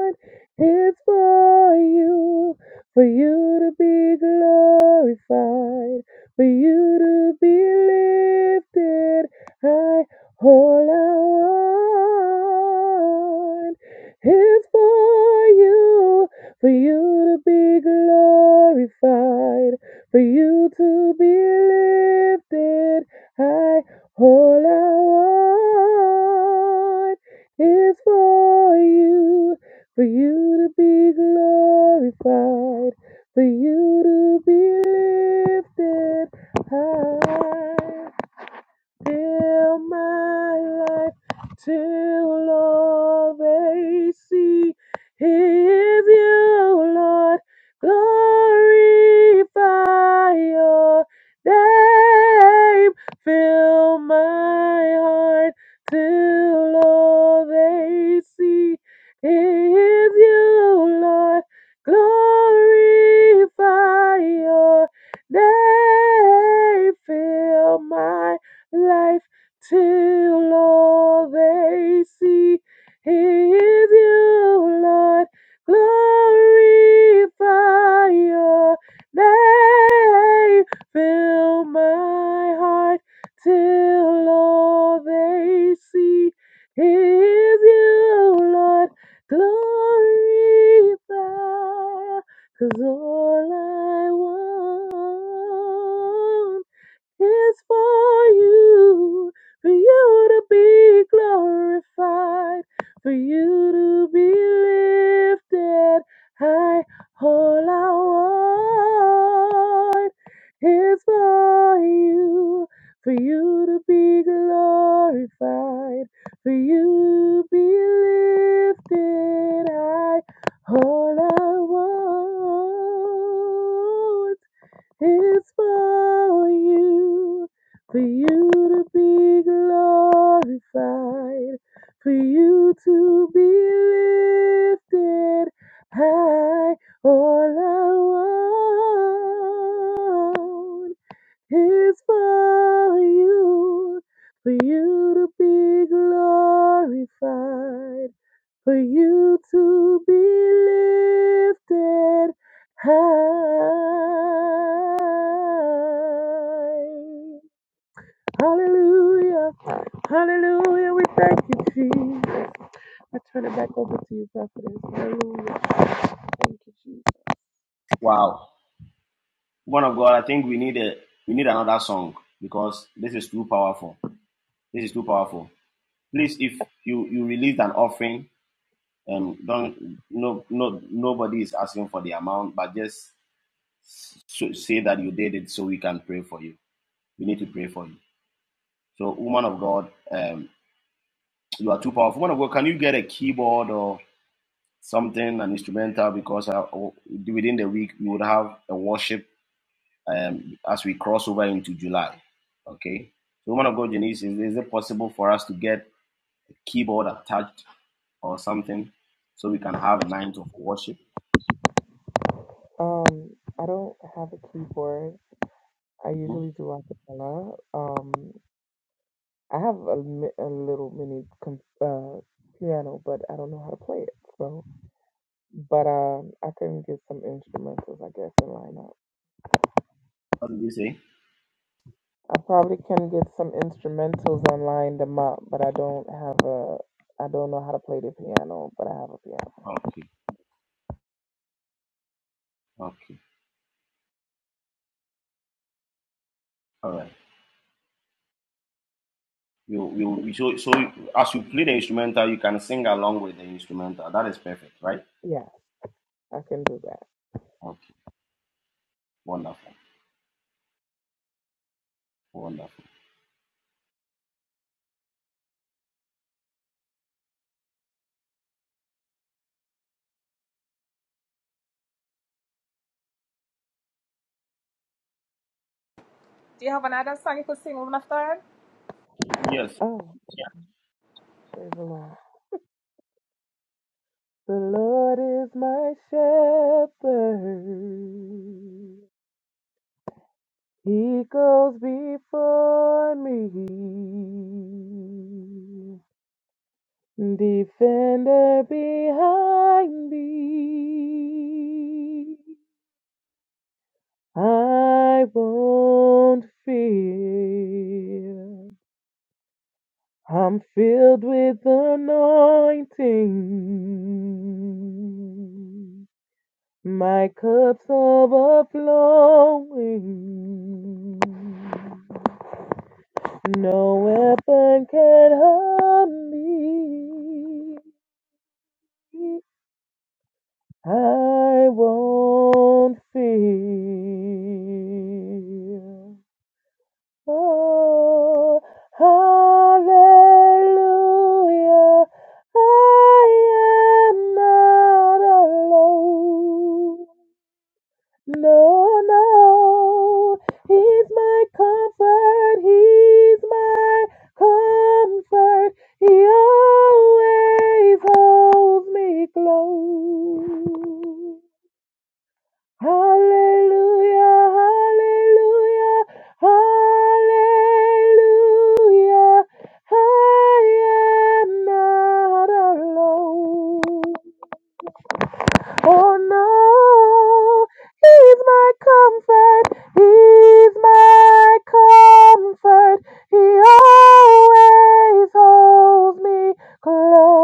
Speaker 14: want is for you, for you to be glorified for you to be lifted high. All I want is for you, for you to be glorified, for you to be lifted high. All I want is for you, for you to be glorified for you to be lifted high. Fill my life till all they see is you, Lord. Glorify your name. Fill my heart till all they see is you, Lord. Glorify your name. Fill my life till all they see is you, Lord. Glorify your name. Fill my heart till all they see is you, Lord. Glorify, 'cause all I want it's for you, for you to be glorified, for you to be lifted high. All I want is for you, for you to be glorified, for you to be lifted high. All I want. It's for you, for you to be glorified, for you to be lifted high all I want. Is for you, for you to be glorified, for you to be lifted high. Hallelujah, hallelujah, we thank you, Jesus. I turn it back over to you, prophetess. Hallelujah, thank you, Jesus.
Speaker 2: Wow. One of God, I think we need a we need another song because this is too powerful. This is too powerful. Please, if you you release an offering and don't no no nobody is asking for the amount, but just so, say that you did it so we can pray for you. We need to pray for you. So, woman of God, um, you are too powerful. Woman of God, can you get a keyboard or something, an instrumental? Because uh, oh, within the week, we would have a worship um, as we cross over into July. Okay? So, woman of God, Janice, is, is it possible for us to get a keyboard attached or something so we can have a night of worship?
Speaker 14: Um, I don't have a keyboard. I
Speaker 2: hmm
Speaker 14: usually do acapella. Um, I have a, mi- a little mini com- uh, piano, but
Speaker 2: What did you say?
Speaker 14: I don't know how to play the piano, but I have a piano.
Speaker 2: Okay, okay, all right. You, you, so, so as you play the instrumental, you can sing along with the instrumental. That is perfect, right?
Speaker 14: Yeah, I can do that.
Speaker 2: Okay. Wonderful. Wonderful. Yes.
Speaker 14: Oh, praise the Lord. The Lord is my shepherd. He goes before me. Defender behind me. I won't fear. I'm filled with anointing. My cup's overflowing. No weapon can harm me. I won't fear. Oh, hallelujah. I am not alone. No, no. He's my comfort. He's my comfort. He always holds me close. Hallelujah, hallelujah, hallelujah. I am not alone. Oh no, He's my comfort, He's my comfort. He always holds me close.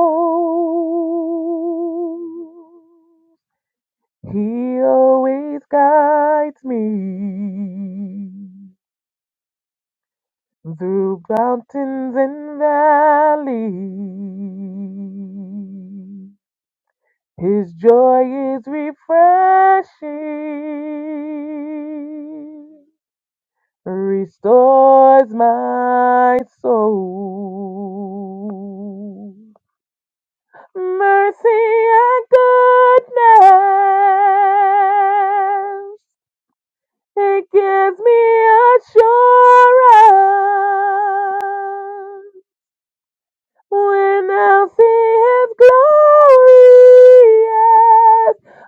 Speaker 14: He always guides me through mountains and valleys. His joy is refreshing, restores my soul. Mercy and goodness It gives me assurance when I'll see his glorious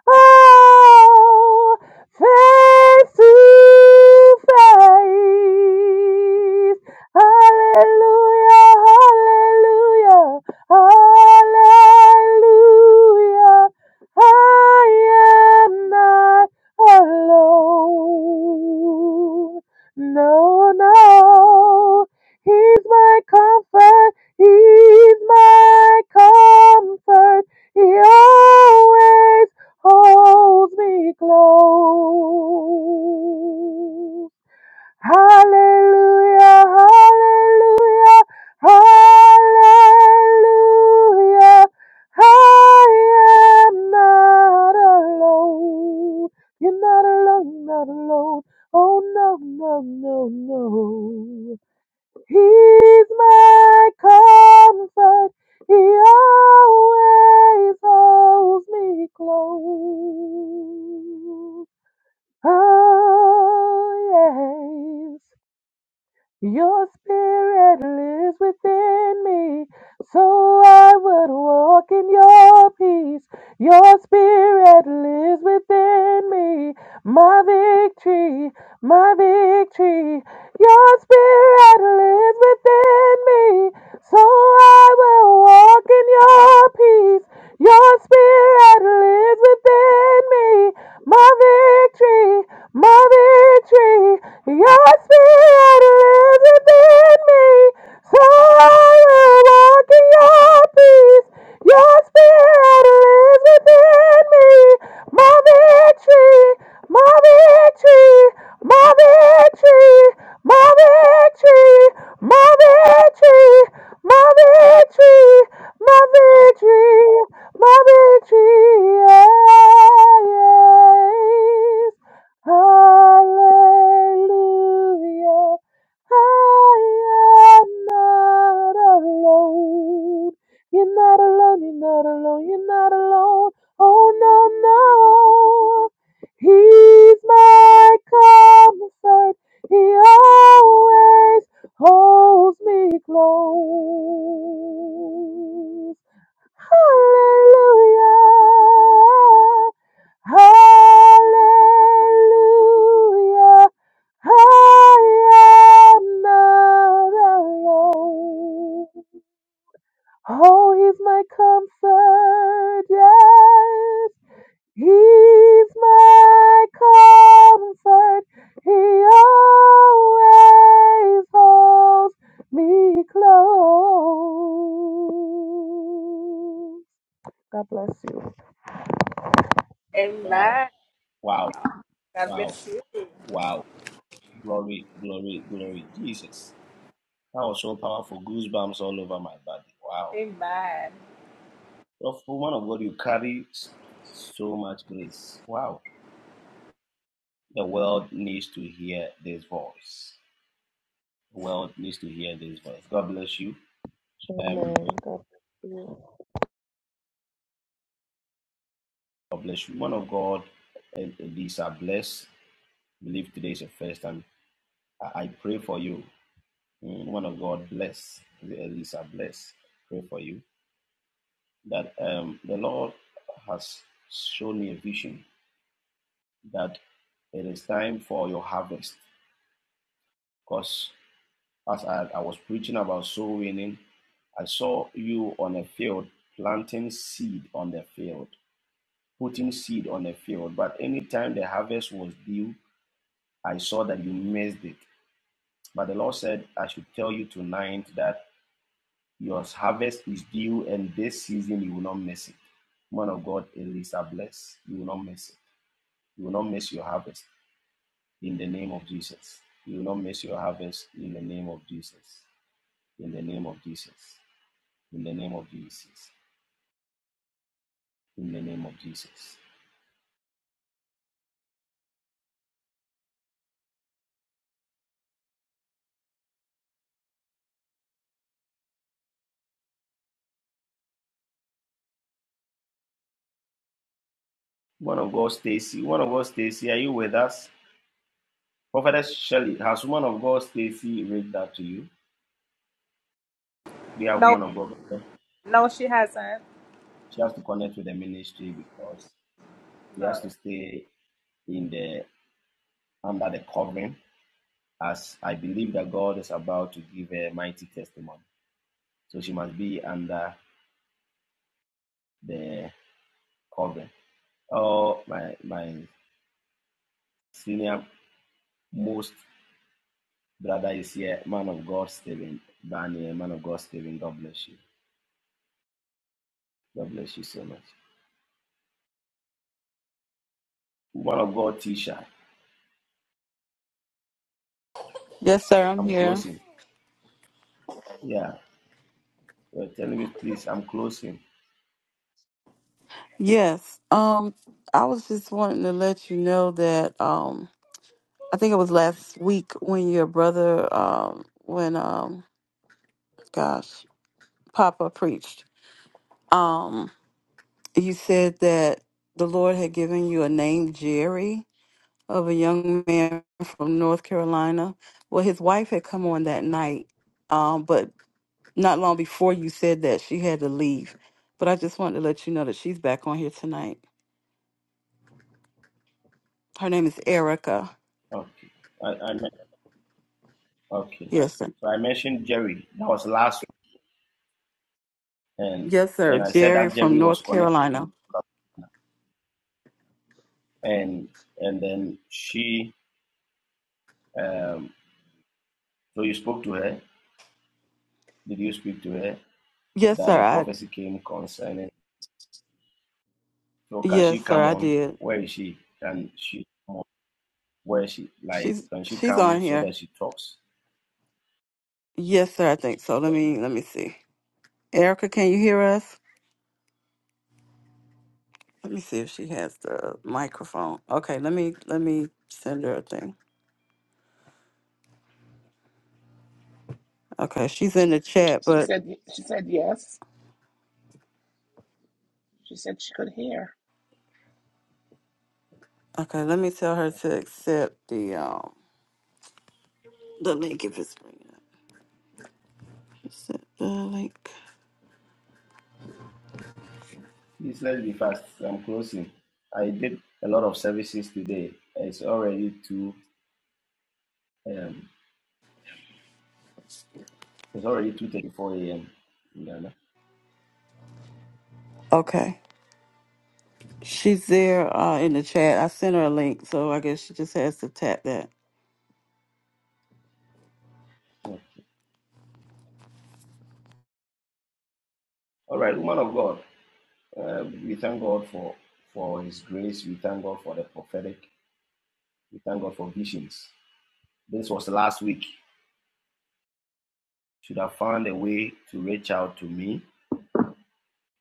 Speaker 14: oh face to face. Hallelujah, hallelujah, hallelujah. I am not alone. No, no. He's my comfort He's my comfort. He always holds me close. Hallelujah, hallelujah, hallelujah. I am not alone. You're not alone, not alone. Oh, no, no, no, no. He's my comfort. He always holds me close. Oh, yes. Your spirit lives within me, so I would walk in your peace. Your spirit lives within me, my victory, my victory. Your spirit lives within me. So I will walk in your peace. Your spirit lives within me. My victory, my victory. Your spirit lives within me. So I will walk in your peace. Your spirit lives within me. My victory, my victory, my victory, my victory, my victory. My victory, my victory, my victory. Yes. Hallelujah. I am not alone. You're not alone, you're not alone, you're not alone. Oh, no, no. He's my comfort. He always holds me close. Hallelujah. Hallelujah. I am not alone. Oh, he's my comfort. Yes. He's my comfort. He always holds me close. God bless you.
Speaker 2: Wow. Wow. Wow. Wow. Glory, glory, glory. Jesus. That was so powerful. Goosebumps all over my body. Wow. Of woman of God, you carry so much grace. Wow. The world needs to hear this voice. The world needs to hear this voice. God bless you.
Speaker 14: Amen.
Speaker 2: Um,
Speaker 14: God bless you.
Speaker 2: God bless you. Woman of God, and these are blessed. I believe today is the first time. I I pray for you. One of God, bless Elisa, bless. Pray for you that um, the Lord has shown me a vision that it is time for your harvest. Because as I, I was preaching about soul winning, I saw you on a field planting seed on the field, putting seed on the field. But anytime the harvest was due, I saw that you missed it. But the Lord said, I should tell you tonight that Your harvest is due, and this season you will not miss it. Man of God, Elisa, bless. You will not miss it. You will not miss your harvest in the name of Jesus. You will not miss your harvest in the name of Jesus. In the name of Jesus. In the name of Jesus. In the name of Jesus. One of God, Stacy. One of God, Stacy. Are you with us? Prophetess Shelley, has one of God, Stacy, read that to you? Do you have one of God? She has to connect with the ministry because she has to stay in the under the covering, as I believe that God is about to give a mighty testimony. So she must be under the covering. Oh, my my senior most brother is here, man of God, Stephen Barney, man of God, Stephen. God bless you. God bless you so much. Woman of God, Tisha,
Speaker 10: Yes, sir, I'm
Speaker 2: I'm
Speaker 10: here.
Speaker 2: closing. Yeah, you're telling me, please, I'm closing.
Speaker 10: Yes. Um, I was just wanting to let you know that um I think it was last week when your brother um when um gosh, Papa preached. Um you said that the Lord had given you a name Jerry of a young man from North Carolina. Well his wife had come on that night. Um, but Not long before you said that, she had to leave. But I just wanted to let you know that she's back on here tonight. Her name is Erica.
Speaker 2: Okay. I, I okay.
Speaker 10: Yes, sir.
Speaker 2: So I mentioned Jerry. That was last week, and
Speaker 10: Yes, sir.
Speaker 2: and I said
Speaker 10: Jerry
Speaker 2: that
Speaker 10: from
Speaker 2: Jerry was
Speaker 10: North
Speaker 2: connected
Speaker 10: Carolina.
Speaker 2: to. and and then she um, so you spoke to her did you speak to her
Speaker 10: Yes,
Speaker 2: that
Speaker 10: sir.
Speaker 2: the
Speaker 10: I
Speaker 2: prophecy came concerning so can she
Speaker 10: yes, sir,
Speaker 2: come
Speaker 10: I
Speaker 2: on
Speaker 10: did.
Speaker 2: where is she can she come on? where is she like
Speaker 10: She's
Speaker 2: can she
Speaker 10: she's on
Speaker 2: come so
Speaker 10: here.
Speaker 2: that she talks
Speaker 10: Yes, sir, I think so. Let me let me see. Erica, can you hear us? Let me see if she has the microphone. Okay, let me let me send her a thing. Okay, she's in the chat, but okay, let me tell her to accept the um the link if it's free. Sent the link.
Speaker 2: please let's be fast i'm closing i did a lot of services today it's already two um it's already 2.34 a.m in ghana Yeah. no?
Speaker 10: Okay. She's there uh, in the chat. I sent her a link, so I guess she just has to tap that.
Speaker 2: Yeah. all right woman of god uh, we thank god for for his grace we thank god for the prophetic We thank God for visions. This was last week. Should have found a way to reach out to me,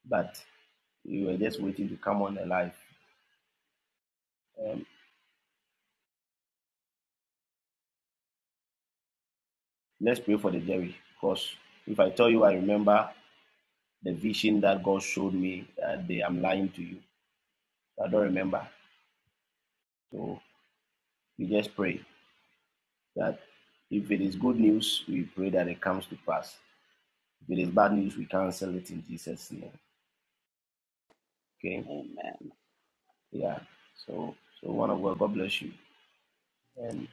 Speaker 2: but we were just waiting to come on the live. Um, let's pray for the Jerry, because if I tell you I remember the vision that God showed me that day, I'm lying to you. I don't remember. So we just pray that if it is good news, we pray that it comes to pass. If it is bad news, we cancel it in Jesus' name. Okay? Yeah. So so one of God, God bless you. And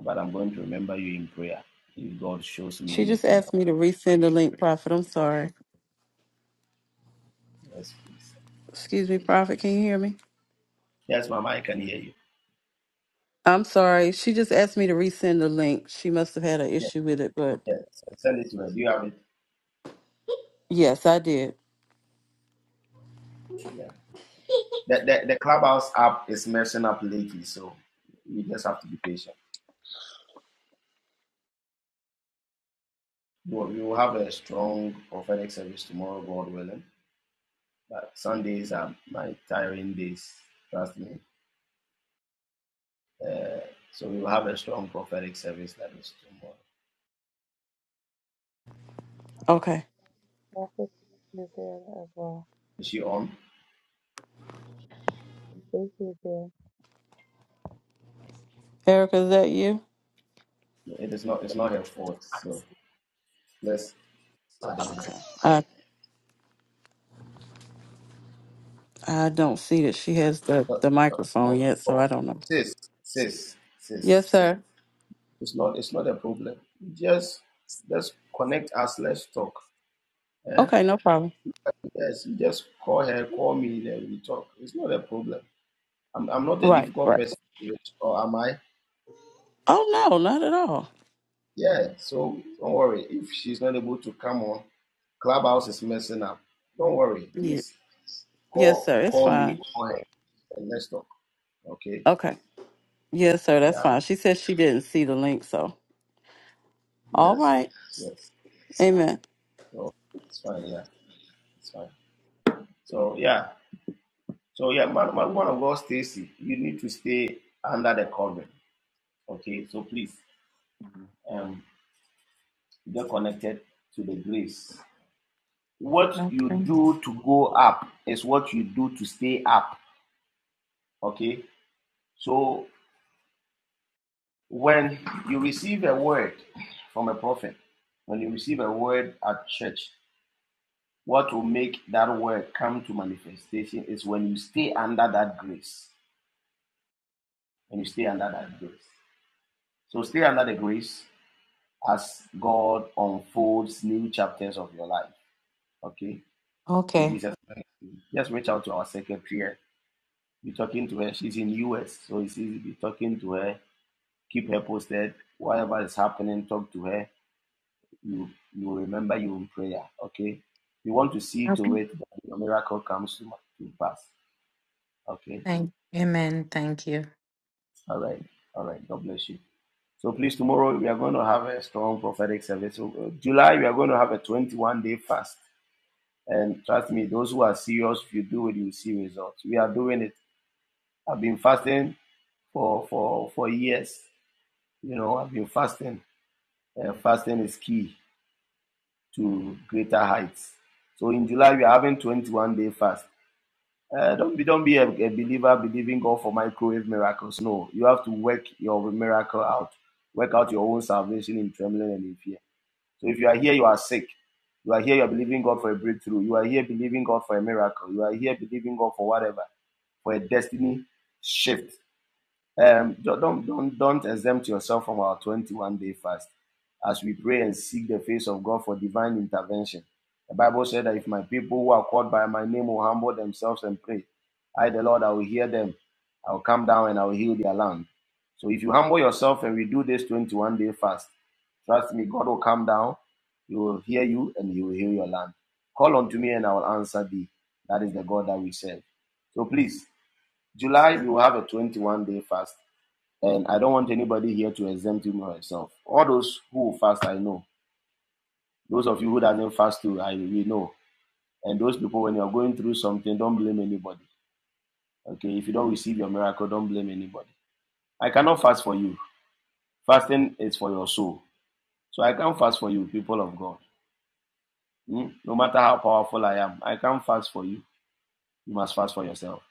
Speaker 2: But I'm going to remember you in prayer. If God shows me
Speaker 10: She just
Speaker 2: anything, i
Speaker 10: asked me to resend the link, Prophet. I'm sorry.
Speaker 2: yes, please.
Speaker 10: Excuse me, Prophet. Can you hear me?
Speaker 2: Yes, Mama, I can hear you.
Speaker 10: I'm sorry. She just asked me to resend the link. She must have had an
Speaker 2: Yes,
Speaker 10: issue with it, but
Speaker 2: yes. Send it to her. Do you have it?
Speaker 10: yes, I did.
Speaker 2: Yeah. The, the, the Clubhouse app is messing up lately, so you just have to be patient. We will, will have a strong prophetic service tomorrow, God willing. But Sundays are my tiring days, trust me. Uh, so we will have a strong prophetic service that is tomorrow.
Speaker 10: Okay.
Speaker 14: God bless you, dear, as well.
Speaker 2: Is she on?
Speaker 14: Thank you, dear.
Speaker 10: Erica, is that you?
Speaker 2: It is not. It's not her fault. So let's pardon her.
Speaker 10: Okay. I I don't see that she has the,
Speaker 2: No,
Speaker 10: the
Speaker 2: no,
Speaker 10: microphone
Speaker 2: no.
Speaker 10: yet, so I
Speaker 2: no.
Speaker 10: don't know.
Speaker 2: Sis, sis, sis.
Speaker 10: Yes, sir.
Speaker 2: It's not it's not a problem. Just just connect us, let's talk. Eh?
Speaker 10: Okay, no problem.
Speaker 2: Yes, you just call her, call me, then we talk. It's not a problem. I'm I'm not a
Speaker 10: Right,
Speaker 2: difficult
Speaker 10: right.
Speaker 2: person, or am I?
Speaker 10: Oh no, not at all.
Speaker 2: Yeah, so don't worry. If she's not able to come on, Clubhouse is messing up. Don't worry.
Speaker 10: Yeah.
Speaker 2: Just
Speaker 10: Yes,
Speaker 2: call
Speaker 10: sir. It's
Speaker 2: call me,
Speaker 10: fine.
Speaker 2: call her, and let's talk. Okay?
Speaker 10: Okay. Yes, sir. That's
Speaker 2: Yeah,
Speaker 10: fine. She said she didn't see the link, so all
Speaker 2: yes,
Speaker 10: right.
Speaker 2: yes.
Speaker 10: Amen.
Speaker 2: So it's fine, yeah. It's fine. So yeah, so yeah, man, man one of God, Stacy, you need to stay under the covering. Okay, so please, um, get connected to the grace. What you
Speaker 15: Okay.
Speaker 2: do to go up is what you do to stay up. Okay, so when you receive a word from a prophet, when you receive a word at church, what will make that word come to manifestation is when you stay under that grace. When you stay under that grace. So stay under the grace as God unfolds new chapters of your life. Okay, in
Speaker 15: Okay.
Speaker 2: Jesus, name. just reach out to our secretary. here. Be talking to her. She's in US, so it's easy. Be talking to her. Keep her posted. Whatever is happening, talk to her. You you remember you in prayer. Okay, you want to see
Speaker 15: Okay.
Speaker 2: to it that your miracle comes to to pass. Okay,
Speaker 15: Thank. Amen. Thank you.
Speaker 2: all right, all right. God bless you. So please, tomorrow we are going to have a strong prophetic service. So, uh, July we are going to have a 21 day fast. And trust me, those who are serious, if you do it, you see results. We are doing it. I've been fasting for for for years. You know, I've been fasting. Uh, fasting is key to greater heights. So in July we are having 21 day fast. Uh, don't be don't be a, a believer believing God for microwave miracles. No, you have to work your miracle out. Work out your own salvation in trembling and in fear. So if you are here, you are sick. You are here, you are believing God for a breakthrough. You are here believing God for a miracle. You are here believing God for whatever. for a destiny shift. Um, don't, don't, don't, exempt yourself from our 21 day fast as we pray and seek the face of God for divine intervention. The Bible said that if my people who are called by my name will humble themselves and pray, I, the Lord, I will hear them. I will come down and I will heal their land. So if you humble yourself and we do this 21 day fast, trust me, God will come down. He will hear you and he will heal your land. Call unto me and I will answer thee. That is the God that we serve. So please July, we will have a 21 day fast, and I don't want anybody here to exempt him or herself. All those who fast, I know. Those of you who doesn't fast too, I we know. And those people, when you are going through something, don't blame anybody. Okay, if you don't receive your miracle, don't blame anybody. I cannot fast for you. Fasting is for your soul, so I can't fast for you, people of God. Hmm? No matter how powerful I am, I can't fast for you. You must fast for yourself.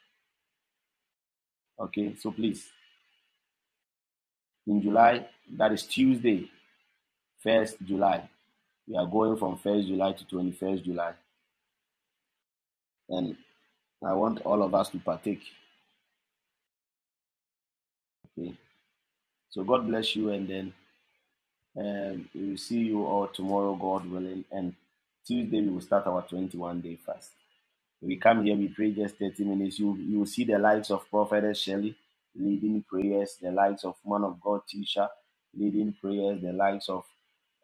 Speaker 2: Okay, so please, in July, that is Tuesday, first July. We are going from 1st July to 21st July, and I want all of us to partake. Okay. So God bless you, and then um, we will see you all tomorrow, God willing. And Tuesday we will start our 21 day fast. We come here, we pray just 30 minutes. You you will see the likes of Prophetess Shelley leading prayers, the likes of Man of God Tisha leading prayers, the likes of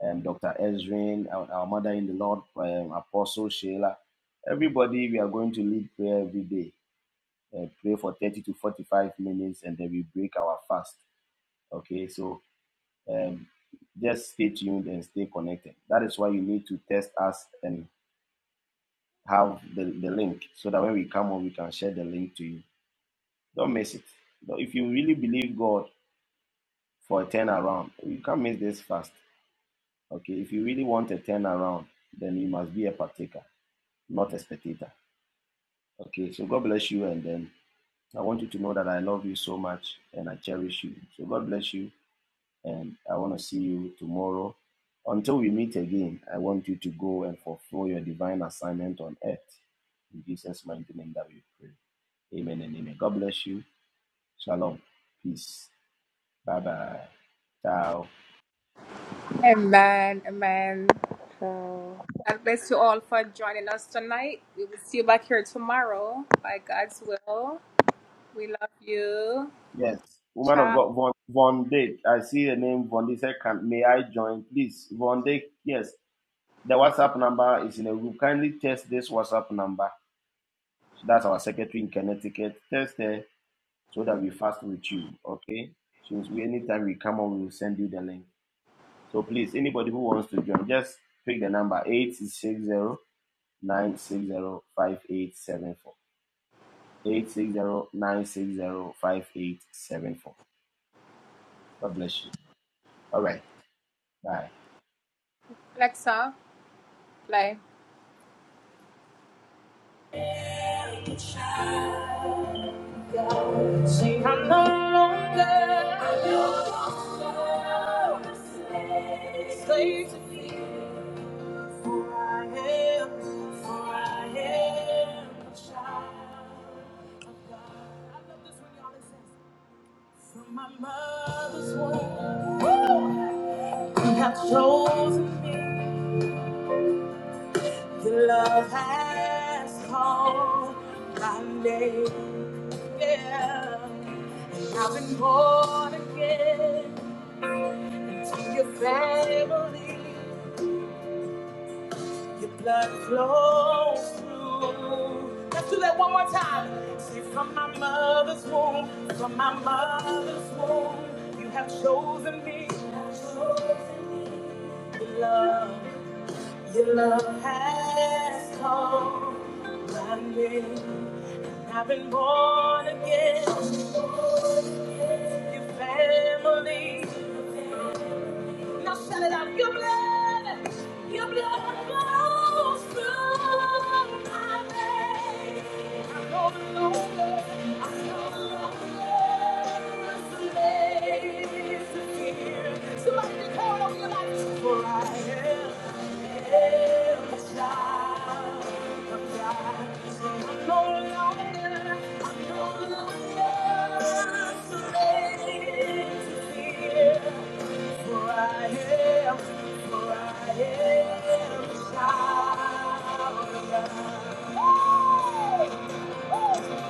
Speaker 2: um, Dr. Ezrin, our, our mother in the Lord, um, Apostle Sheila. Everybody, we are going to lead prayer every day. uh, pray for 30 to 45 minutes and then we break our fast. Okay, so um, just stay tuned and stay connected. That is why you need to test us and have the, the link so that when we come on, we can share the link to you. Don't miss it. If you really believe God for a turnaround, you can't miss this fast. Okay, if you really want a turnaround, then you must be a partaker, not a spectator. Okay, so God bless you and then. I want you to know that I love you so much and I cherish you. So God bless you. and I want to see you tomorrow. Until we meet again, I want you to go and fulfill your divine assignment on earth. In Jesus' mighty name that we pray. Amen and amen. God bless you. Shalom. Peace. Bye bye. Ciao.
Speaker 14: Ciao.
Speaker 2: Yes. Woman of God, Von, Von Dijk. I see the name Von Dijk. Say, Can, may I join? Please, Von Dijk. Yes. The WhatsApp number is in a group. Kindly test this WhatsApp number. That's our secretary in Connecticut. Test her so that we fast with you. Okay. Since we anytime we come on, we will send you the link. So please, anybody who wants to join, just pick the number 860 960 God bless you. All right. Bye.
Speaker 1: tower. I know. Slaves, for I am, for I am a child of God. I love this when y'all listen. From my mother's womb, woo, you have chosen me. Your love has called my name. Yeah. I've been born again to your family. Your blood flows through. Let's do that one more time. Say, from my mother's womb, from my mother's womb, you have chosen me. Your love. Your love has called my name. I've been born again. Your family. Now shout it out. Your blood. Your blood flows through my veins. Somebody declare it over your life. For I am a child of God. I'm no longer, I'm no longer slave to fear. For I am, for I am the child of God.